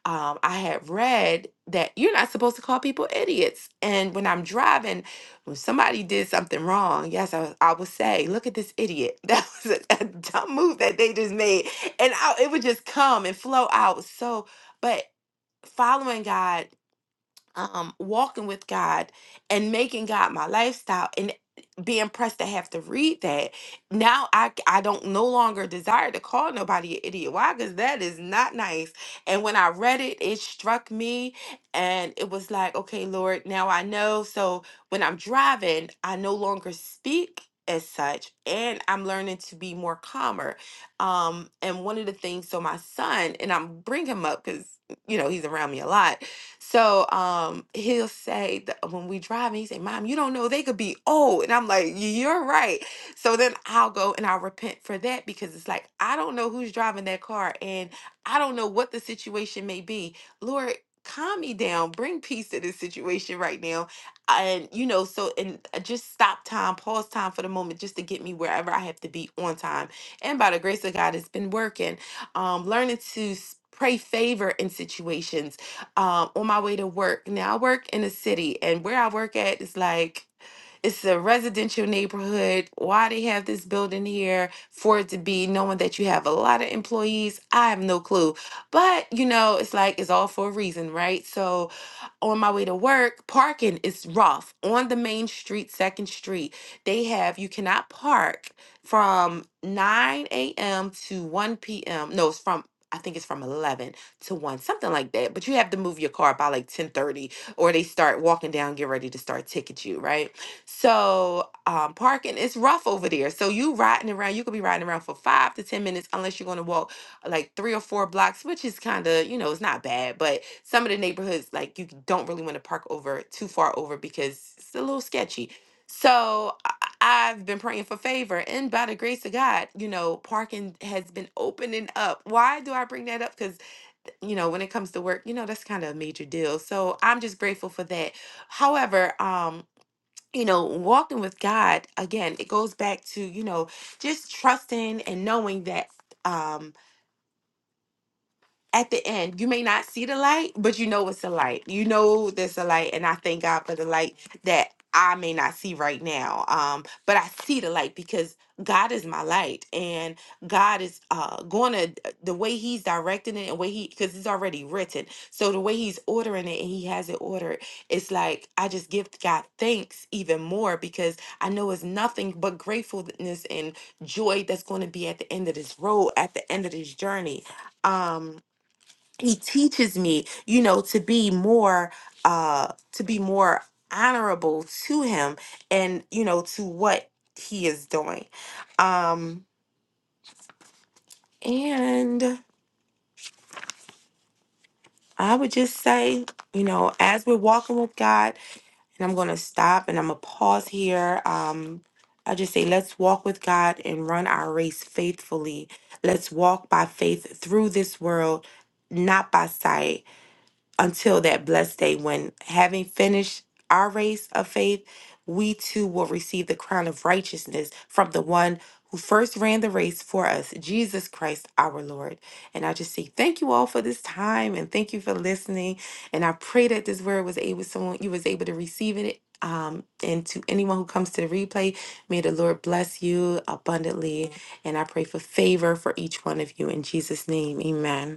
Speaker 5: um, I had read that you're not supposed to call people idiots. And when I'm driving, when somebody did something wrong, yes, I, was- I would say, "Look at this idiot." That was a, a dumb move that they just made, and I, it would just come and flow out. So, but following God um, walking with God and making God my lifestyle and being pressed to have to read that. Now I c- I don't no longer desire to call nobody an idiot. Why? Because that is not nice. And when I read it, it struck me and it was like, okay, Lord, now I know. So when I'm driving, I no longer speak as such and I'm learning to be more calmer. Um and one of the things so my son and I'm bring him up cuz you know he's around me a lot so um, he'll say that when we drive, he say, "Mom, you don't know they could be old," and I'm like, "You're right." So then I'll go and I'll repent for that because it's like I don't know who's driving that car and I don't know what the situation may be. Lord, calm me down, bring peace to this situation right now, and you know, so and uh, just stop time, pause time for the moment, just to get me wherever I have to be on time. And by the grace of God, it's been working. Um, learning to s- pray favor in situations um, on my way to work. Now I work in the city, and where I work at is like it's a residential neighborhood. Why they have this building here for it to be knowing that you have a lot of employees, I have no clue. But you know, it's like it's all for a reason, right? So on my way to work, parking is rough on the main street, Second Street. They have you cannot park from 9 a.m. to 1 p.m. No, it's from I think it's from 11 to 1, something like that. But you have to move your car by like 10:30 or they start walking down, get ready to start ticket you, right? So um, parking is rough over there. So you riding around, you could be riding around for five to 10 minutes unless you're going to walk like three or four blocks, which is kind of, you know, it's not bad, but some of the neighborhoods, like, you don't really want to park over too far over because it's a little sketchy. So I- I've been praying for favor, and by the grace of God, you know, parking has been opening up. Why do I bring that up? Because you know, when it comes to work, you know, that's kind of a major deal. So I'm just grateful for that. However, um, you know, walking with God, again, it goes back to, you know, just trusting and knowing that um, at the end you may not see the light but you know it's a light you know there's a light and i thank god for the light that i may not see right now um but i see the light because god is my light and god is uh going to the way he's directing it and way he because it's already written so the way he's ordering it and he has it ordered it's like i just give god thanks even more because i know it's nothing but gratefulness and joy that's going to be at the end of this road at the end of this journey um he teaches me you know to be more uh to be more honorable to him and you know to what he is doing um and i would just say you know as we're walking with god and i'm gonna stop and i'm gonna pause here um i just say let's walk with god and run our race faithfully let's walk by faith through this world not by sight until that blessed day when, having finished our race of faith, we too will receive the crown of righteousness from the one who first ran the race for us, Jesus Christ our Lord. And I just say thank you all for this time and thank you for listening. And I pray that this word was able someone you was able to receive it. Um, and to anyone who comes to the replay, may the Lord bless you abundantly. And I pray for favor for each one of you in Jesus' name. Amen.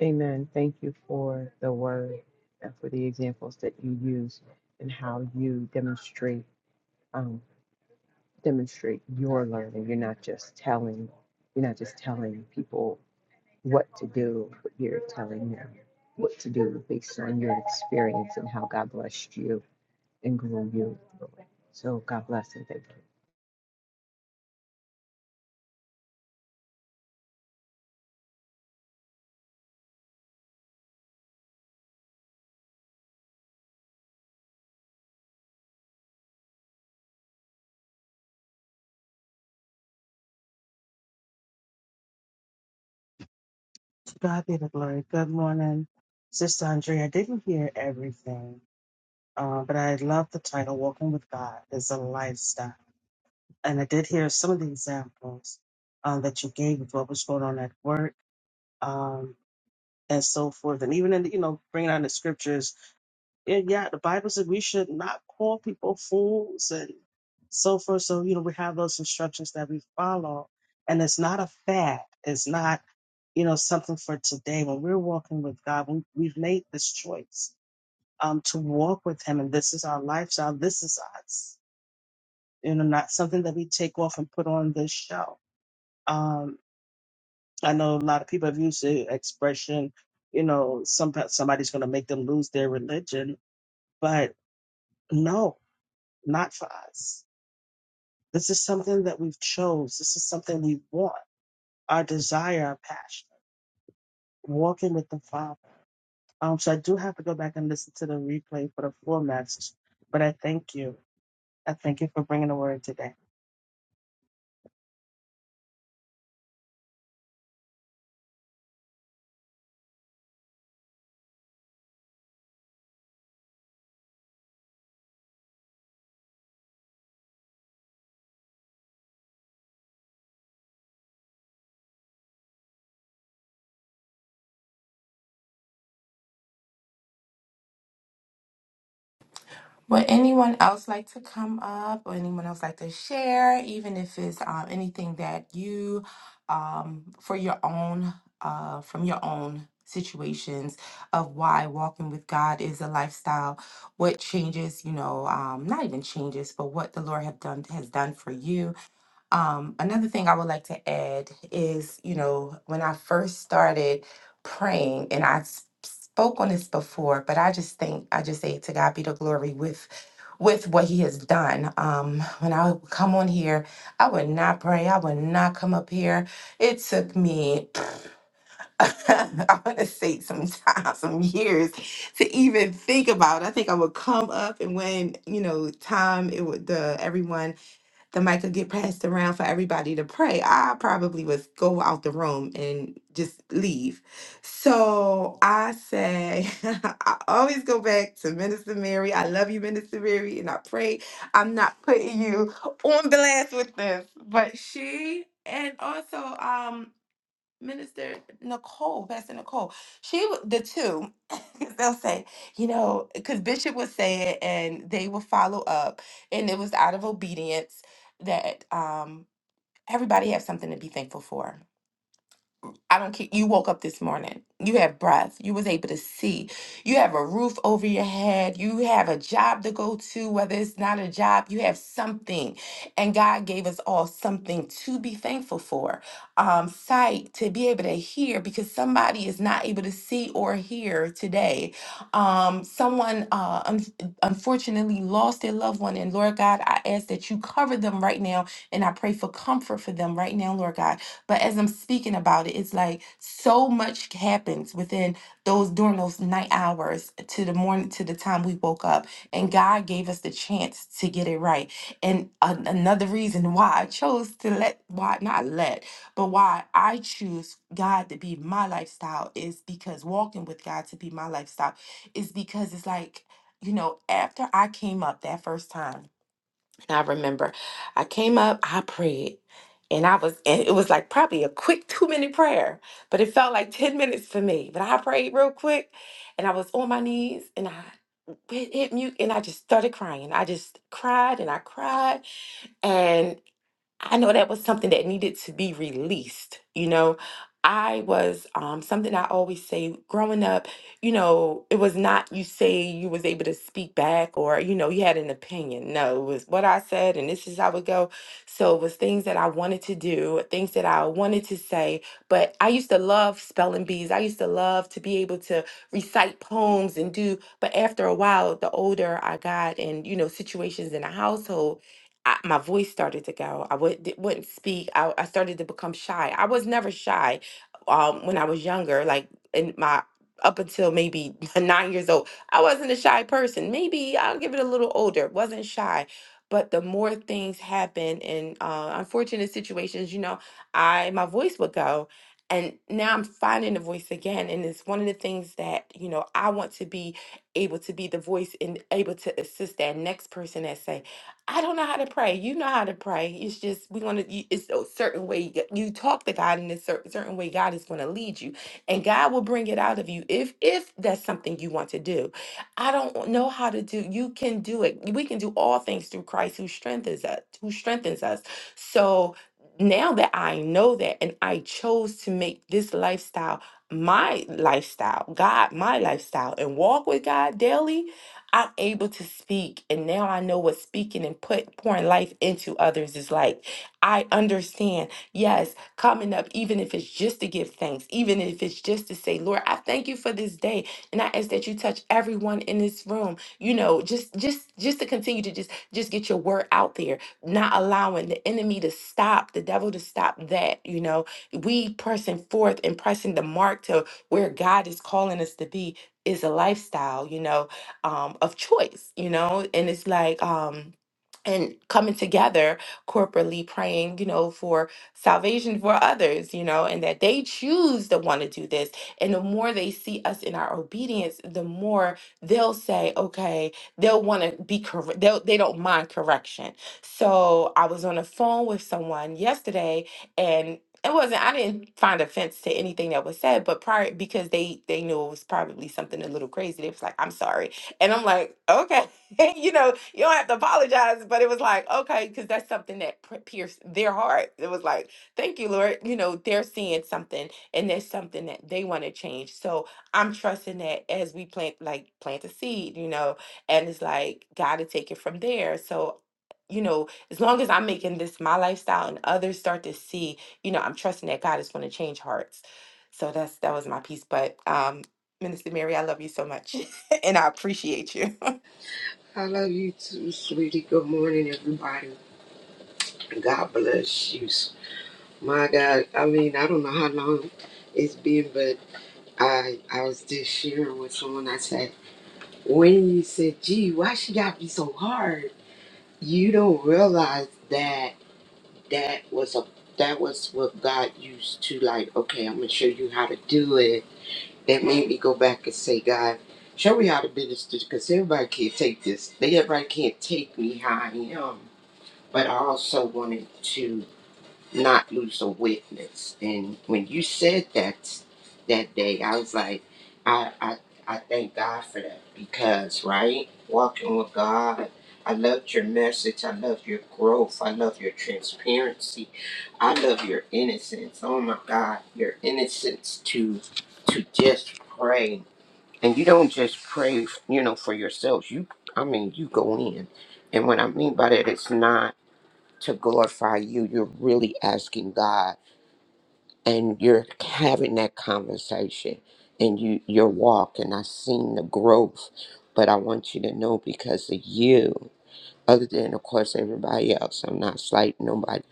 Speaker 3: Amen. Thank you for the word and for the examples that you use and how you demonstrate. demonstrate your learning. You're not just telling, you're not just telling people what to do, but you're telling them what to do based on your experience and how God blessed you and grew you. through it. So God bless and thank you.
Speaker 7: To God be the glory. Good morning, Sister Andrea. I didn't hear everything, uh, but I love the title, Walking with God is a Lifestyle. And I did hear some of the examples uh, that you gave of what was going on at work um, and so forth. And even in, you know, bringing out the scriptures and yeah, the Bible said we should not call people fools and so forth. So, you know, we have those instructions that we follow. And it's not a fad. It's not, you know, something for today. When we're walking with God, we, we've made this choice um, to walk with Him. And this is our lifestyle. This is us, you know, not something that we take off and put on this show. Um, I know a lot of people have used the expression, you know, some, somebody's going to make them lose their religion. But no, not for us. This is something that we've chose. This is something we want, our desire, our passion, walking with the Father. Um, so I do have to go back and listen to the replay for the full message, but I thank you. I thank you for bringing the word today.
Speaker 5: Would anyone else like to come up or anyone else like to share, even if it's um, anything that you, um, for your own, uh, from your own situations of why walking with God is a lifestyle, what changes, you know, um, not even changes, but what the Lord have done has done for you um, another thing I would like to add is, you know, when I first started praying, and I s- spoke on this before, but I just think I just say to God be the glory with with what He has done. Um, when I would come on here, I would not pray. I would not come up here. It took me, I want to say, some time, some years to even think about. I think I would come up, and when you know, time it would the everyone the mic could get passed around for everybody to pray, I probably would go out the room and just leave. So I say, I always go back to Minister Mary. I love you, Minister Mary, and I pray I'm not putting you on blast with this. But she and also um Minister Nicole, Pastor Nicole, she w- the two, they'll say, you know, because Bishop would say it and they will follow up, and it was out of obedience that um everybody has something to be thankful for I don't care. You woke up this morning. You have breath. You was able to see. You have a roof over your head. You have a job to go to, whether it's not a job, you have something. And God gave us all something to be thankful for. Um, sight to be able to hear because somebody is not able to see or hear today. Um, someone uh, un- unfortunately lost their loved one. And Lord God, I ask that you cover them right now. And I pray for comfort for them right now, Lord God. But as I'm speaking about it, it's like so much happens within those during those night hours to the morning to the time we woke up. And God gave us the chance to get it right. And a- another reason why I chose to let why not let, but why I choose God to be my lifestyle is because walking with God to be my lifestyle is because it's like, you know, after I came up that first time. I remember I came up, I prayed, and I was, and it was like probably a quick two minute prayer, but it felt like 10 minutes for me. But I prayed real quick, and I was on my knees, and I hit, hit mute, and I just started crying. I just cried and I cried. I know that was something that needed to be released. You know, I was um, something I always say growing up, you know, it was not you say you was able to speak back or, you know, you had an opinion. No, it was what I said and this is how it go. So it was things that I wanted to do, things that I wanted to say. But I used to love spelling bees. I used to love to be able to recite poems and do, but after a while, the older I got and, you know, situations in the household, I, my voice started to go. I would, wouldn't speak. I, I started to become shy. I was never shy um, when I was younger, like in my up until maybe nine years old. I wasn't a shy person. Maybe I'll give it a little older. Wasn't shy. But the more things happen in uh, unfortunate situations, you know, I my voice would go. And now I'm finding the voice again. And it's one of the things that, you know, I want to be able to be the voice and able to assist that next person that say, I don't know how to pray. You know how to pray. It's just we want to it's a certain way that you talk to God in a certain certain way. God is gonna lead you, and God will bring it out of you if if that's something you want to do. I don't know how to do. You can do it. We can do all things through Christ who strengthens us. Who strengthens us. So now that I know that, and I chose to make this lifestyle my lifestyle, God my lifestyle, and walk with God daily I'm able to speak, and now I know what speaking and put pouring life into others is like. I understand. Yes, coming up, even if it's just to give thanks, even if it's just to say, Lord, I thank you for this day, and I ask that you touch everyone in this room. You know, just just just to continue to just just get your word out there, not allowing the enemy to stop, the devil to stop that. You know, we pressing forth and pressing the mark to where God is calling us to be is a lifestyle. You know, um, of choice, you know? And it's like, um, and coming together corporately praying you know for salvation for others you know and that they choose to want to do this and the more they see us in our obedience the more they'll say okay they'll want to be correct they'll, they don't mind correction so i was on the phone with someone yesterday and it wasn't i didn't find offense to anything that was said but prior because they they knew it was probably something a little crazy they was like i'm sorry and I'm like, okay, you know, you don't have to apologize. But it was like, okay, because that's something that pr- pierced their heart. It was like, thank you, Lord. You know, they're seeing something and there's something that they want to change. So I'm trusting that as we plant, like, plant a seed, you know, and it's like, got to take it from there. So, you know, as long as I'm making this my lifestyle and others start to see, you know, I'm trusting that God is going to change hearts. So that's that was my piece. But um, Minister Mary, I love you so much. and I appreciate you.
Speaker 8: I love you too, sweetie. Good morning, everybody. God bless you. My God, I mean, I don't know how long it's been, but I I was just sharing with someone. I said, when you said, "Gee, why she got to be so hard?" You don't realize that that was a that was what God used to like. Okay, I'm gonna show you how to do it. That made me go back and say, God, show me how to do this, because everybody can't take this. They everybody can't take me how I am but I also wanted to not lose a witness. And when you said that that day, I was like, I I, I thank God for that because right, walking with God. I loved your message. I love your growth. I love your transparency. I love your innocence. Oh my God, your innocence to to just pray. And you don't just pray, you know, for yourselves. You, I mean, you go in. And what I mean by that, it's not to glorify you. You're really asking God and you're having that conversation and you your walk and I've seen the growth. But I want you to know because of you, other than of course everybody else, I'm not slighting nobody.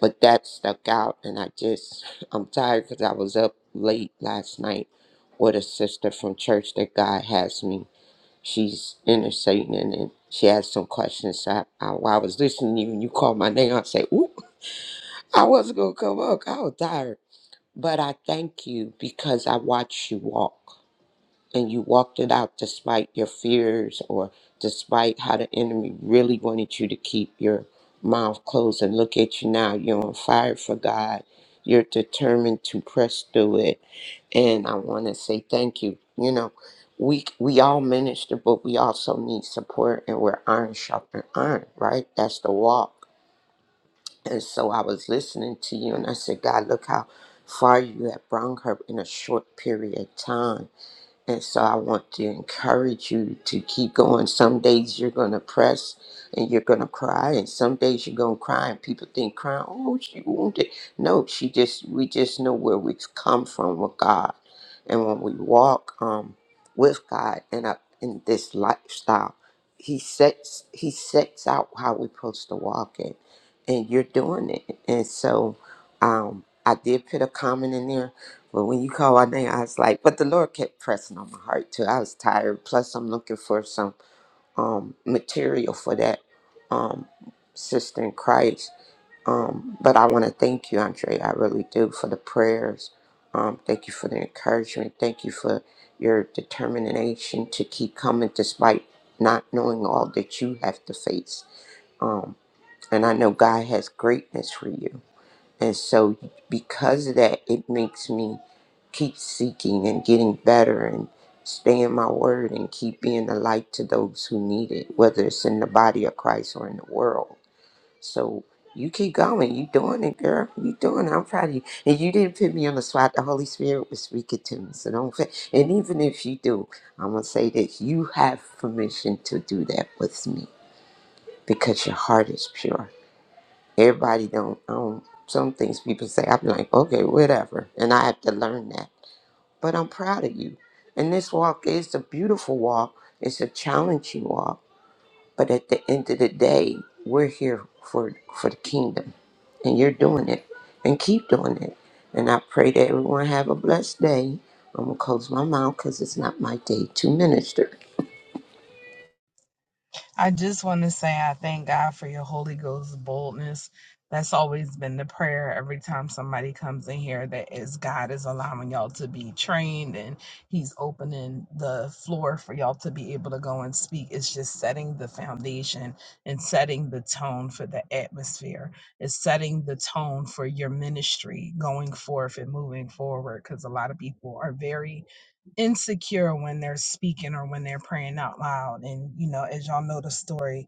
Speaker 8: But that stuck out and I just I'm tired because I was up late last night with a sister from church that God has me. She's interceding and she had some questions. So I, I, while I was listening to you and you called my name, I say, ooh. I wasn't gonna come up. I was tired. But I thank you because I watched you walk and you walked it out despite your fears or despite how the enemy really wanted you to keep your mouth closed and look at you now. You're on fire for God. You're determined to press through it. And I wanna say thank you. You know, we we all minister, but we also need support and we're iron sharpening iron, right? That's the walk and so I was listening to you and I said, God, look how far you have brought her in a short period of time. And so I want to encourage you to keep going. Some days you're going to press and you're going to cry, and some days you're going to cry, and people think crying, oh, she wounded. No, she just, we just know where we've come from with God. And when we walk um, with God and up in this lifestyle, he sets he sets out how we're supposed to walk it, and you're doing it. And so, um, I did put a comment in there but when you call my name, I was like, but the Lord kept pressing on my heart too. I was tired. Plus, I'm looking for some um, material for that um, sister in Christ. Um, but I want to thank you, Andre. I really do for the prayers. Um, thank you for the encouragement. Thank you for your determination to keep coming despite not knowing all that you have to face. Um, and I know God has greatness for you and so, because of that, it makes me keep seeking and getting better and staying my word and keep being a light to those who need it, whether it's in the body of Christ or in the world. So, you keep going. You doing it, girl. You doing it. I'm proud of you. And you didn't put me on the spot. The Holy Spirit was speaking to me. So don't. fa- And even if you do, I'm gonna say that you have permission to do that with me because your heart is pure Everybody don't um some things people say I'm like, okay, whatever. And I have to learn that. But I'm proud of you. And this walk is a beautiful walk. It's a challenging walk. But at the end of the day, we're here for for the kingdom. And you're doing it. And keep doing it. And I pray that everyone have a blessed day. I'm gonna close my mouth because it's not my day to minister.
Speaker 2: I just want to say I thank God for your Holy Ghost boldness. That's always been the prayer every time somebody comes in here that is God is allowing y'all to be trained and he's opening the floor for y'all to be able to go and speak. It's just setting the foundation and setting the tone for the atmosphere. It's setting the tone for your ministry going forth and moving forward because a lot of people are very insecure when they're speaking or when they're praying out loud. And, you know, as y'all know the story,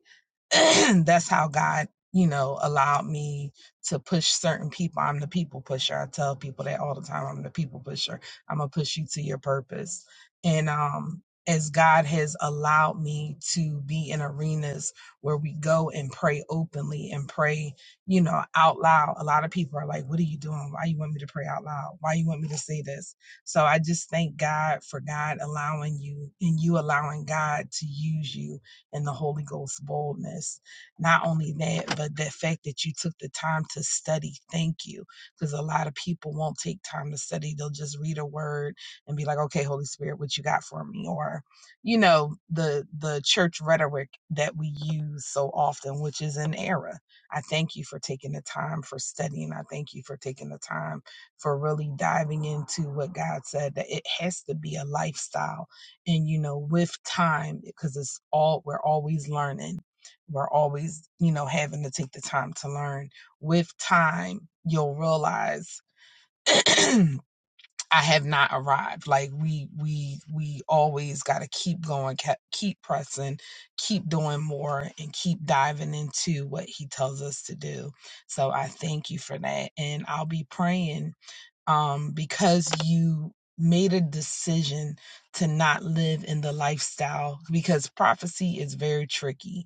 Speaker 2: that's how God, you know, allowed me to push certain people. I'm the people pusher. I tell people that all the time. I'm the people pusher. I'm gonna push you to your purpose. And um as God has allowed me to be in arenas where we go and pray openly and pray, you know, out loud. A lot of people are like, "What are you doing? Why you want me to pray out loud? Why you want me to say this?" So I just thank God for God allowing you and you allowing God to use you and the Holy Ghost boldness. Not only that, but the fact that you took the time to study. Thank you. Because a lot of people won't take time to study. They'll just read a word and be like, okay, Holy Spirit, what you got for me? Or, you know, the the church rhetoric that we use so often, which is an error. I thank you for taking the time for studying. I thank you for taking the time for really diving into what God said that it has to be a lifestyle and you know with time because it's all we're always learning we're always you know having to take the time to learn with time you'll realize i have not arrived like we we we always got to keep going ke- keep pressing keep doing more and keep diving into what he tells us to do so i thank you for that and i'll be praying um, because you made a decision to not live in the lifestyle because prophecy is very tricky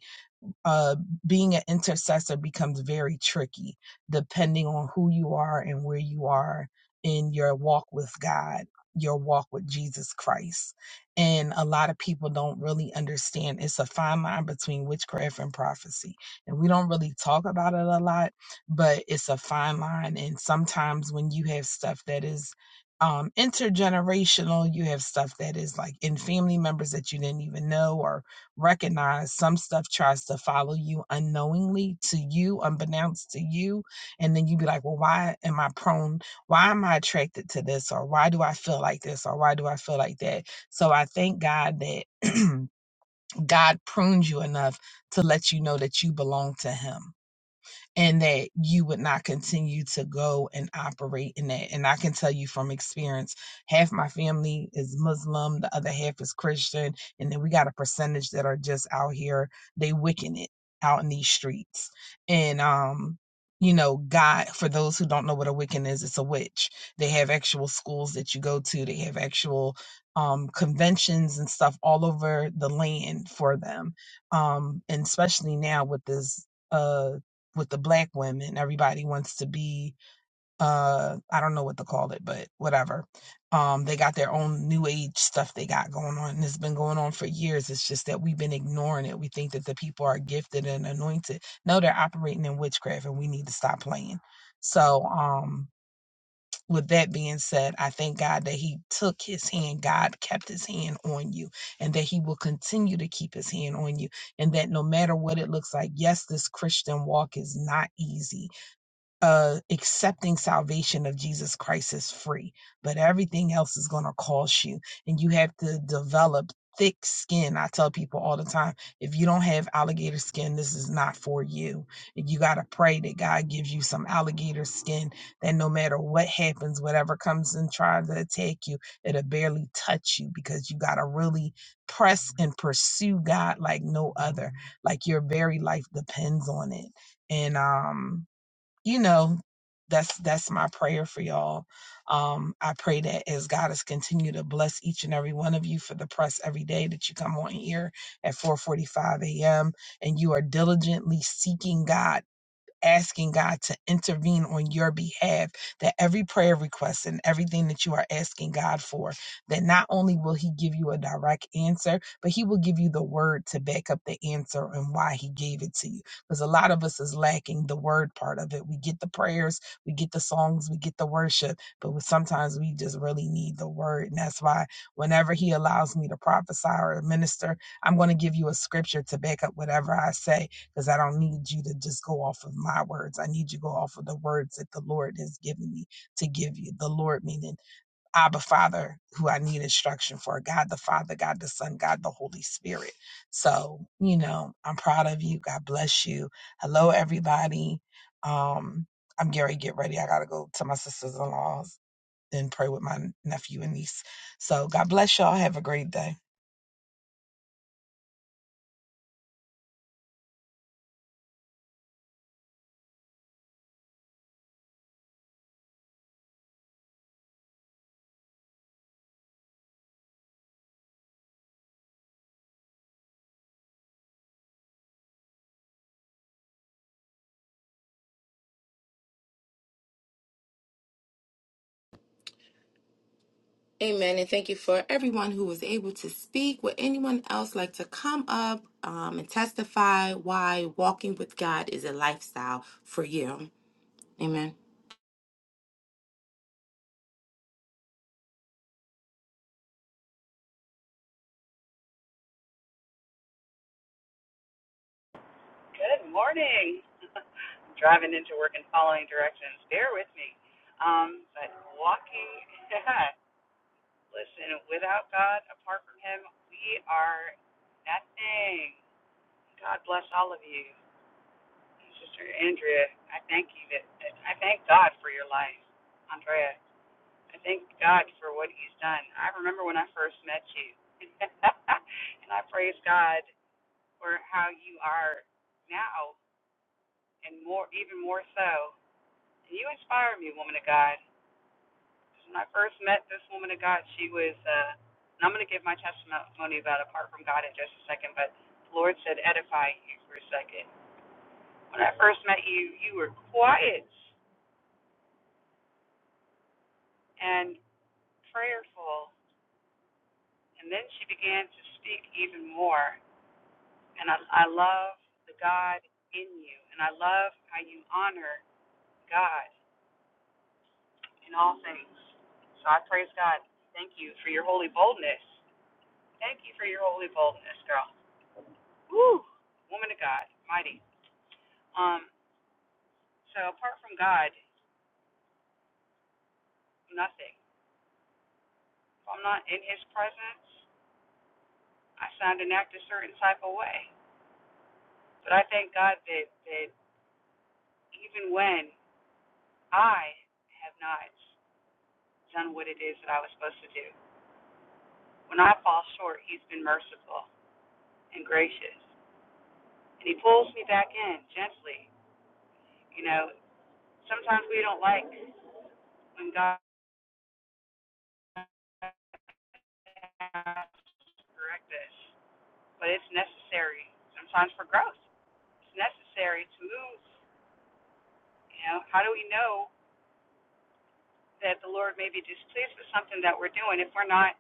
Speaker 2: uh, being an intercessor becomes very tricky depending on who you are and where you are in your walk with God, your walk with Jesus Christ. And a lot of people don't really understand it's a fine line between witchcraft and prophecy. And we don't really talk about it a lot, but it's a fine line. And sometimes when you have stuff that is um intergenerational you have stuff that is like in family members that you didn't even know or recognize some stuff tries to follow you unknowingly to you, unbeknownst to you. And then you be like, well, why am I prone? Why am I attracted to this? Or why do I feel like this? Or why do I feel like that? So I thank God that God prunes you enough to let you know that you belong to Him and that you would not continue to go and operate in that. And I can tell you from experience, half my family is Muslim, the other half is Christian, and then we got a percentage that are just out here, they wicking it out in these streets. And um you know, God, for those who don't know what a Wiccan is, it's a witch. They have actual schools that you go to. They have actual um, conventions and stuff all over the land for them. Um, and especially now with this uh with the black women. Everybody wants to be uh I don't know what to call it, but whatever. Um they got their own new age stuff they got going on and it's been going on for years. It's just that we've been ignoring it. We think that the people are gifted and anointed. No, they're operating in witchcraft and we need to stop playing. So um with that being said, I thank God that he took his hand, God kept his hand on you, and that he will continue to keep his hand on you and that no matter what it looks like, yes, this Christian walk is not easy uh, accepting salvation of Jesus Christ is free, but everything else is going to cost you. And you have to develop thick skin. I tell people all the time if you don't have alligator skin, this is not for you. You got to pray that God gives you some alligator skin that no matter what happens, whatever comes and tries to attack you, it'll barely touch you because you got to really press and pursue God like no other. Like your very life depends on it. And, um, you know that's that's my prayer for y'all um i pray that as god has continued to bless each and every one of you for the press every day that you come on here at 4:45 a.m. and you are diligently seeking god asking God to intervene on your behalf, that every prayer request and everything that you are asking God for, that not only will He give you a direct answer, but He will give you the word to back up the answer and why He gave it to you. Because a lot of us is lacking the word part of it. We get the prayers, we get the songs, we get the worship, but we- sometimes we just really need the word. And that's why whenever He allows me to prophesy or minister, I'm going to give you a scripture to back up whatever I say because I don't need you to just go off of my words. I need you to go off of the words that the Lord has given me to give you. The Lord, meaning Abba Father, who I need instruction for, God the Father, God the Son, God the Holy Spirit. So, you know, I'm proud of you. God bless you. Hello, everybody. Um, I'm Gary. Get ready. I got to go to my sisters in laws and pray with my nephew and niece. So, God bless y'all. Have a great day.
Speaker 5: Amen. And thank you for everyone who was able to speak. Would anyone else like to come up um, and testify why walking with God is a lifestyle for you? Amen.
Speaker 9: Good morning. Driving into work and following directions. Bear with me. Um, but walking, yeah, listen, without God, apart from Him, we are nothing. God bless all of you. Sister Andrea, I thank you. That, that- I thank God for your life. Andrea, I thank God for what He's done. I remember when I first met you. and I praise God for how you are now and more, even more so. You inspire me, woman of God. When I first met this woman of God, she was, uh, and I'm going to give my testimony about apart from God in just a second, but the Lord said, edify you for a second. When I first met you, you were quiet and prayerful, and then she began to speak even more. And I, I love the God in you, and I love how you honor God in all things. So I praise God. Thank you for your holy boldness. Thank you for your holy boldness, girl. Woo! Woman of God, mighty. Um, so apart from God, nothing. If I'm not in his presence, I sound and act a certain type of way. But I thank God that, that even when I have not done what it is that I was supposed to do, when I fall short, he's been merciful and gracious. And he pulls me back in gently. You know, sometimes we don't like when God corrects us. but it's necessary sometimes for growth. It's necessary to move. You know, how do we know that the Lord may be displeased with something that we're doing if we're not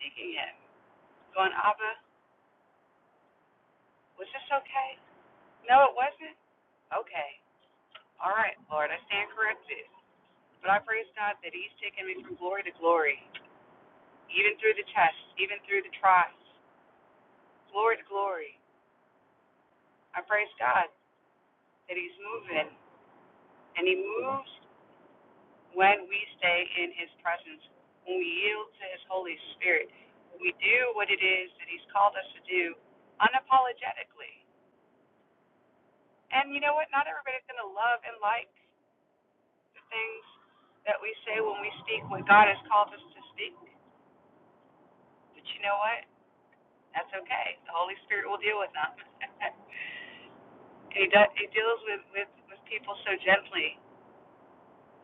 Speaker 9: seeking it? Going, Abba, was this okay? No, it wasn't. Okay. All right, Lord, I stand corrected. But I praise God that He's taken me from glory to glory, even through the tests, even through the trials, glory to glory. I praise God that He's moving, and He moves when we stay in his presence, when we yield to his Holy Spirit, when we do what it is that he's called us to do unapologetically. And you know what? Not everybody's going to love and like the things that we say when we speak what God has called us to speak. But you know what? That's okay. The Holy Spirit will deal with them. he, does, he deals with, with, with people so gently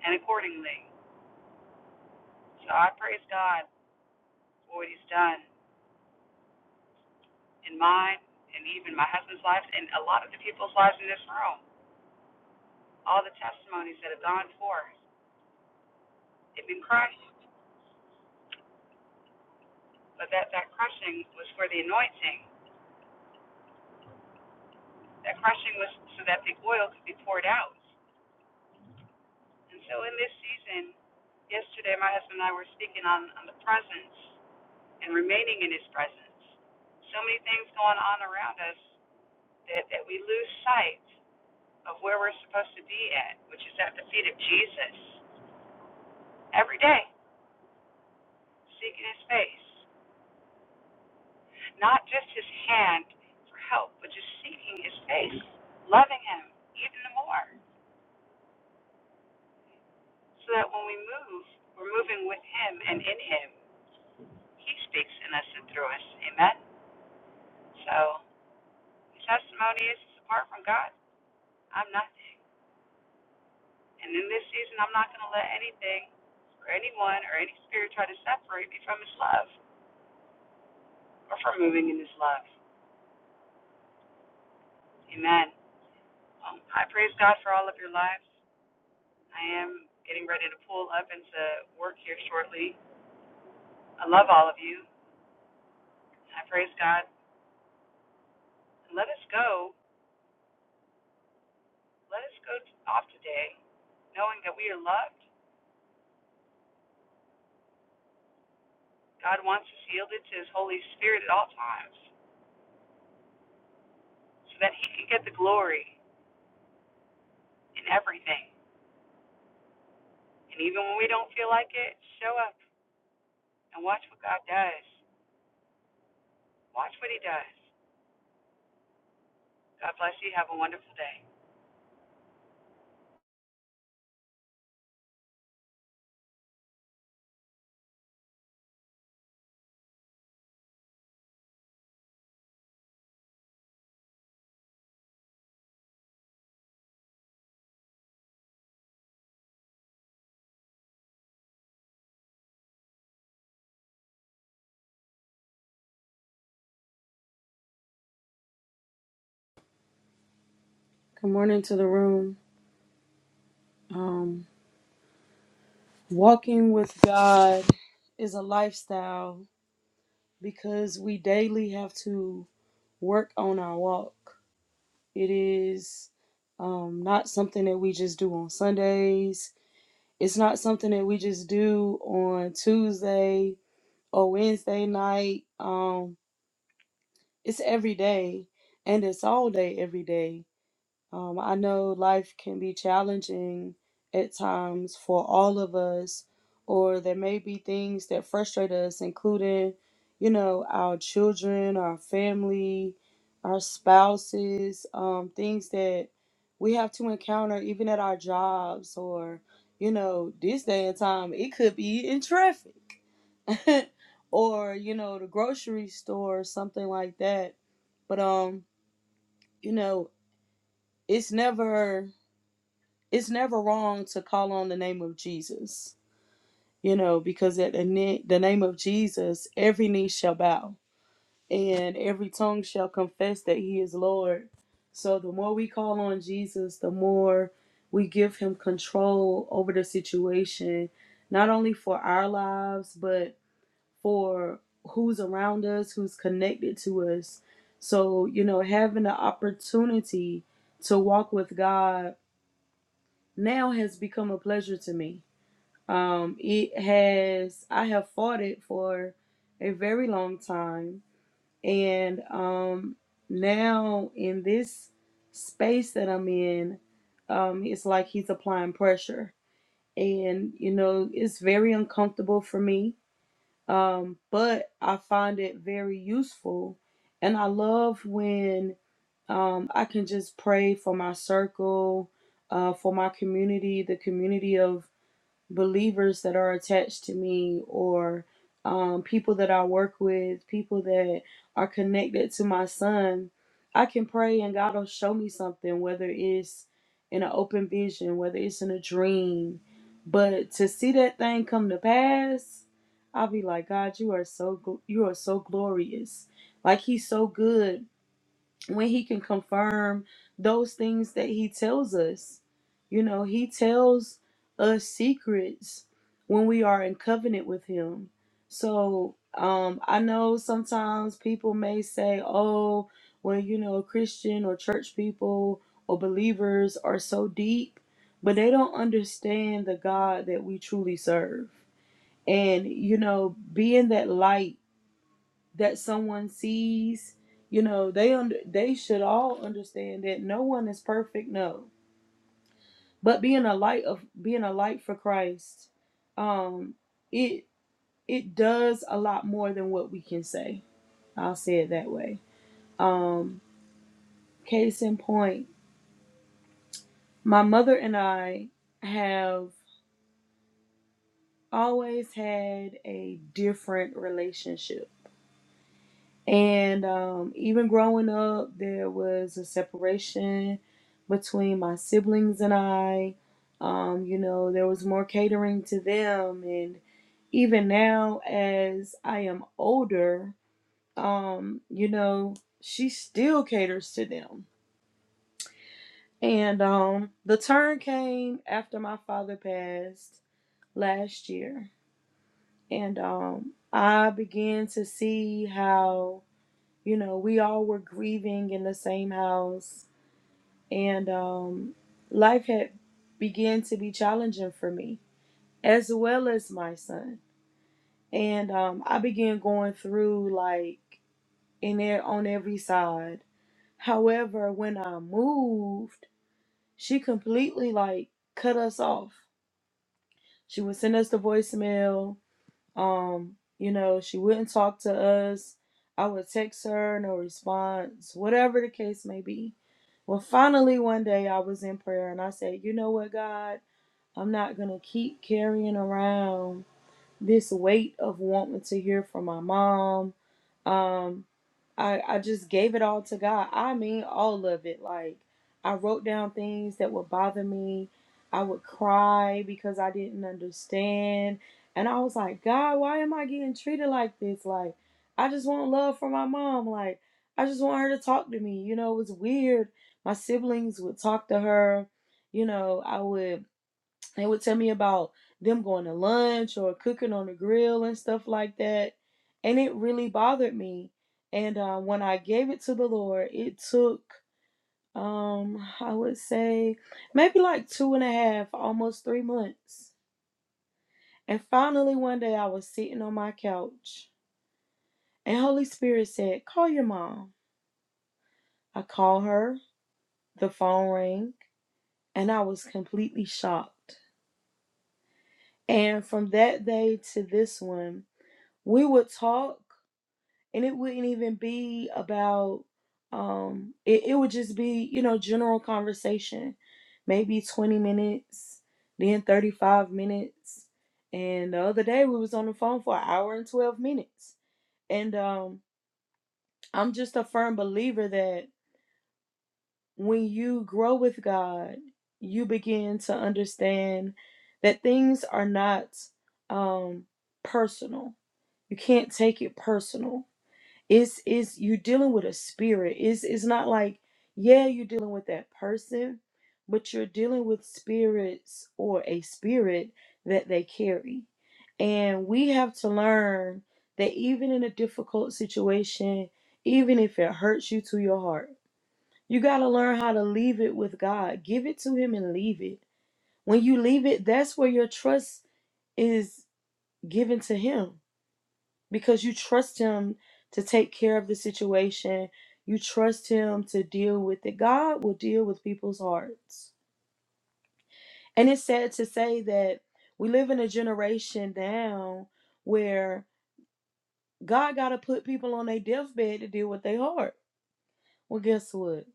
Speaker 9: and accordingly. So I praise God for what he's done. in mine and even my husband's lives and a lot of the people's lives in this room. All the testimonies that have gone forth. They've been crushed, but that, that crushing was for the anointing. That crushing was so that the oil could be poured out. And so in this season, yesterday my husband and I were speaking on, on the presence and remaining in his presence. So many things going on around us that, that we lose sight of where we're supposed to be at, which is at the feet of Jesus every day seeking his face. Not just his hand for help, but just seeking his face, loving him even more. So that when we move, we're moving with him and in him. He speaks in us and through us. Amen. So his testimony is apart from God, I'm nothing. And in this season I'm not gonna let anything or anyone or any spirit try to separate me from his love or from moving in his love. Amen. Um, I praise God for all of your lives. I am getting ready to pull up into work here shortly. I love all of you. I praise God. Let us go. Let us go off today, knowing that we are loved. God wants us yielded to His Holy Spirit at all times so that He can get the glory in everything. And even when we don't feel like it, show up and watch what God does. Watch what He does. God bless you. Have a wonderful day.
Speaker 10: Good morning to the room. Um, walking with God is a lifestyle because we daily have to work on our walk. It is um, not something that we just do on Sundays, it's not something that we just do on Tuesday or Wednesday night. Um, it's every day and it's all day every day. Um, I know life can be challenging at times for all of us, or there may be things that frustrate us, including, you know, our children, our family, our spouses, um, things that we have to encounter even at our jobs, or, you know, this day and time, it could be in traffic, or, you know, the grocery store, something like that. But, um, you know, it's never it's never wrong to call on the name of Jesus, you know, because at the, na- the name of Jesus, every knee shall bow and every tongue shall confess that he is Lord. So the more we call on Jesus, the more we give him control over the situation, not only for our lives, but for who's around us, who's connected to us. So, you know, having the opportunity to walk with God now has become a pleasure to me um, it has I have fought it for a very long time, and um, now in this space that I'm in, um, it's like he's applying pressure, and you know it's very uncomfortable for me. Um, but I find it very useful, and I love when um, I can just pray for my circle, uh, for my community, the community of believers that are attached to me or um, people that I work with, people that are connected to my son, I can pray and God will show me something, whether it's in an open vision, whether it's in a dream. But to see that thing come to pass, I'll be like, God, you are so gl- you are so glorious. Like He's so good when he can confirm those things that he tells us. You know, he tells us secrets when we are in covenant with him. So, um, I know sometimes people may say, oh, well, you know, Christian or church people or believers are so deep, but they don't understand the God that we truly serve. And, you know, being that light that someone sees you know they under they should all understand that no one is perfect no but being a light of being a light for christ um it it does a lot more than what we can say i'll say it that way um case in point my mother and i have always had a different relationship And um, even growing up, there was a separation between my siblings and I. Um, you know, there was more catering to them. And even now, as I am older, um, you know, she still caters to them. And um, the turn came after my father passed last year. And um, I began to see how you know, we all were grieving in the same house, and um, life had began to be challenging for me as well as my son. And um, I began going through like in there on every side. However, when I moved, she completely like cut us off. She would send us the voicemail. Um, you know, she wouldn't talk to us. I would text her, no response, whatever the case may be Well, finally, one day I was in prayer and I said, You know what, God? I'm not going to keep carrying around this weight of wanting to hear from my mom. Um, I, I just gave it all to God. I mean, all of it. Like, I wrote down things that would bother me. I would cry because I didn't understand. And I was like, God, why am I getting treated like this? Like, I just want love from my mom. Like, I just want her to talk to me. You know, it was weird. My siblings would talk to her. You know, I would they would tell me about them going to lunch or cooking on the grill and stuff like that. And it really bothered me. And uh, when I gave it to the Lord, it took, um, I would say, maybe like two and a half, almost three months. And finally, one day I was sitting on my couch and Holy Spirit said, Call your mom. I called her, the phone rang, and I was completely shocked. And from that day to this one, we would talk and it wouldn't even be about um it, it would just be you know general conversation maybe 20 minutes then 35 minutes and the other day we was on the phone for an hour and 12 minutes and um i'm just a firm believer that when you grow with god you begin to understand that things are not um personal you can't take it personal It's it's you dealing with a spirit. It's it's not like, yeah, you're dealing with that person, but you're dealing with spirits or a spirit that they carry. And we have to learn that even in a difficult situation, even if it hurts you to your heart, you got to learn how to leave it with God. Give it to Him and leave it. When you leave it, that's where your trust is given to Him because you trust him to take care of the situation. You trust him to deal with it. God will deal with people's hearts. And it's sad to say that we live in a generation now where God got to put people on their deathbed to deal with their heart. Well, guess what?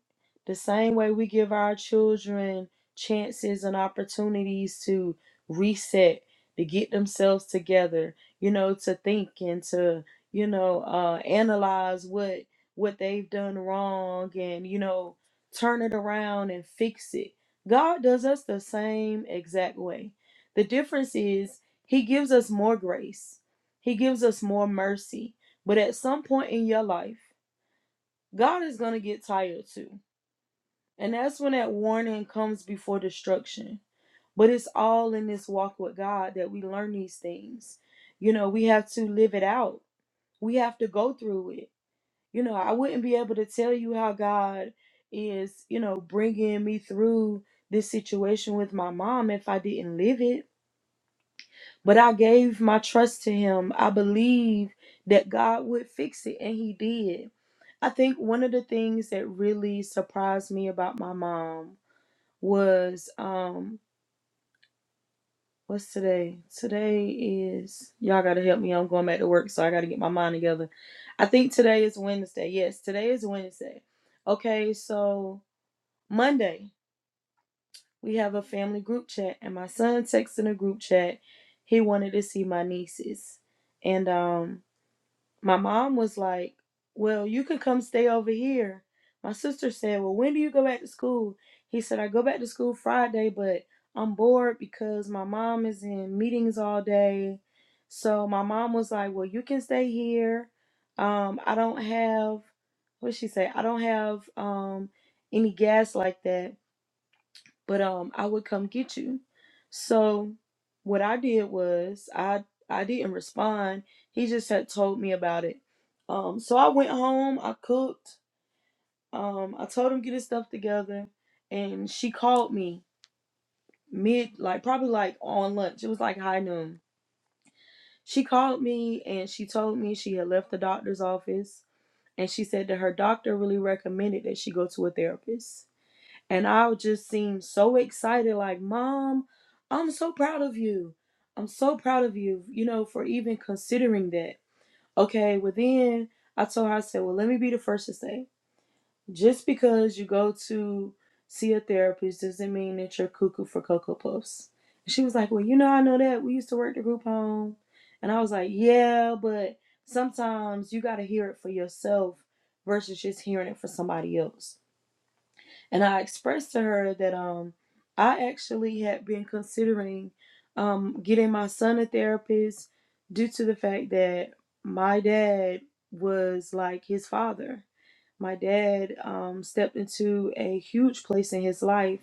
Speaker 10: The same way we give our children chances and opportunities to reset, to get themselves together, you know, to think and to, you know, uh, analyze what what they've done wrong and, you know, turn it around and fix it. God does us the same exact way. The difference is he gives us more grace. He gives us more mercy. But at some point in your life, God is going to get tired too. And that's when that warning comes before destruction. But it's all in this walk with God that we learn these things. You know, we have to live it out, we have to go through it. You know, I wouldn't be able to tell you how God is, you know, bringing me through this situation with my mom if I didn't live it. But I gave my trust to him. I believed that God would fix it, and he did. I think one of the things that really surprised me about my mom was um what's today? Today is y'all gotta help me. I'm going back to work, so I gotta get my mind together. I think today is Wednesday. Yes, today is Wednesday. Okay, so Monday we have a family group chat, and my son texted in a group chat. He wanted to see my nieces. And um my mom was like, Well, you can come stay over here. My sister said, Well, when do you go back to school? He said, I go back to school Friday, but I'm bored because my mom is in meetings all day. So my mom was like, Well, you can stay here. Um, I don't have what did she say, I don't have um any gas like that but um I would come get you. So what I did was I I didn't respond. He just had told me about it. Um so I went home, I cooked, um, I told him get his stuff together and she called me mid like probably like on lunch. It was like high noon. She called me and she told me she had left the doctor's office and she said that her doctor really recommended that she go to a therapist. And I just seemed so excited, like, Mom, I'm so proud of you. I'm so proud of you, you know, for even considering that. Okay, well, then I told her, I said, Well, let me be the first to say, just because you go to see a therapist doesn't mean that you're cuckoo for Cocoa Puffs. And she was like, Well, you know, I know that. We used to work the group home. And I was like, Yeah, but sometimes you got to hear it for yourself versus just hearing it for somebody else and I expressed to her that um I actually had been considering um getting my son a therapist due to the fact that my dad was like his father. My dad um stepped into a huge place in his life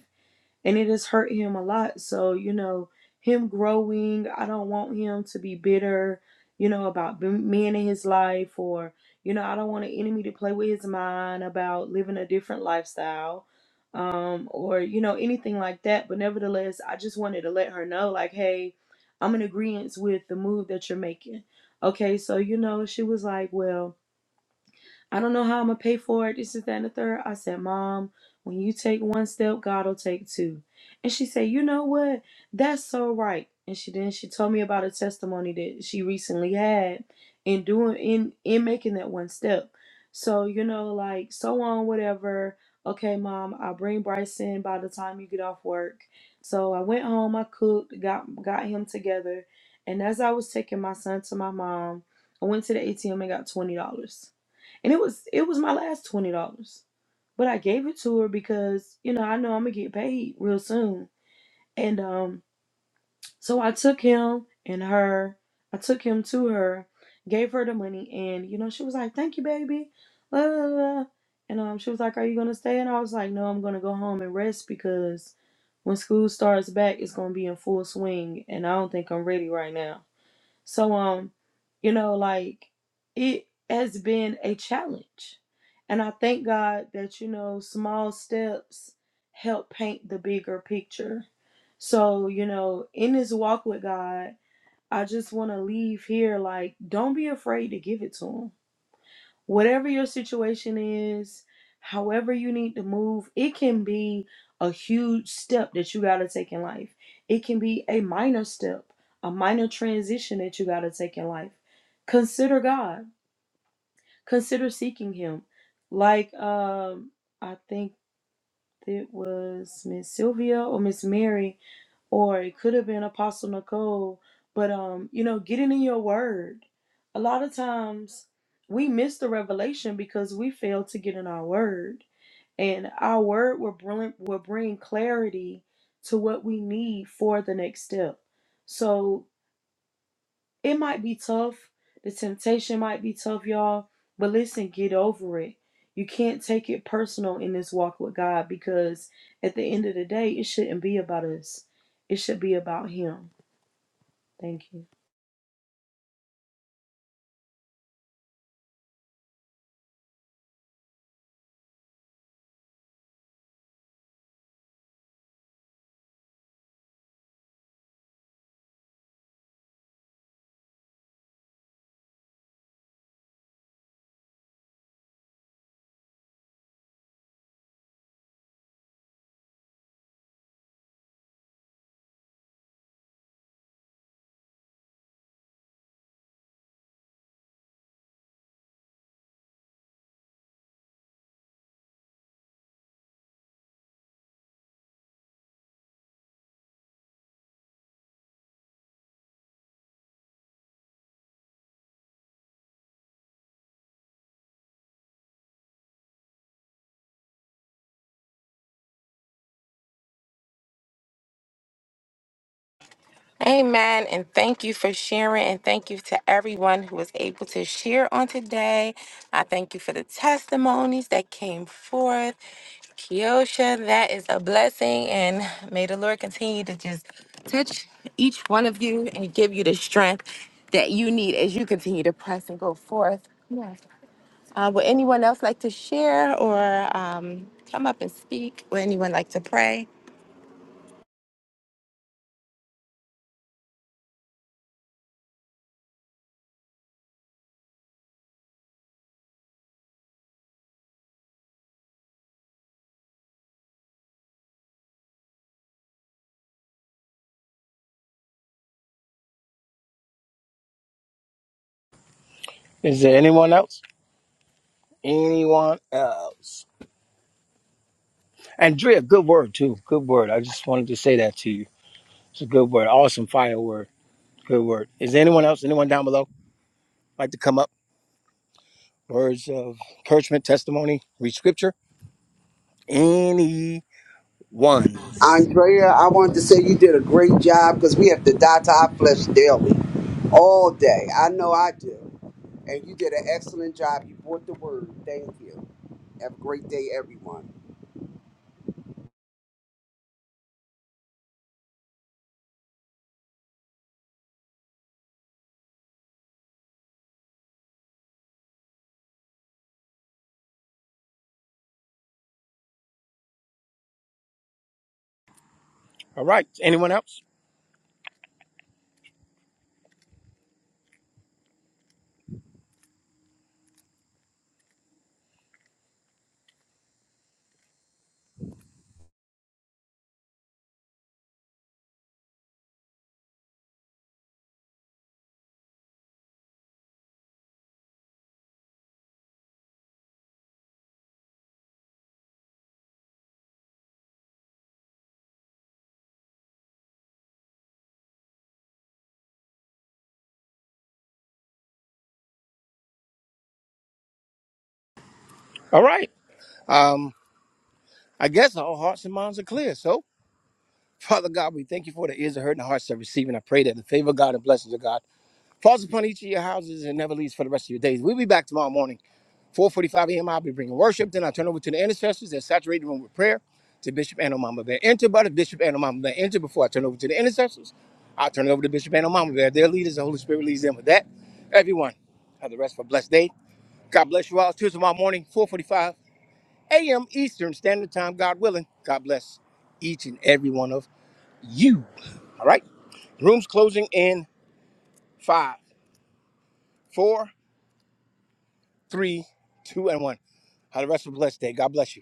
Speaker 10: and it has hurt him a lot. So, you know, him growing, I don't want him to be bitter, you know, about men in his life, or, you know, I don't want an enemy to play with his mind about living a different lifestyle um, or, you know, anything like that. But nevertheless, I just wanted to let her know, like, hey, I'm in agreement with the move that you're making. Okay, so, you know, she was like, well, I don't know how I'm gonna pay for it. This is that and the third. I said, Mom, when you take one step, God'll take two. And she said, You know what? That's so right. And she then she told me about a testimony that she recently had in doing in in making that one step. So, you know, like so on, whatever. Okay, mom, I'll bring Bryson by the time you get off work. So I went home, I cooked, got got him together. And as I was taking my son to my mom, I went to the ATM and got twenty dollars and it was it was my last twenty dollars. But I gave it to her because you know I know I'm gonna get paid real soon, and um, so I took him and her. I took him to her, gave her the money, and you know she was like, "Thank you, baby," blah, blah, blah. and um, she was like, "Are you gonna stay?" And I was like, "No, I'm gonna go home and rest because when school starts back, it's gonna be in full swing, and I don't think I'm ready right now." So um, you know, like it has been a challenge. And I thank God that, you know, small steps help paint the bigger picture. So, you know, in this walk with God, I just want to leave here like don't be afraid to give it to him whatever your situation is, however you need to move, it can be a huge step that you got to take in life. It can be a minor step, a minor transition that you got to take in life. Consider God, consider seeking Him. Like, um, I think it was Miss Sylvia or Miss Mary or it could have been Apostle Nicole. But um, you know, getting in your word. A lot of times we miss the revelation because we fail to get in our word, and our word will bring will bring clarity to what we need for the next step. So it might be tough. The temptation might be tough, y'all. But listen, get over it. You can't take it personal in this walk with God because at the end of the day, it shouldn't be about us. It should be about Him. Thank you.
Speaker 5: Amen. And thank you for sharing. And thank you to everyone who was able to share on today. I thank you for the testimonies that came forth. Kiosha, that is a blessing. And may the Lord continue to just touch each one of you and give you the strength that you need as you continue to press and go forth. Yes. Uh, would anyone else like to share or um, come up and speak? Would anyone like to pray?
Speaker 11: Is there anyone else? Anyone else? Andrea, good word too. Good word. I just wanted to say that to you. It's a good word. Awesome fire word. Good word. Is there anyone else? Anyone down below like to come up? Words of encouragement, testimony, read scripture. Any ones?
Speaker 4: Andrea, I wanted to say you did a great job because we have to die to our flesh daily, all day. I know I do. And you did an excellent job. You brought the word. Thank you. Have a great day, everyone.
Speaker 11: All right. Anyone else? All right. Um, I guess all hearts and minds are clear. So, Father God, we thank you for the ears that heard and the hearts that receive. And I pray that the favor of God and blessings of God falls upon each of your houses and never leaves for the rest of your days. We'll be back tomorrow morning. 4:45 a.m. I'll be bringing worship. Then I turn over to the intercessors and saturate the room with prayer to Bishop Anomama Bear. Enter, brother. Bishop Anomama Bear. Enter before I turn over to the intercessors. I'll turn it over to Bishop Anomama Bear. Their leaders, the Holy Spirit leads them with that. Everyone, have the rest of a blessed day. God bless you all. Till tomorrow morning, 4:45 a.m. Eastern Standard Time, God willing. God bless each and every one of you. All right. Rooms closing in five, four, three, two, and one. Have the rest of a blessed day. God bless you.